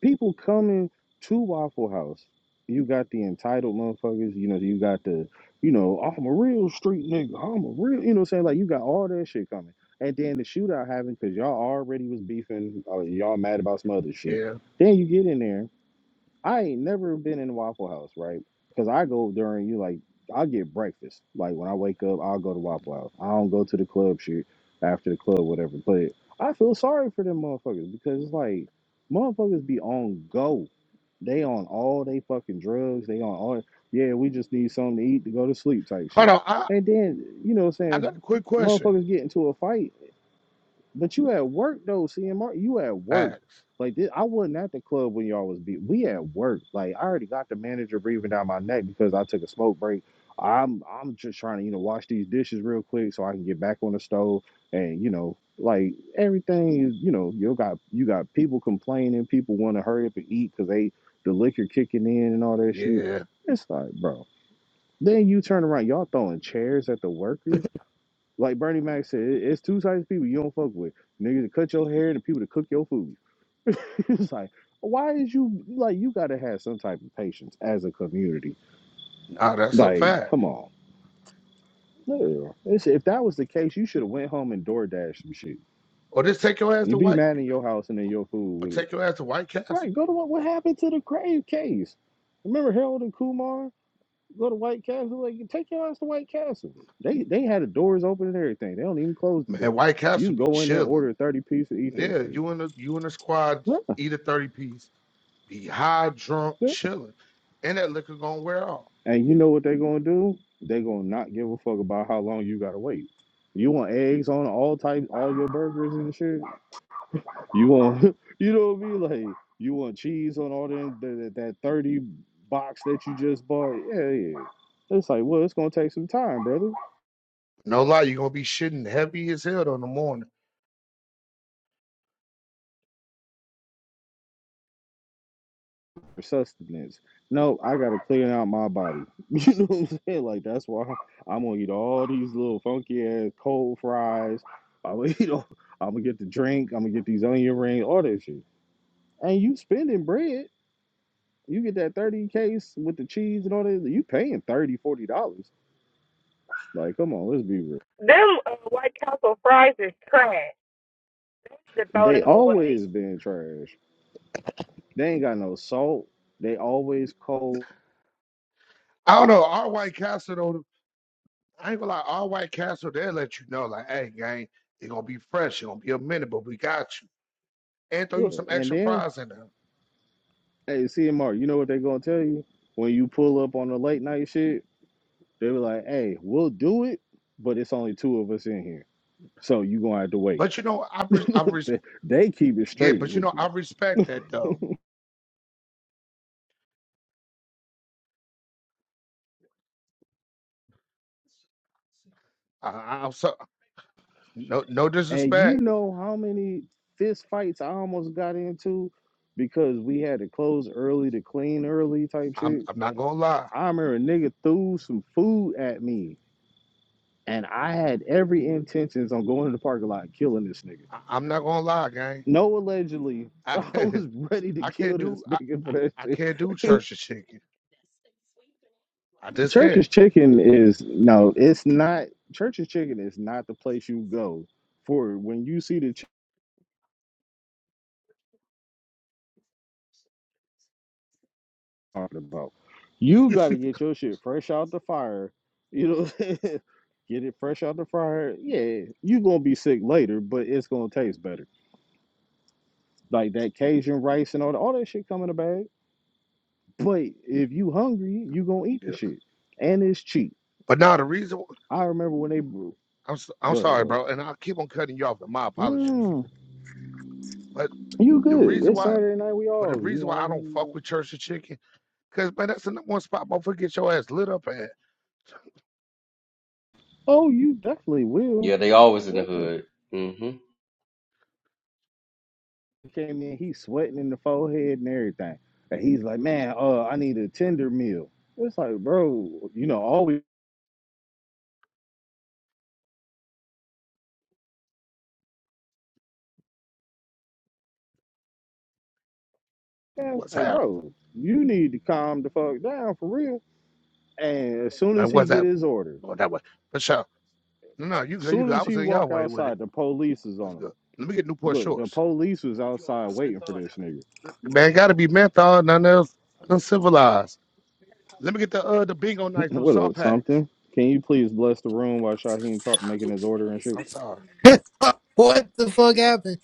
people coming to Waffle House. You got the entitled motherfuckers, you know, you got the, you know, I'm a real street nigga. I'm a real, you know what I'm saying? Like, you got all that shit coming. And then the shootout happened because y'all already was beefing. Uh, y'all mad about some other shit.
Yeah.
Then you get in there I ain't never been in Waffle House, right? Because I go during you like I get breakfast. Like when I wake up, I'll go to Waffle House. I don't go to the club shit after the club, whatever. But I feel sorry for them motherfuckers because it's like motherfuckers be on go. They on all they fucking drugs. They on all yeah, we just need something to eat to go to sleep type
Hold
shit.
on, I,
And then, you know what
I
I'm
got a
saying,
quick question.
motherfuckers get into a fight but you at work though, CMR. You at work.
Facts.
Like this, I wasn't at the club when y'all was beat. We at work. Like I already got the manager breathing down my neck because I took a smoke break. I'm I'm just trying to you know wash these dishes real quick so I can get back on the stove and you know like everything is you know you got you got people complaining. People want to hurry up and eat because they the liquor kicking in and all that shit.
Yeah.
It's like bro. Then you turn around, y'all throwing chairs at the workers like Bernie Mac said, it- it's two types of people you don't fuck with. Niggas to cut your hair and the people to cook your food. *laughs* it's like, why is you like you gotta have some type of patience as a community.
Nah, that's a
Like,
fact.
come on. Literally. It's, if that was the case, you should have went home and door dashed some shit.
Or just take your ass
You
to
be
White
mad in your house and then your food
or
would
take your ass to White Castle.
Right, go to what what happened to the crave case. Remember Harold and Kumar? Go to White Castle, like take your ass to White Castle. They they had the doors open and everything. They don't even close the
Man,
door.
White
You
Castle
can
be
go in there,
chilling.
order a 30 piece, and eat that
Yeah,
shit.
you and the you and the squad
That's
eat a 30 piece, be high, drunk,
it.
chilling, and that liquor gonna wear off.
And you know what they're gonna do? They're gonna not give a fuck about how long you gotta wait. You want eggs on all types, all your burgers and shit. You want, *laughs* you know what I mean? Like you want cheese on all them that that, that thirty box that you just bought. Yeah, yeah. It's like, well, it's gonna take some time, brother.
No lie, you're gonna be shitting heavy as hell in the morning.
for sustenance. No, I gotta clean out my body. *laughs* You know what I'm saying? Like that's why I'm gonna eat all these little funky ass cold fries. I'm gonna *laughs* eat all, I'm gonna get the drink. I'm gonna get these onion rings, all that shit. And you spending bread. You get that 30 case with the cheese and all that. You paying thirty, forty dollars. Like, come on, let's be real.
Them uh, White Castle fries is trash. They need to throw them
They
away.
always been trash. They ain't got no salt. They always cold.
I don't know, our White Castle though, I ain't gonna lie, our White Castle, they'll let you know, like, hey, gang, it's gonna be fresh, it's gonna be a minute, but we got you. And throw you
Look,
some
and
extra
then
fries in there.
hey, CMR, you know what they gonna tell you when you pull up on the late night shit? They were like, "Hey, we'll do it, but it's only two of us in here, so you gonna have to wait."
But
*laughs*
you know, I re- I res-
They, they keep it
yeah,
straight
but you
with
know,
you,
I respect that though. I, I- I'm so no no
and you
disrespect.
know how many fist fights I almost got into because we had to close early to clean early type
I'm
shit.
I'm not gonna lie.
I remember a nigga threw some food at me, and I had every intentions on going to the parking lot and killing this nigga.
I, I'm not gonna lie,
No, allegedly, *laughs* I
gang. *laughs*
was ready to
I can't
kill
do
this
I,
nigga
I,
for that
I
shit.
can't do church and chicken. I just can't.
Church's Chicken is no, it's not. Church's Chicken is not the place you go for when you see the chicken I'm talking about. You got to get your shit fresh out the fire. You know, *laughs* get it fresh out the fire. Yeah, you gonna be sick later, but it's gonna taste better. Like that Cajun rice and all that, all that shit come in a bag. But if you hungry, you gonna eat
Yeah.
the shit, and it's cheap.
But now the reason
I remember when they brew.
I'm s- I'm
Go ahead,
sorry,
go ahead.
bro, and I will keep on cutting you off. And my apologies.
Mm,
But
you
the
good?
reason
It's
why,
Saturday night. We
but
all,
the
you
reason why I don't
know.
fuck with church and chicken, cause man, that's the number one spot. Motherfucker, get your ass lit up at.
Oh, you definitely will.
yeah. They always in the
Yeah.
hood. hmm
He Came in, he's sweating in the forehead and everything. And he's like, man, uh, I need a tender meal. It's like, bro, you know, always. Yeah, it's
What's
like,
happening?
bro, you need to calm the fuck down for real. And as soon
Like
as he
what's
get
happening?
his order,
Going that way for sure. No, no, you good, you
soon
good. I
as
was
he
in y'all
walk
way with it.
outside, the police is
What's
on him.
good? Let me get Newport
Look, the
Shorts.
police was outside waiting for this nigga.
Man, gotta be menthol, nothing else. Uncivilized. Let me get the uh the bingo
*clears throat*
nights, them
What
saw
up,
packs.
something? Can you please bless the room while Shaheem talk making his order and shit?
I'm sorry.
*laughs* what the fuck happened?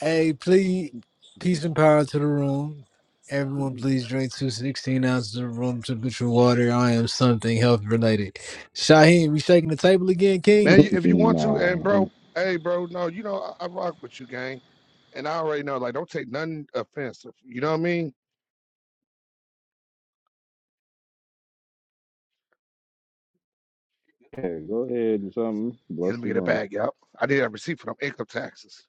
Hey, please, peace and power to the room. Everyone, please drink two sixteen ounces of room temperature water. I am something health related. Shaheen, we shaking the table again, King?
Man, you,
*laughs*
if you want to, and
Nah.
bro, hey, bro, no, you know, I, I rock with you, gang. And I already know, like, don't take nothing offensive. You know what I mean?
Yeah, go ahead and something.
Yeah,
Bless
let me
the
get a
room.
bag, yep. I did have a receipt for them income taxes.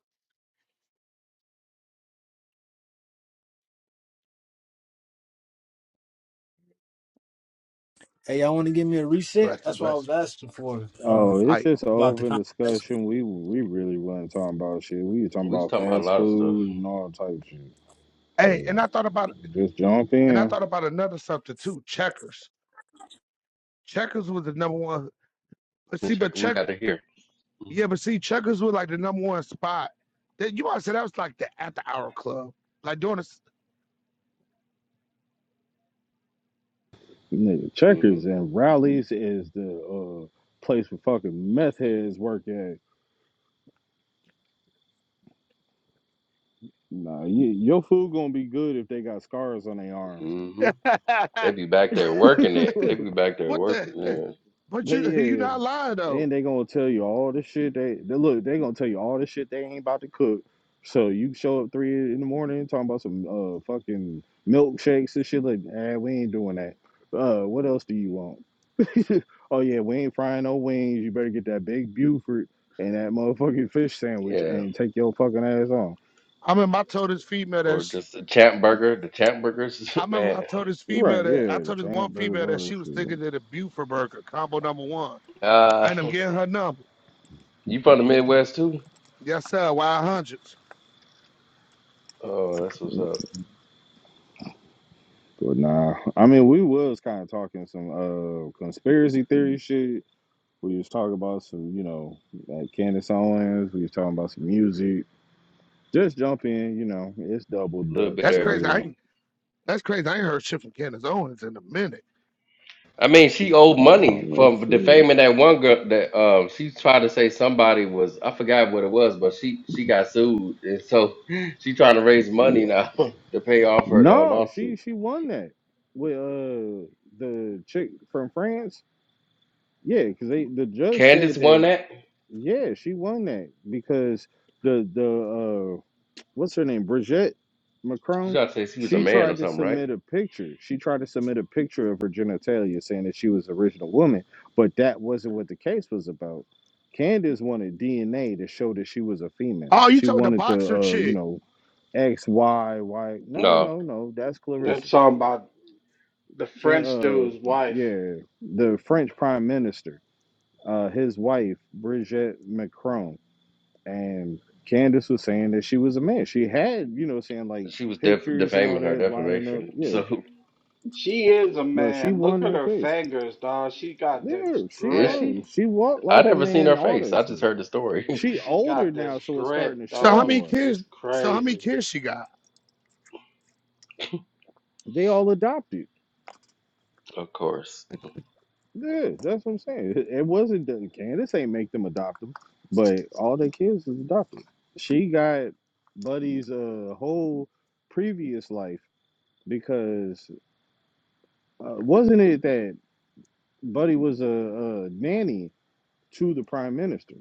Hey, y'all want to give me a reset?
Bless it,
That's what I
bless it.
was asking for uh,
Oh, it's
I,
just an
about the
open
conversation.
discussion. We we really wasn't talking about shit. We were talking
We was
about
talking about a
fast
lot of stuff.
food and all type of shit.
hey,
Uh,
and I thought about,
just jump
and I
in.
thought about another something too. Checkers. Checkers was the number one. But see, but
Check, we
check,
got to hear.
yeah, but see, checkers was like the number one spot. That you might say that was like the after hour club, like doing a.
Nigga,
hmm
checkers and rallies is the uh, place where fucking meth heads work at. Nah, you, your food gonna be good if they got scars on their arms.
hmm They
*laughs*
be back there working
*laughs*
it. They be back there
what
working.
the?
Man.
But you,
They
*laughs* you're
yeah.
not lying though.
And they gonna tell you all the shit they, they look, they gonna tell you all the shit they ain't about to cook. So you show up three in the morning talking about some uh fucking milkshakes and shit like eh, we ain't doing that. Uh what else do you want? *laughs* oh yeah, we ain't frying no wings. You better get that big Buford and that motherfucking fish sandwich
Yeah.
and take your fucking ass on.
I remember I told this female that
Or
sh
just the champ burger. The champ burgers.
I
*laughs*
remember
Man.
I told this female
Right,
that I
yeah, the
told this one
champ burgers,
female that
all
she was
that
thinking of the Buford burger combo number one.
Uh
I ended up getting her number.
*laughs* you from the Midwest too?
Yes, sir. Wild hundreds.
Oh, that's what's
shit.
up.
But nah, I mean, we was kind of talking some uh conspiracy theory shit, We was talking about some, you know, like Candace Owens. We was talking about some music. Just jump in, you know. It's double
A little bit
Dutch
of
That's
for
crazy. I
real.
everything.
ain't, that's crazy. I ain't heard shit from Candace Owens in a minute.
I mean, she owed money
Um, if
from
she,
defaming that one girl that um she tried to say somebody was I forgot what it was, but she she got sued. And so *laughs* she trying to raise money
yeah.
now *laughs* to pay off her uh,
no,
lawsuit.
she she won that with uh the chick from France. Yeah, because they the judge
Candace
said
won
that.
that?
Yeah, she won that because the the uh, what's her name, Brigitte
She
Macron.
tried to say she was a
She
man or
tried to
something, right?
submit a picture. She tried to submit a picture of her genitalia, saying that she was the original woman, but that wasn't what the case was about. Candace wanted DNA to show that she was a female.
Oh, you
She
talking the
wanted the,
boxer
uh, you
chick.
know, X, Y, Y. No,
No.
no, no. That's
That
Clarissa.
song about the
Can
French
uh,
dude's wife.
yeah, the French Prime Minister, uh, his wife Brigitte Macron. And Candace was saying that she was a man. She had, you know, saying like
She was def-
pictures and all
defaming her
that lining up.
defamation.
Yeah.
So
She is a
But she
man. Look
won
at
that
her
case.
fingers, dog. She got
Yeah,
this
*laughs*
she
is
grip.
won.
she?
She walked
I
like a
never seen
man,
her
all
face.
that
I
shit.
just heard the story.
She
She
older
got
now,
this
so it's starting to
grip,
So
show
how
dog.
many
more.
kids?
It's
So how many
crazy.
kids she got?
They all adopted.
*laughs* of course.
Yeah, that's what I'm saying. It it wasn't that Candace ain't make them adopt them, but all their kids is adopted. She got Buddy's uh, whole previous life because uh, wasn't it that Buddy was a, a nanny to the prime minister,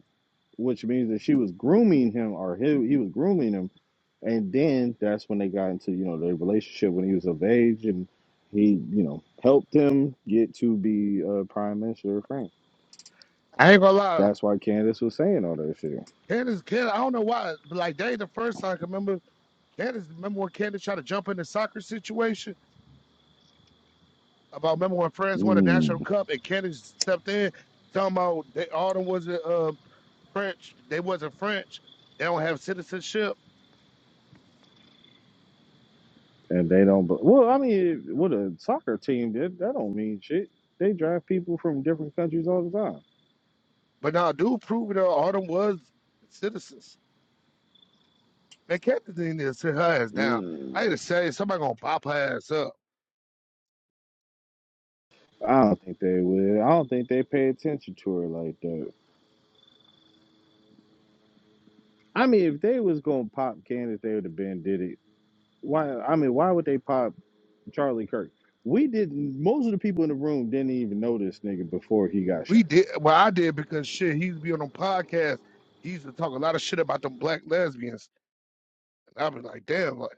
which means that she was grooming him, or he, he was grooming him, and then that's when they got into you know their relationship when he was of age, and he you know helped him get to be uh, prime minister of France.
I ain't gonna lie.
That's why Candace was saying all that shit.
Candace, Candace I don't know why, but like that ain't the first time I can remember. Candace, remember when Candace tried to jump in the soccer situation? about remember when France won the national
Mm.
cup and Kennedy stepped in talking about they all them wasn't uh, French. They wasn't French. They don't have citizenship.
And they don't. But well, I mean, with a soccer team, that that don't mean shit. They draft people from different countries all the time.
But now dude proved that all them was citizens. Man, Kennedy didn't even sit her ass down.
Mm.
I hate to say it, somebody gonna pop her ass up.
I don't think they would. I don't think they pay attention to her like that. I mean, if they was gonna pop Candace, they would have been did it. Why? I mean, why would they pop Charlie Kirk? We didn't. Most of the people in the room didn't even know this nigga before he got shot.
We did well I did because shit, he used to be on them podcasts. He used to talk a lot of shit about them black lesbians. And i was like, damn, like,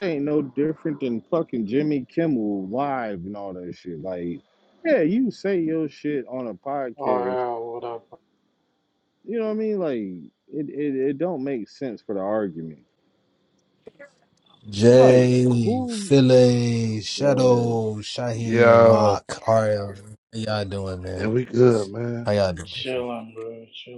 Ain't no different than fucking Jimmy Kimmel live and all that shit. Like, yeah, you say your shit on a
Oh,
podcast.
yeah, what up?
You know what I mean? Like, it it, it don't make sense for the argument. Like,
Jay,
who?
Philly,
Go ahead.
Shadow, Shaheen,
yo,
Mark, Ariel. How y'all doing,
man,
man?
we good, man.
How y'all doing?
Chilling, bro. Chilling.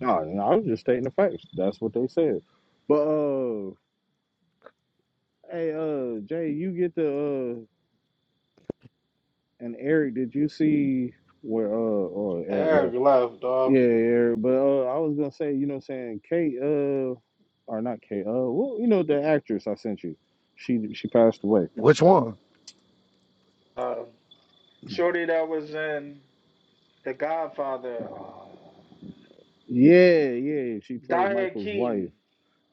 No, no, I was just stating the facts. That's what they said. But uh, hey, uh, Jay, you get the uh, and Eric, did you see where uh, oh Eric
Eric
left?
left, dog.
Yeah, Eric. But uh, I was gonna say, you know, what I'm saying Kate, uh, or not Kate, uh, well, you know, the actress I sent you, she she passed away.
Which one?
Uh, shorty that was in The Godfather, uh,
Yeah, yeah, she played
Diane
Michael's wife,
Keaton,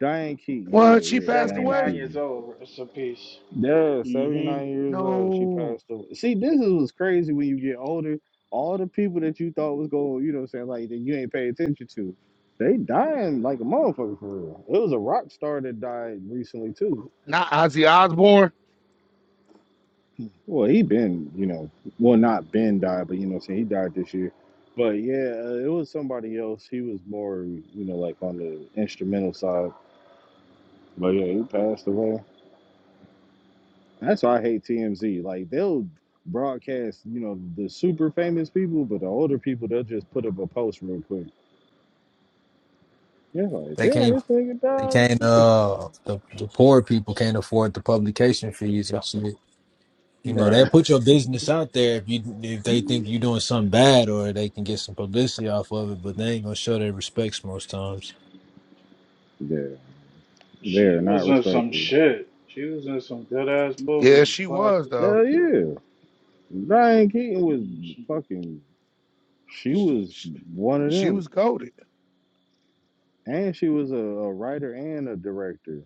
Diane Keaton.
What?
Yeah,
She
yeah,
passed
Diane
away?
79
Keaton.
years old. Rest in peace.
Yeah,
hmm
79 years old. She
No.
passed away. See, this is what's crazy when you get older. All the people that you thought was going, you know what I'm saying, like that you ain't pay attention to, they dying like a motherfucker for real. It was a rock star that died recently too.
Not Ozzy Osbourne.
Well, he been, you know, well not been died, but you know what I'm saying, he died this year. But yeah, uh, it was somebody else. He was more, you know, like on the instrumental side. But yeah, he passed away. That's why I hate TMZ. Like they'll broadcast, you know, the super famous people, but the older people they'll just put up a post real quick. Yeah, like
They came
damn, this nigga
They
died. and
can't
Shit. *laughs*
uh the, the poor people can't afford the publication fees and shit. You know, they
Right.
put your business out there if you if they think you're doing something bad or they can get some publicity off of it, but they ain't gonna show their respects most times.
Yeah, they're
She
not
was in some
respectful.
shit. She was in some good ass
Yeah,
movie.
she was
Classic.
though.
Hell yeah, Diane Keaton was
Mhm.
fucking. She
Sh-
was one of
She
them,
was goaded,
and she was a, a writer and a director.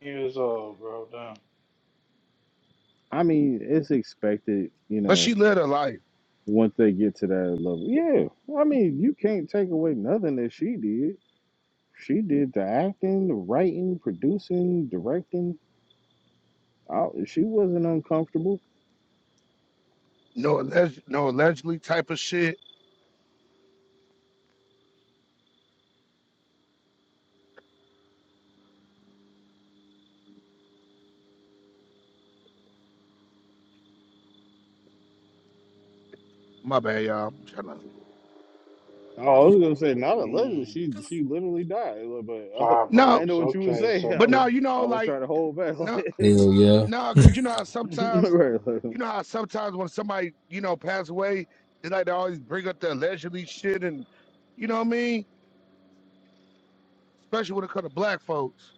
Years old, bro. Damn.
I mean, it's expected, you
but
know,
she lived her life.
once they get to that level. Yeah, I mean, you can't take away nothing that she did. She did the acting, the writing, producing, directing. All, she wasn't uncomfortable.
No alleged, no allegedly type of shit. My bad, y'all. I'm trying to.
Oh, I was gonna say not allegedly.
Mm,
She she literally died, but uh, *laughs* I
No,
didn't
Pablos.
know what you would
Okay,
saying. *laughs*
but
I,
no,
something.
you
I
know,
was
like
trying to hold back.
no,
*laughs*
Hell yeah.
no,
*laughs*
because you know how
Like,
sometimes,
right, like,
you know how sometimes when somebody, you know, pass away, they like to always bring up the allegedly shit, and you know what I mean. Especially when it comes to black folks.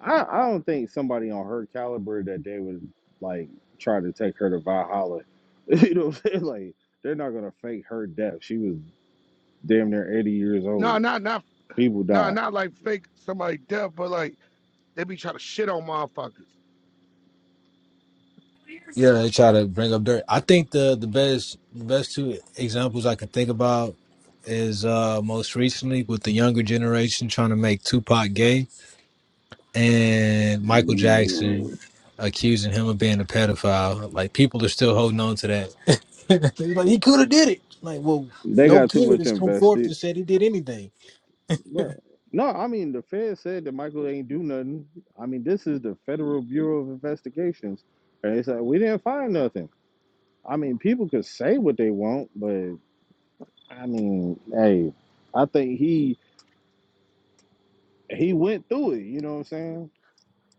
I I don't think somebody on her caliber that they would like try to take her to Valhalla. *laughs* you know what I'm saying? Like they're not gonna fake her death. She was damn near 80 years
No,
old.
not not
People
no,
die.
not like fake somebody death, but like they be trying to shit on motherfuckers.
Yeah, they try to bring up dirt. I think the the best the best two examples I can think about is uh most recently with the younger generation trying to make Tupac gay and Michael Jackson accusing him of being a pedophile. Like people are still holding on to that. *laughs* they like he could have did it. Like, well,
They
no
got too
kid
much
has come forth
invested.
and said he did anything.
Bro. No, I mean the Fed said that Michael ain't do nothing. I mean, this is the Federal Bureau of Investigations. And they said we didn't find nothing. I mean, people could say what they want, but I mean, hey, I think he he went through it, you know what I'm saying?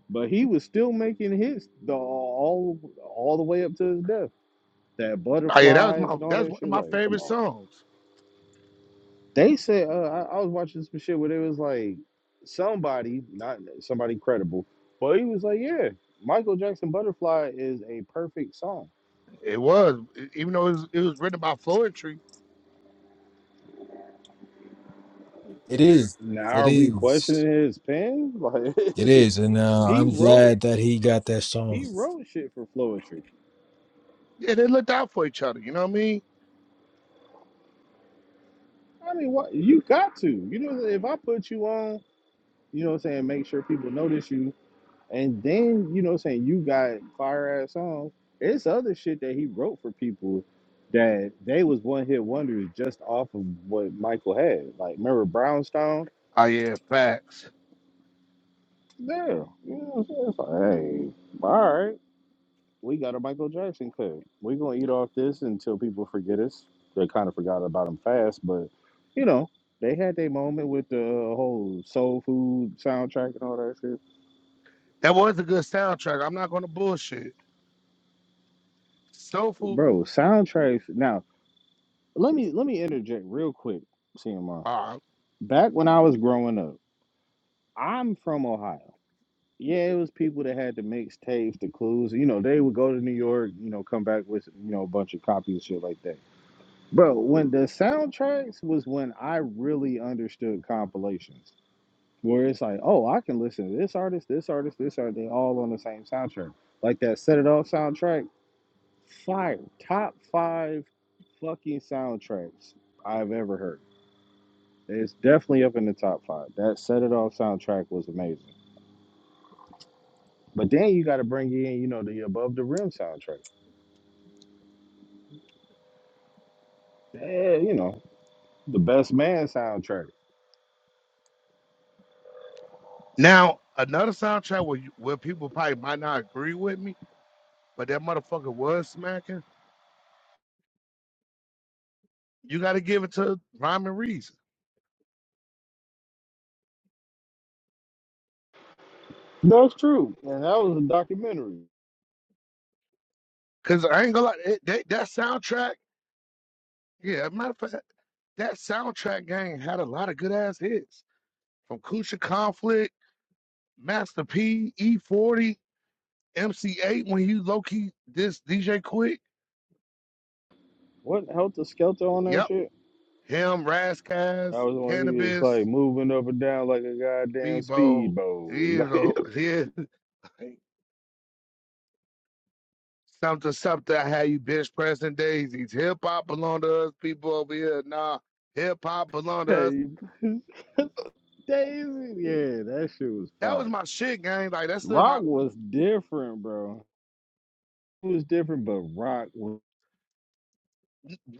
But he was still making hits the all all the way up to his death. That
Oh yeah, that was
butterflies
my
and all
that's
that
one of
shit.
my
Like, come
favorite
on.
songs.
They said uh, I, I was watching some shit where they was like somebody, not somebody credible, but he was like, "Yeah, Michael Jackson Butterfly is a perfect song."
It was, e- even though it was, it was written by Floetry.
It is.
Now
It
are we
is.
questioning his pen? Like
It is. And
*laughs*
uh,
he
I'm
wrote
glad that he got that song.
he wrote shit for Floetry.
Yeah, they looked out for each other. You know what I mean?
I mean, what you got to? You know, if I put you on, you know, what I'm saying, make sure people notice you. And then, you know, saying you got fire ass songs. It's other shit that he wrote for people that they was one hit wonders just off of what Michael had. Like, remember Brownstone?
Oh yeah, facts.
Yeah. You know what I'm saying? It's like, hey, all right. We got a Michael Jackson clip. We're gonna eat off this until people forget us. They kind of forgot about him fast, but you know, they had their moment with the whole soul food soundtrack and all that shit.
That was a good soundtrack. I'm not gonna bullshit. Soulful.
Bro, soundtracks now Let me let me interject real quick, CMR.
Uh,
Back when I was growing up, I'm from Ohio. Yeah, it was people that had the mixtapes, the clues. You know, they would go to New York, you know, come back with you know a bunch of copies, and shit like that. Bro, when the soundtracks was when I really understood compilations, where it's like, oh, I can listen to this artist, this artist, this artist, they all on the same soundtrack. Like that Set It Off soundtrack, fire, top five fucking soundtracks I've ever heard It's definitely up in the top five. That Set It Off soundtrack was amazing. But then you got to bring in, you know, the Above the Rim soundtrack. Yeah, you know, the Best Man soundtrack.
now another soundtrack where you, where people probably might not agree with me, but that motherfucker was smacking. You got to give it to Rhyme and Reason,
That's true. And that was a documentary.
cause I ain't gonna lie. It, that, that soundtrack. Yeah, matter of fact, that soundtrack gang had a lot of good ass hits from Kucha Conflict. Master P, E40, MC8 when he low key this DJ Quick.
What Helter Skelter on that
Yep.
shit?
Him, Raskaz,
That was when he was like
Cannabis,
moving up and down like a goddamn
Bebo.
speedboat. *laughs*
You
Like,
know, yeah. *laughs* Something, something. How you bitch pressing daisies? Hip hop belong to us. People over here, nah. Hip hop belong to us.
hey, *laughs* Daisy. Yeah, that shit was
That was
fire.
my shit, gang. Like that's still my
Rock was different, bro. It was different, but Rock was.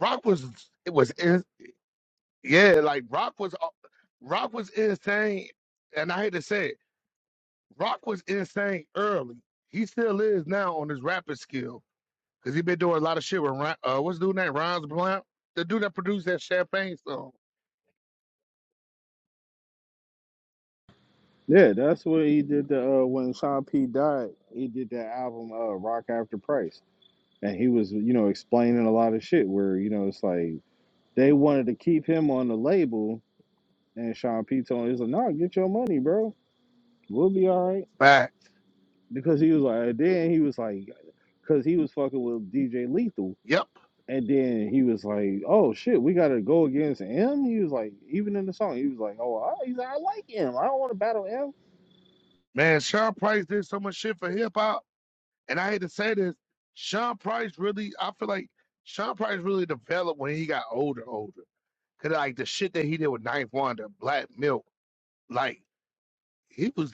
rock was. It was in, yeah. Like rock was, uh, rock was insane. And I hate to say it. Rock was insane early. He still is now on his rapping skill because he been doing a lot of shit with Ron, uh, what's the dude named Ron's Blunt, the dude that produced that Champagne song.
Yeah, that's what he did the uh, when Sean P died. He did that album uh, Rock After Price, and he was you know explaining a lot of shit where you know it's like they wanted to keep him on the label, and Sean P told him he's like, "Nah, get your money, bro. We'll be all right."
Back.
Because he was like, then he was like, because he was fucking with DJ Lethal,
Yep,
and then he was like, "Oh shit, we gotta go against him." He was like, even in the song, he was like, "Oh, I, he's like, I like him. I don't want to battle him."
man. Sean Price did so much shit for hip hop, and I hate to say this, Sean Price really. I feel like Sean Price really developed when he got older, older. Cause like the shit that he did with Ninth Wonder, Black Milk, like. He was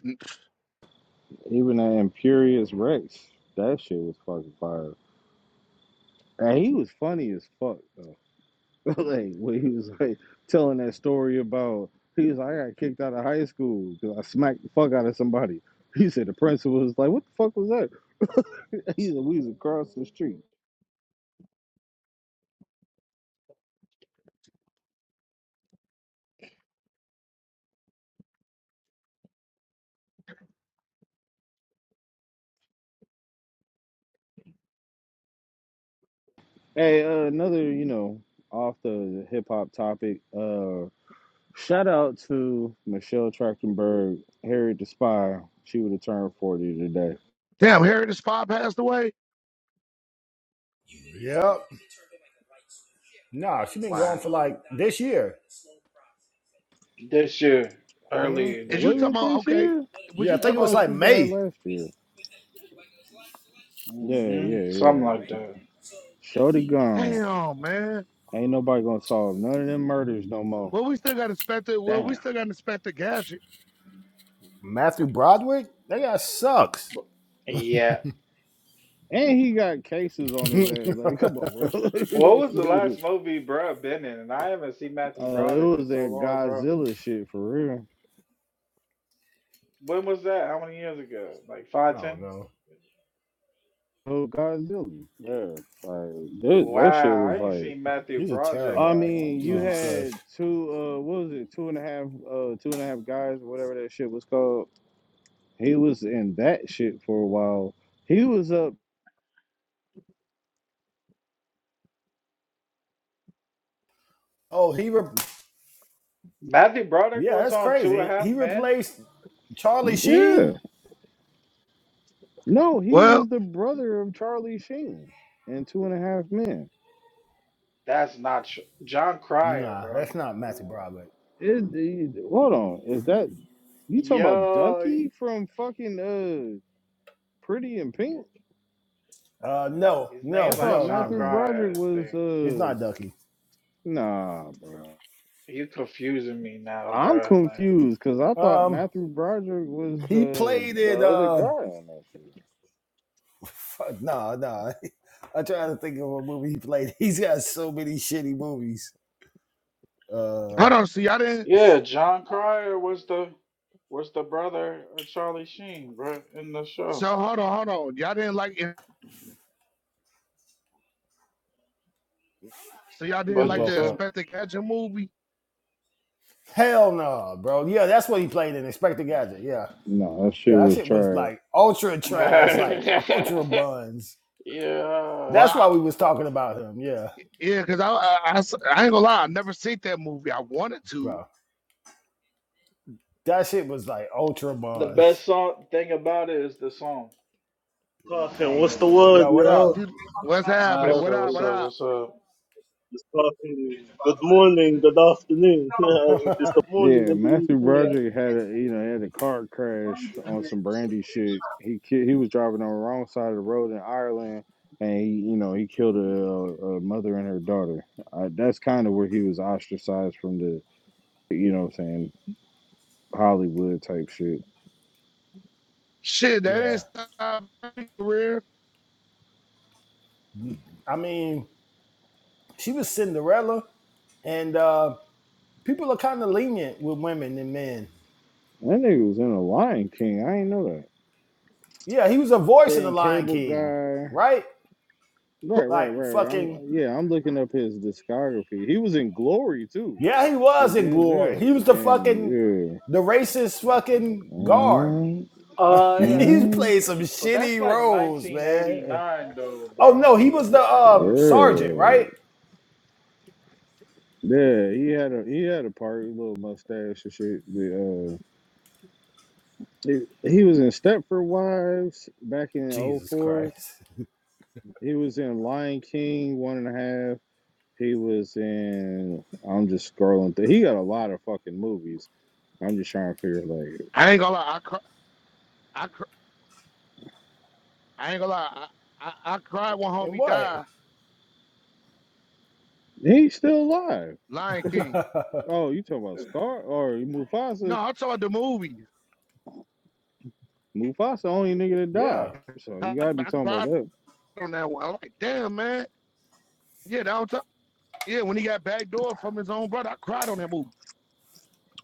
Even that Imperious Rex, that shit was fucking fire. And he was funny as fuck though. *laughs* like when he was like telling that story about he was like, I got kicked out of high school because I smacked the fuck out of somebody. He said the principal was like, What the fuck was that? *laughs* He said we was across the street. Hey, uh, another, you know, off the hip hop topic, uh shout out to Michelle Trachtenberg, Harriet the Spy. She would have turned forty today.
damn. Harry the Spy passed away.
Yep. Nah, she been gone for
Wow.
like this year.
This year,
Mhm.
earlier
Is you
this
Was
talking
year.
it
about?
this
Okay.
year?
Was
Yeah, I
you
I
think it
talking
was
thought
about?
she
like
died
May.
last year. Yeah,
Mm-hmm.
yeah,
Something
yeah.
like that.
Shorty gone.
Damn, man.
Ain't nobody gonna solve none of them murders no more.
Well, we still got Inspector. Well, we
Damn.
still got Inspector Gadget.
Matthew Broderick? That guy sucks.
Yeah.
And he got cases
*laughs*
on his
I
ass. Like, come on, bro. *laughs* uh,
What was the
it
last movie bruh been in? And I haven't seen Matthew Broderick in
was
so
that
long, bro.
Godzilla shit for real.
When was that? How many years ago? Like five, ten?
don't know.
Oh, Godzilla. Yeah. Like that, that shit
Wow,
was
I ain't
like.
seen Matthew
He's a
Broderick
I
terrible
in a
actor.
mean,
long
you
Jesus
time.
Christ.
had two. Uh, what was it? Two and a half. Uh, two and a half guys, whatever that shit was called. He was in that shit for a while. He was up.
Oh, he re-
Matthew Broderick
yeah,
was
that's
on Two and
crazy.
a Half
He
Men.
replaced Charlie
Yeah.
Sheen?
No, he
Well,
was the brother of Charlie Sheen in Two and a Half Men.
That's not tr- John Cryer,
Nah,
bro.
that's not Matthew Broderick.
Is the- hold on, is that you talking about
Yo,
Ducky from fucking uh Pretty in
br-
Pink?
Uh no,
his
no,
I
name's like
thought
no, no,
John
Matthew
no.
Broderick
Cryer, I
was
think.
He's
uh
not Ducky.
nah, bro.
You confusing me now,
I'm
bruh. Like,
confused because I thought
Um
Matthew Broderick was
he
the
played
the
in
other guy
uh
on that shit.
fuck, nah, nah. *laughs* I'm trying to think of a movie he played. *laughs* He's got so many shitty movies. Uh,
hold on. See, I didn't.
yeah, John Cryer was the was the brother of Charlie Sheen, bruh, in the show.
So hold on, hold on. Y'all didn't like it. So y'all didn't
you
What
like
you
the
broke
say?
up.
Inspector Gadget movie?
Hell no, nah, bro. Yeah, that's what he played in Inspector Gadget. Yeah,
No, that
yeah,
shit
that
was
shit was
trash.
like ultra trash, like *laughs* ultra
*laughs*
buns.
yeah.
Well,
That's
I,
why we was talking about him. Yeah,
yeah, cause I, I, I s- I ain't gonna lie, I never seen that movie. I wanted to.
bro. That shit was like ultra
The best
buns.
song thing about it is the song, and the
Clarkin,
song
what's
is
the
a
word,
nigga.
Yo, what
y'all?
Dude, what's
It's
happening?
Clarkin.
What
Master,
up?
what's
What
up?
up?
What's up?
It's Clarkin. Good morning, good afternoon. *laughs* Yeah, it's
up?
the morning
Yeah,
in
Matthew
the UK.
Broderick had a you know had a car crash on some brandy shit. He ki- he was driving on the wrong side of the road in Ireland, and he you know he killed a, a mother and her daughter. Uh that's kind of where he was ostracized from the you know what I'm saying Hollywood type shit.
Shit,
*laughs*
that ain't
yeah,
stop my career.
I mean, she was Cinderella, and uh people are kind of lenient with women and men.
That nigga was in the Lion King. I ain't know that.
Yeah, he was a voice in the
Then
Lion
Cable
King,
Guy.
right?
Right, right, right.
Like
right. I'm
fucking
yeah. I'm looking up his discography. He was in Glory too
Yeah, he
with
was in glory.
Denzel,
He was the
and
fucking
yeah.
the racist fucking guard.
Mm-hmm.
Oh
*laughs*
yeah,
He
Mm,
played some
but that's
shitty
like
roles, man.
1989 though,
Oh
bro.
no, he was the um
That's 19.
sergeant,
Yeah,
right?
Yeah, he had a he had a party, little mustache and shit. The, uh, he, he was in Stepford Wives back in
Jesus
'04.
Christ.
He was in Lion King one and a half. He was in. I'm just scrolling through. He got a lot of fucking movies. I'm just trying to figure like
I ain't gonna lie. I cry, I, cr- I ain't gonna lie. I, I, I cried when
And
homie
what?
died.
he's still alive.
Lion King.
*laughs*
Oh, you talking about Scar or
No,
Mufasa?
I'm talking about the movie.
Mufasa only nigga that died.
yeah.
So
*laughs* I,
you gotta be
I
talking about
cried
that.
on that one. I'm like, damn, man. Yeah, that was. Yeah, when he got backdoor from his own brother, I cried on that movie.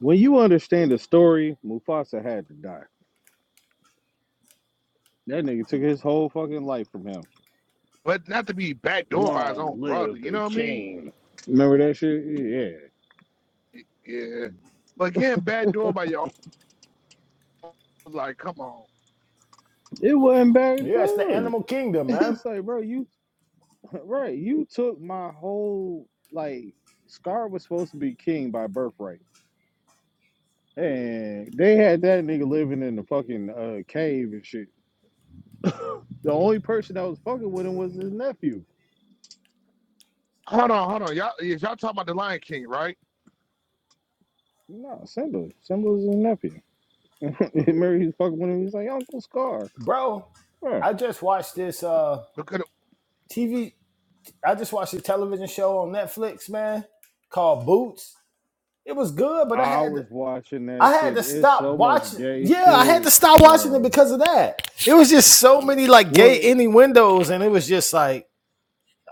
When you understand the story, Mufasa had to die. That nigga took his whole fucking life from him.
but not to be backdoored by his own brother. You know what I mean?
Remember that shit? Yeah.
Yeah. But getting backdoored by y'all, like, come on.
It wasn't
Yeah, it's the
backdoor. *laughs*
animal kingdom, man.
It's like, bro, you right, you took my whole like Scar was supposed to be king by birthright. And they had that nigga living in the fucking uh, cave and shit. *laughs* the only person that was fucking with him was his nephew.
Hold on, hold on. Y'all, is y'all talking about The Lion King, right?
No, Simba. Simba was his nephew. *laughs* Remember he was fucking with him. He's like, Uncle Scar.
Bro,
Bruh.
I just watched this uh
Because
TV I just watched a television show on Netflix, man, called Boots. It was good, but I
I
had
was watching that
I had
shit.
to
It's
stop
so much
watching.
gay
Yeah, I had to
shit,
stop watching it
bro.
because of that. It was just so many like
Well,
gay any windows, and it was just like,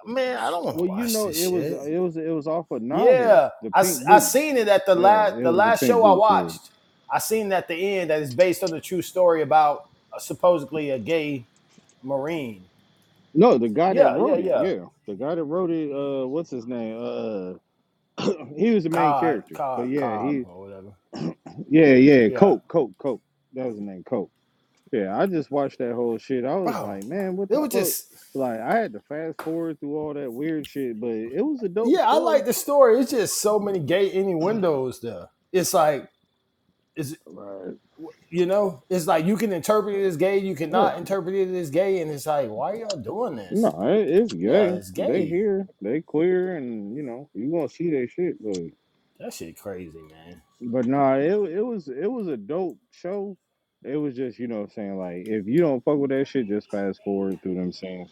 man, I don't want to
well, you
watch
know,
this
it was
shit.
it was it was off a novel,
Yeah,
The
I I
Pink Boots.
seen it at the
Yeah,
last
it
the
was The
last
Pink
show I
Boots. Yeah.
watched. I seen at the end that it's based on the true story about uh, supposedly a gay marine.
No, the guy that
Yeah, yeah,
wrote it.
yeah.
Yeah, the guy that wrote it. Uh, what's his name? Uh, *clears throat* he was the main
Cobb,
character. But
Cobb,
yeah,
Cobb,
he.
or whatever.
Yeah, yeah.
Yeah,
Cope, Cope, Cope. That was the name, Cope. Yeah, I just watched that whole shit. I was
bro.
like, man, what
It
the
was
fuck?
just
Like, I had to fast forward through all that weird shit, but it was a dope
yeah. I
story.
like the story. It's just so many gay any windows there. It's like is
Right.
you know it's like you can interpret it as gay you cannot interpret it as gay and it's like why y'all doing this
No, it's
yeah
gay.
it's
They
gay
here, they queer, and you know you gonna see their shit. But
that shit crazy man
but nah, it it was it was a dope show. It was just you know what I'm saying like if you don't fuck with that shit, just fast forward through them scenes.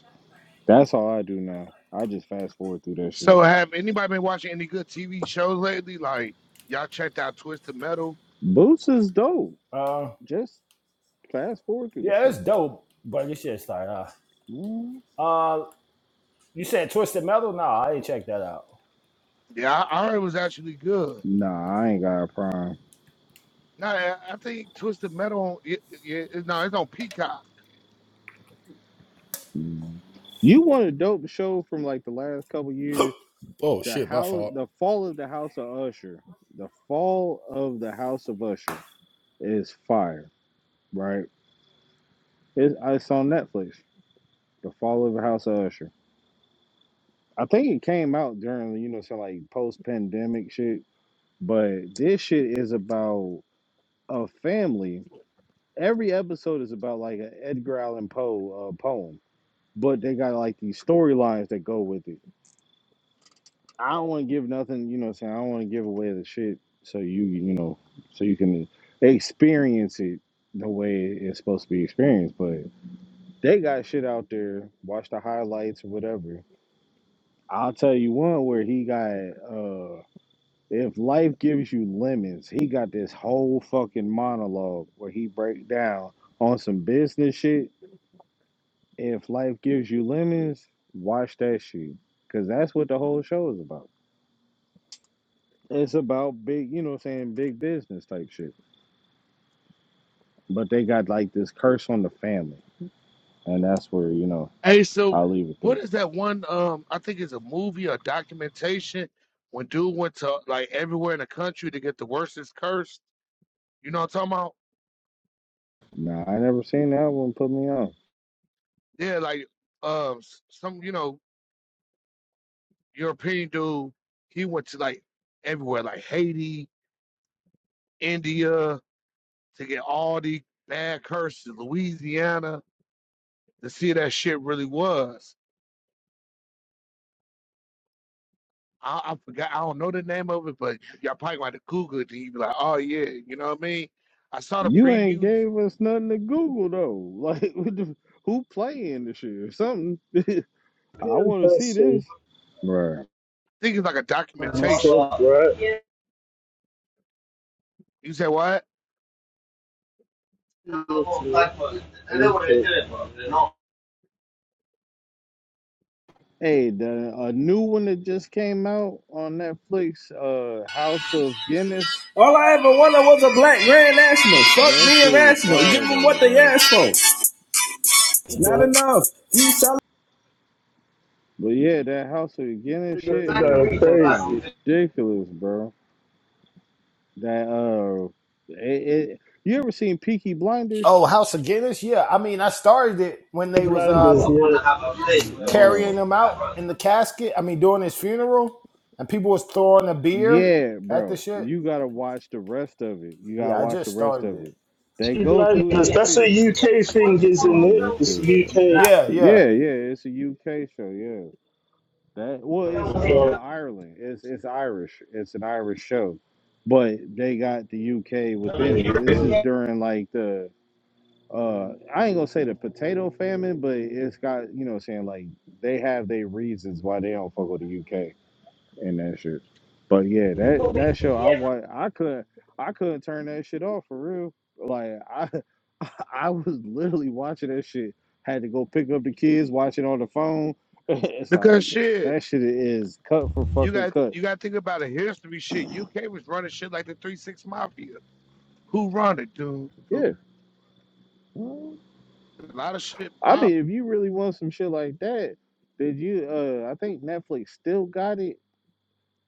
That's all I do now. I just fast forward through that shit.
so have anybody been watching any good TV shows lately? Like y'all checked out Twisted Metal?
Boots is dope.
uh
Just fast forward through the
yeah it's
shit.
dope but it's just like uh
Mm.
uh you said twisted metal no i ain't check that out
Yeah, I, I heard it was actually good.
Nah, I ain't got a prime.
No, I, I think Twisted Metal. on- It, it, it, no, it's on Peacock.
You want a dope show from like the last couple years?
Oh
The
shit, my
house,
fault.
the fall of the house of Usher, the fall of the house of Usher is fire, right? It, uh, it's on Netflix. The fall of the house of Usher. I think it came out during you know some like post pandemic shit, but this shit is about a family. Every episode is about like an Edgar Allan Poe uh, poem, but they got like these storylines that go with it. I don't want to give nothing, you know what I'm saying? I don't want to give away the shit so you, you know, so you can experience it the way it's supposed to be experienced. But they got shit out there. Watch the highlights or whatever. I'll tell you one where he got, uh, if life gives you lemons, he got this whole fucking monologue where he break down on some business shit. If life gives you lemons, watch that shit. Cause that's what the whole show is about. It's about big, you know, what I'm saying big business type shit. But they got like this curse on the family, and that's where you know
Hey, so
I'll leave it
what
there.
is that one? Um, I think it's a movie or documentation when dude went to like everywhere in the country to get the worstest curse. You know what I'm talking about?
Nah, I never seen that one. Put me on.
Yeah, like um, s- some you know European dude. He went to like everywhere, like Haiti, India. to get all the bad curses, Louisiana, to see that shit really was. I, I forgot, I don't know the name of it, but y'all probably gonna Google it and you be like, oh yeah, you know what I mean? I saw the
You ain't
previews.
gave
I
us nothing to Google though. *laughs* Like, what the, who playing this shit or something? I
PM
want to see this.
person,
Right.
think it's like a documentation.
myself, right? Okay.
You say what?
Yeah,
Hey, the a new one that just came out on Netflix, uh, House of Guinness.
All I ever wanted was a black Grand National. Fuck
That
me and
shit was
Rational. Give
fire
them
though.
what they
like,
asked for. Not enough.
But yeah, that House of the Guinness
You're
shit was
going
fucking
crazy.
ridiculous, bro. That uh, it, it, you ever seen Peaky Blinders,
oh house of guinness yeah i mean i started it when
Peaky
they was
Blinders,
um
yeah.
bro?
carrying him out in the casket i mean during his funeral and people was throwing a beer
Yeah,
at the
bro.
shit
You gotta watch the rest of it. You gotta
yeah i
watch the
just
rest
started
of
it
it. They
Peaky
go through
Blinders,
they
that's
shit.
a UK
You
thing,
know what
isn't
I'm saying?
it?
That
It's
shit. is-
Y-
UK.
yeah yeah
Yeah, yeah. It's a UK show. Yeah. That well, it's uh
So,
Ireland. It's it's Irish. It's an Irish show, but they got the UK within it. This is during like the uh I ain't gonna say the potato famine, but it's got you know what I'm saying like they have their reasons why they don't fuck with the UK and that shit. But yeah, that that show I wa I couldn't I couldn't turn that shit off for real. Like I *laughs* I was literally watching that shit. Had to go pick up the kids, watch it on the phone. *laughs* it's
Because
like
shit,
that shit is cut for
you
fucking
got
cut.
you gotta think about the history shit. UK was running shit like the three six mafia. Who run it, dude? dude?
Yeah.
A lot of shit
I mean
popping.
if you really want some shit like that, did you uh I think Netflix still got it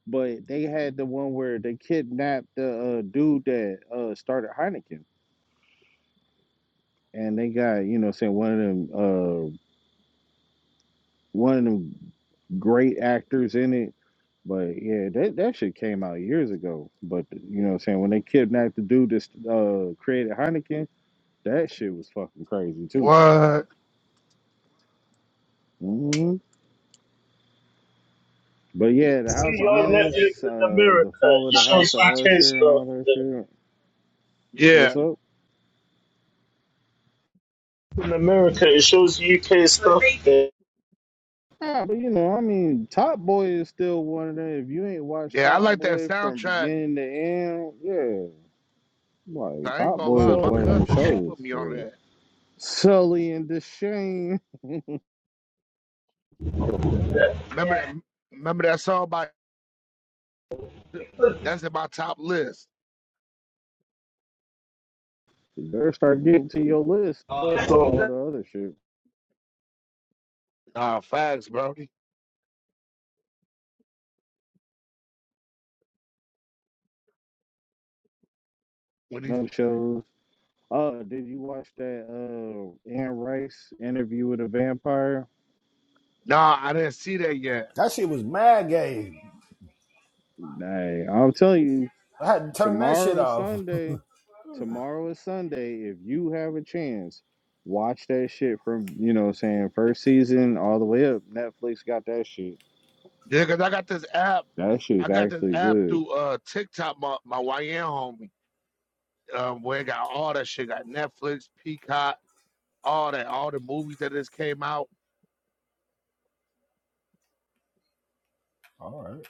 but they had the one where they kidnapped the uh, dude that uh, started Heineken, and they got you know saying one of them uh, one of them great actors in it. But yeah, that that shit came out years ago. But you know what I'm saying when they kidnapped the dude that uh, created Heineken, that shit was fucking crazy too.
What?
hmm But yeah, the
see
House of
your Netflix
Guinness,
in
uh, the
America.
fall of
It
the House
shows
of
UK
Usher, and
stuff.
all that
Yeah.
shit.
Yeah.
What's up?
in America, it shows UK stuff there.
Yeah, but you know, I mean, Top Boy is still one of them. If you ain't watched
Yeah, I
Top
like that
Boy from
soundtrack.
beginning to end, yeah, like
I ain't
Top
gonna
Boy
lie,
is
my
one of
So
them
cousin, she
shows
put me on
for
that.
Sully and Deshane.
Remember that remember that song by that's in my top list.
You better start getting to your list. Fuck all the other shit.
Nah, facts, Brody. When he's
No shows. Uh, did you watch that uh Anne Rice interview with a vampire?
nah, I didn't see that yet.
That shit was mad gay.
Nah, I'm telling you,
I had to turn that shit
tomorrow is
off.
Sunday. tomorrow is Sunday. If you have a chance, watch that shit from you know what I'm saying first season all the way up. Netflix got that shit.
Yeah, cause I got this app.
That
I
shit's
got this
actually
app
good.
through uh TikTok, my my YN homie. Um, where it got all that shit, got Netflix, Peacock, all that, all the movies that just came out.
All right.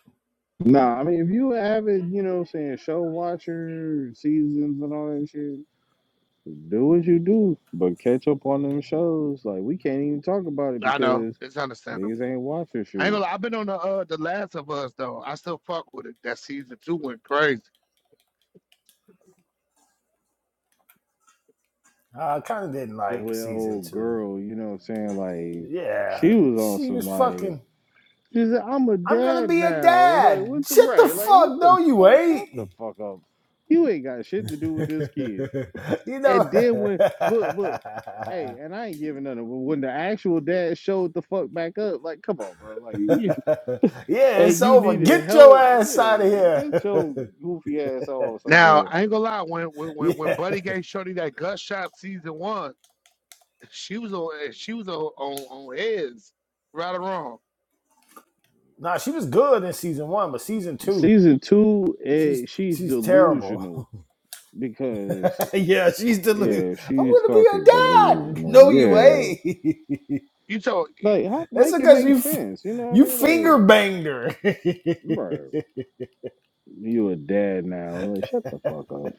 Nah, I mean if you have it, you know what I'm saying show watcher seasons and all that shit. Do what you do, but catch up on them shows. Like we can't even talk about it
I know
because
it's understandable.
niggas ain't watching
I ain't
shit.
gonna. lie, I've been on the uh the Last of Us though. I still fuck with it. That season two went crazy.
I kind of didn't like
With
season
old
two.
girl, you know what I'm saying? Like
Yeah,
she was on
she
some
was
like.
fucking.
She said, I'm a
I'm gonna
dad
be a
now. I was Like,
dad.
what the
Shit the
right? Like,
fuck.
what the
No, you
fuck? Shut the
ain't.
fuck up. You ain't got shit to do with
*laughs*
this kid.
you know.
And then when look, look, hey, and I ain't giving nothing, but when the actual dad showed the fuck back up, like, come on, bro. Like you,
*laughs* yeah,
hey,
it's
you
over.
needed
Get your
help.
ass
Yeah,
out of here.
get your goofy ass on
Now
somewhere.
I ain't gonna lie. When when
*laughs*
when when
yeah.
Buddy gave Shorty that gut shot season one, she was on eh, she was on on, on his right or wrong.
Nah, she was good in season one, but season two,
Season two, eh,
she's
she's
she's terrible. *laughs*
delusional because
Yeah, she's delusional.
yeah,
I'm
she's
gonna be your
fucking
dad.
delusional.
No, you
Yeah.
ain't.
You told
Like how,
*laughs* That's
make it
because
make
you f-
sense. You know what I
you
mean? like.
finger banged her. *laughs*
bro, you a dad now. Like, shut the fuck up.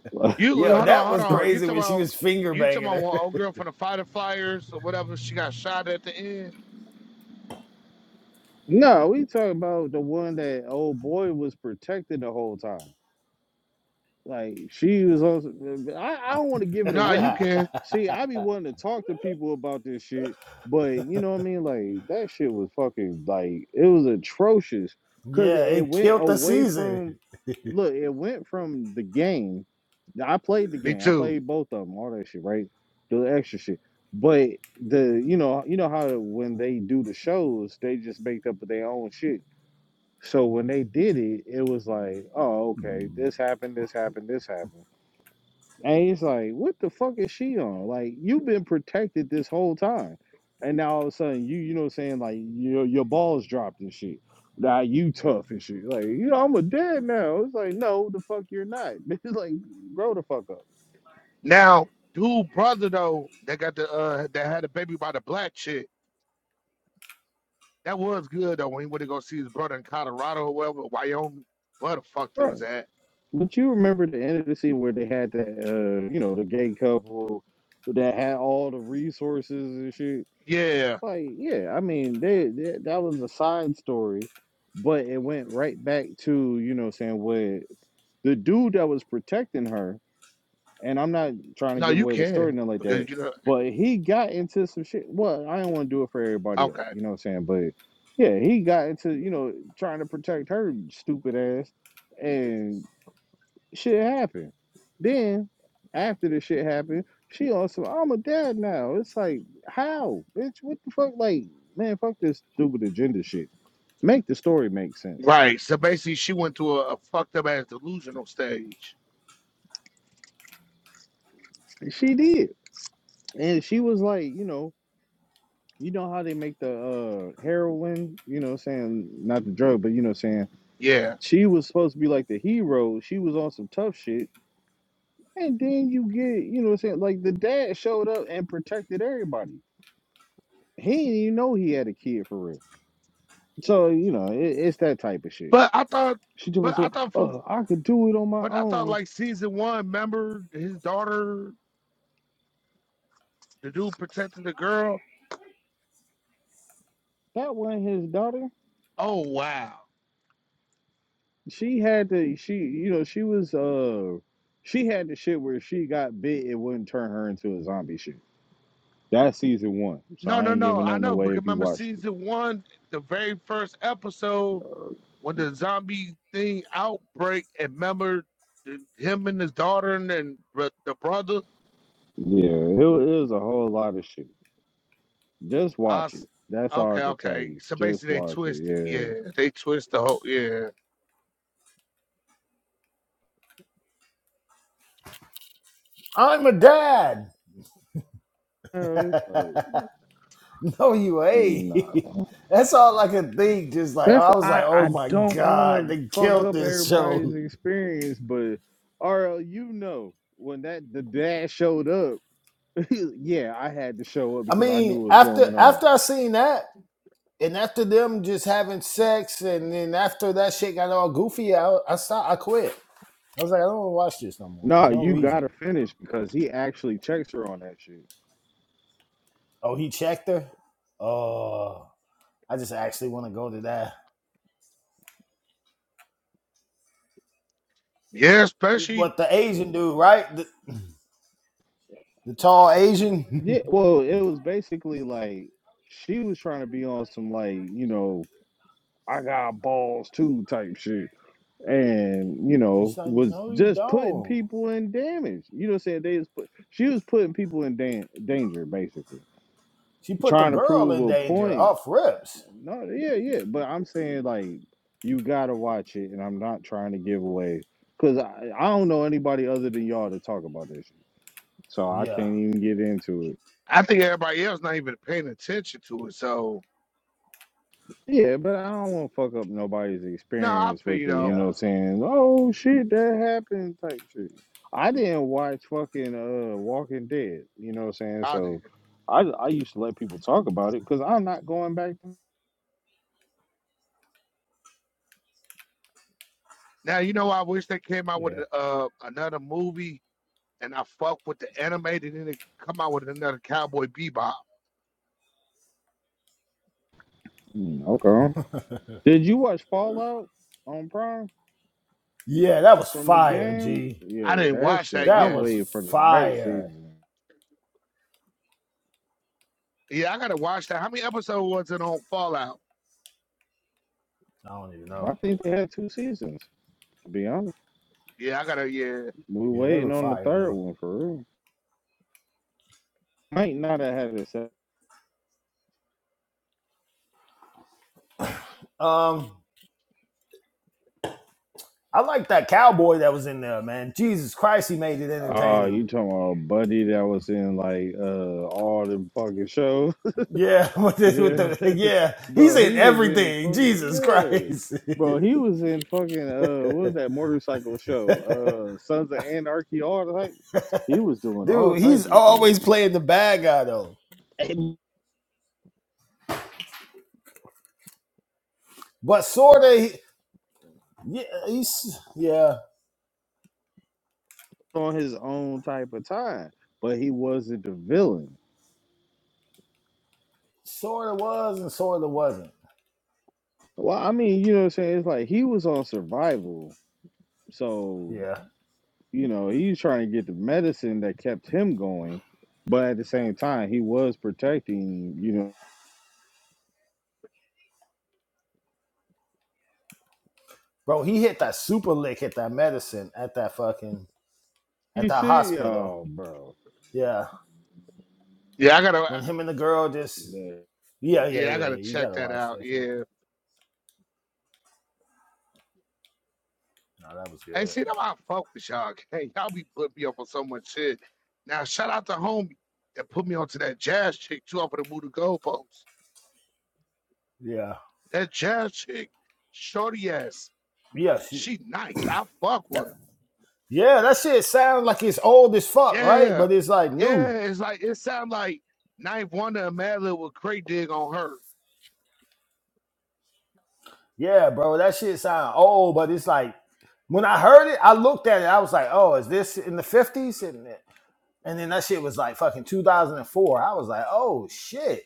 *laughs*
you
Yo,
hold on
that
hold
was
on. You
crazy when
talking
she
about
was finger
you talking
banging
about one
her.
old girl from the fighter flyers or whatever? She got shot at the end.
Like, no, we talking about the one that old boy was protected the whole time. Like she was on. I, I don't want to give
*laughs*
it
Nah, you
away.
can.
See, I be wanting to talk to people about this shit, but you know what I mean. Like that shit was fucking like it was atrocious because
yeah,
it
it
went
killed the
away
season.
from look, it went from the game. I played the
Me
game. I
too.
played both of them, all that shit, right? The extra shit. But the you know you know how when they do the shows, they just make up their own shit. So when they did it, it was like, oh, okay, this happened, this happened, this happened. And he's like, what the fuck is she on? Like, you've been protected this whole time. And now all of a sudden, you, you know what I'm saying? Like, your, your balls dropped and shit. Now you tough and shit. Like, you know, I'm a dad now. It's like, no, the fuck you're not. *laughs* It's like, grow the fuck up.
Now, dude, brother though, that got the uh that had a baby by the black chick. That was good though when he went to go see his brother in Colorado or wherever, Wyoming, where the fuck it was
Right.
at.
But you remember the end of the scene where they had that, uh, you know, the gay couple that had all the resources and shit.
Yeah.
Like, yeah, I mean, they, they that was a side story, but it went right back to, you know, what I'm saying what the dude that was protecting her, and I'm not trying to
No,
give
you
away the story,
can
nothing like
because
that,
you know.
but he got into some shit. Well, I don't want to do it for everybody else,
Okay.
you know what I'm saying? But yeah, he got into, you know, trying to protect her stupid ass, and shit happened. Then, after the shit happened, she also, I'm a dad now. It's like, how? Bitch, what the fuck? Like, man, fuck this stupid agenda shit. Make the story make sense.
Right. So basically, she went to a, a fucked up ass delusional stage.
She did. And she was like, you know, you know how they make the uh heroin, you know what I'm saying, not the drug, but you know what I'm saying.
Yeah.
She was supposed to be like the hero. She was on some tough shit. And then you get, you know what I'm saying, like the dad showed up and protected everybody. He didn't even know he had a kid for real. So, you know, it, it's that type of shit.
But I thought,
She just
but I
was
thought from,
oh, I could do it on my
but I thought
own.
like season one. Remember his daughter, the dude protected the girl.
That wasn't his daughter.
Oh wow.
She had to she you know, she was uh she had the shit where she got bit, it wouldn't turn her into a zombie shit. That's season one, so
No,
I
no,
ain't
no.
giving
I
nothing
know
away
because
if you
remember
watched it.
season one, the very first episode. when the zombie thing outbreak and remember the, him and his daughter and, and br- the brother
Yeah, it was a whole lot of shit. Just
I
watch
s-
it. That's all I
okay
can tell
okay
you.
so
Just
basically they
watch it.
twisted yeah they twist the whole yeah
I'm a dad. *laughs*
Yeah. No, it's like,
No, you ain't.
nah.
*laughs* That's all I could think. Just like
That's
I was like,
I.
oh
I
my
don't want
god,
to
they
fuck
killed
up
this
everybody's
show.
experience, but RL, you know when that the dad showed up. *laughs* yeah, I had to show up
I
because I knew
mean,
what was
after
going on.
after I seen that. and after them just having sex, and then after that shit got all goofy, I, I stopped. I quit. I was like, I don't want to watch this no more. There's
No,
no
you
reason.
gotta finish because he actually checks her on that shit.
Oh, he checked her. Oh, I just actually want to go to that.
yeah especially
But the Asian dude, right? The, the tall
Yeah,
Asian.
well, it was basically like she was trying to be on some like, you know, I got balls too type shit. And, you
*laughs*
know,
He's like,
was
no, you
just putting
don't.
people in damage. You know what I'm saying? They was put she was putting people in dan- danger basically.
She put the
Trying to
girl
prove
in
a
danger
point.
off rips.
No, yeah, yeah, but I'm saying like you got to watch it and I'm not trying to give away cuz I, I don't know anybody other than y'all to talk about this shit. So I
Yeah,
can't even get into it.
I think everybody else not even paying attention to it so
Yeah, but I don't want to fuck up nobody's
no I
experience
feel
with
you
the, you
though
know,
yeah,
what I'm saying, oh shit, that happened type shit. I didn't watch fucking uh Walking Dead, you know what I'm saying?
I did
So I I used to let people talk about it because I'm not going back. To,
now you know I wish they came out with
yeah,
uh another movie and I fuck with the animated and then they come out with another Cowboy Bebop
Mm, okay. Did you watch Fallout on Prime
yeah. That was
from the
fire,
game?
G.
I
Yeah,
didn't
that
watch
shit.
that
That
I'm
yet
was
waiting for the next
fire.
season.
yeah I gotta watch that how many episodes was it on Fallout
I don't even know.
I think they had two seasons. To be honest,
Yeah, I gotta. Yeah,
we
Yeah, they
waiting
were
on the
fire
third
though.
one for real. Might not have had a
Um, I like that cowboy that was in there, man. Jesus Christ, he made it
Oh,
entertaining.
you talking about Buddy that was in like uh all them fucking shows?
Yeah, *laughs* with
*laughs*
the, with
yeah,
the yeah,
*laughs*
he's
bro,
in
he was in
everything.
fucking
Jesus
yeah,
Christ,
bro, he *laughs* was in fucking uh what was that motorcycle show? Uh, Sons of Anarchy, all like he was
*laughs*
doing all
dude,
types
he's
of shit
always playing the bad guy though. But sorta, he, yeah, he's yeah,
on his own type of time, but he wasn't the villain.
sorta was and sorta wasn't.
Well, I mean, you know what I'm saying? It's like he was on survival, so
Yeah,
you know, he's trying to get the medicine that kept him going, but at the same time, he was protecting, you know,
bro, he hit that super lick, at that medicine at that fucking at
he
that
should,
hospital.
oh, bro.
Yeah,
yeah, I gotta. uh,
when him and the girl just
Yeah.
yeah yeah
Yeah, I
yeah, yeah.
gotta
you
check
gotta
that
watch
out.
that shit.
Yeah,
No, that was
Hey,
good.
see, that's why I fuck with y'all. *laughs* Hey, y'all be putting me up on so much shit. Now, shout out to homie that put me onto that jazz chick too off of the Buddha Goalpost.
Yeah.
That jazz chick, shorty ass,
Yeah, she,
she nice. I fuck with her.
Yeah, that shit sounds like it's old as fuck, right?
Yeah,
But it's like
yeah.
new.
It's like it sound like Knife Wonder and Mad with Cray Dig on her.
Yeah, bro, that shit sound old, but it's like when I heard it, I looked at it, I was like, oh, is this in the fifties? And then- and then that shit was like fucking two thousand and four. I was like, oh shit.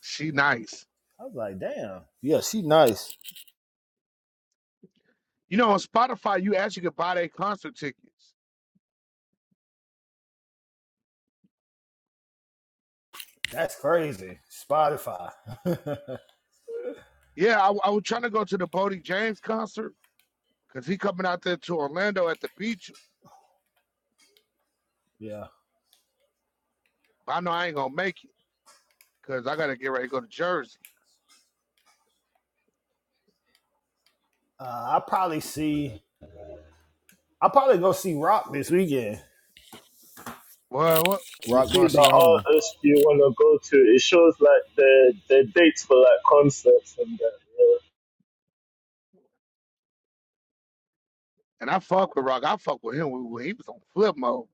She nice.
I was like, damn. Yeah, she nice.
You know, on Spotify, you actually could buy their concert tickets.
That's crazy. Spotify. *laughs*
Yeah, I, I was trying to go to the Bodie James concert because he coming out there to Orlando at the beach.
yeah.
I know I ain't gonna make it because I gotta get ready to go to Jersey.
Uh, I'll probably see I'll probably go see Rock this weekend.
Well, what?
you
Rock
see the
Marciano.
artists you want to go to, it shows like the the dates for like concerts and that. yeah.
and I fuck with Rock. I fuck with him when when he was on flip mode.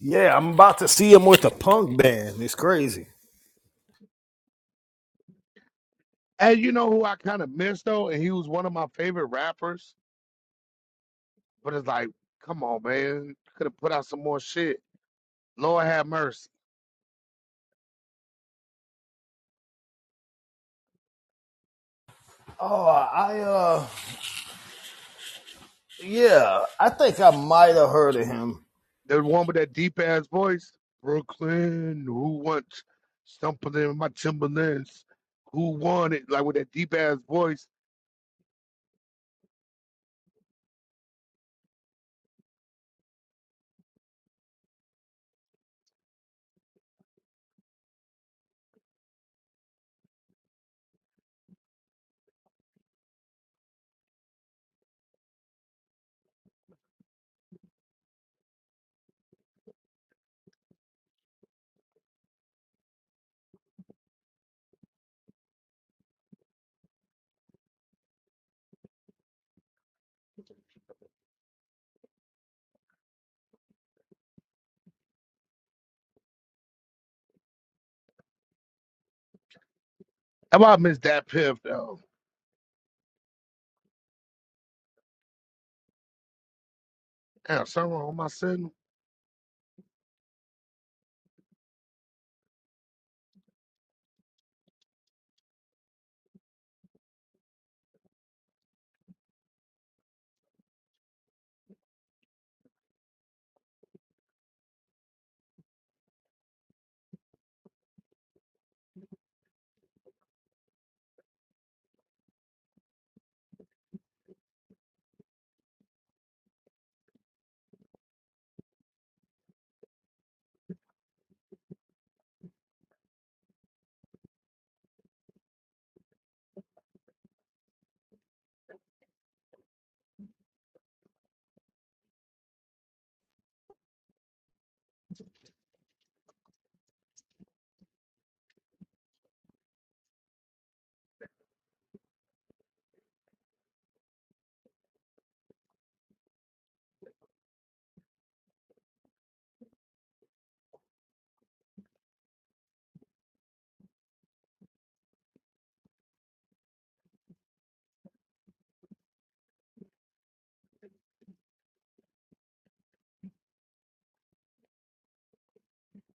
Yeah, I'm about to see him with a punk band. It's crazy.
And you know who I kind of missed though, and he was one of my favorite rappers. But it's like, come on, man, could have put out some more shit. Lord have mercy.
Oh, I uh, yeah, I think I might have heard of him.
The one with that deep ass voice, Brooklyn. Who wants something in my Timberlands? Who wanted like with that deep ass voice? How about Miss that Piff though? Damn, something wrong with my signal?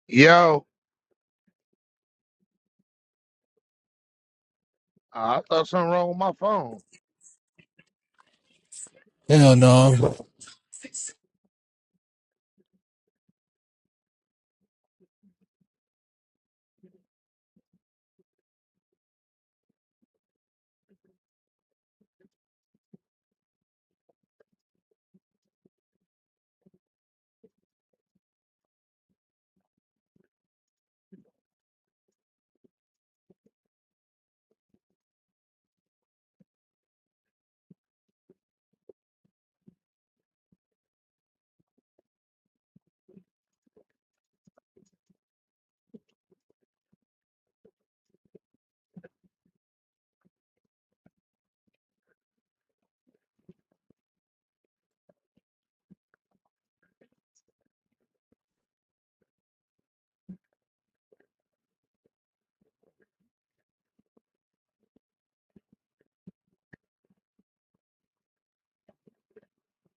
Yo, I thought something wrong with my phone.
Hell no.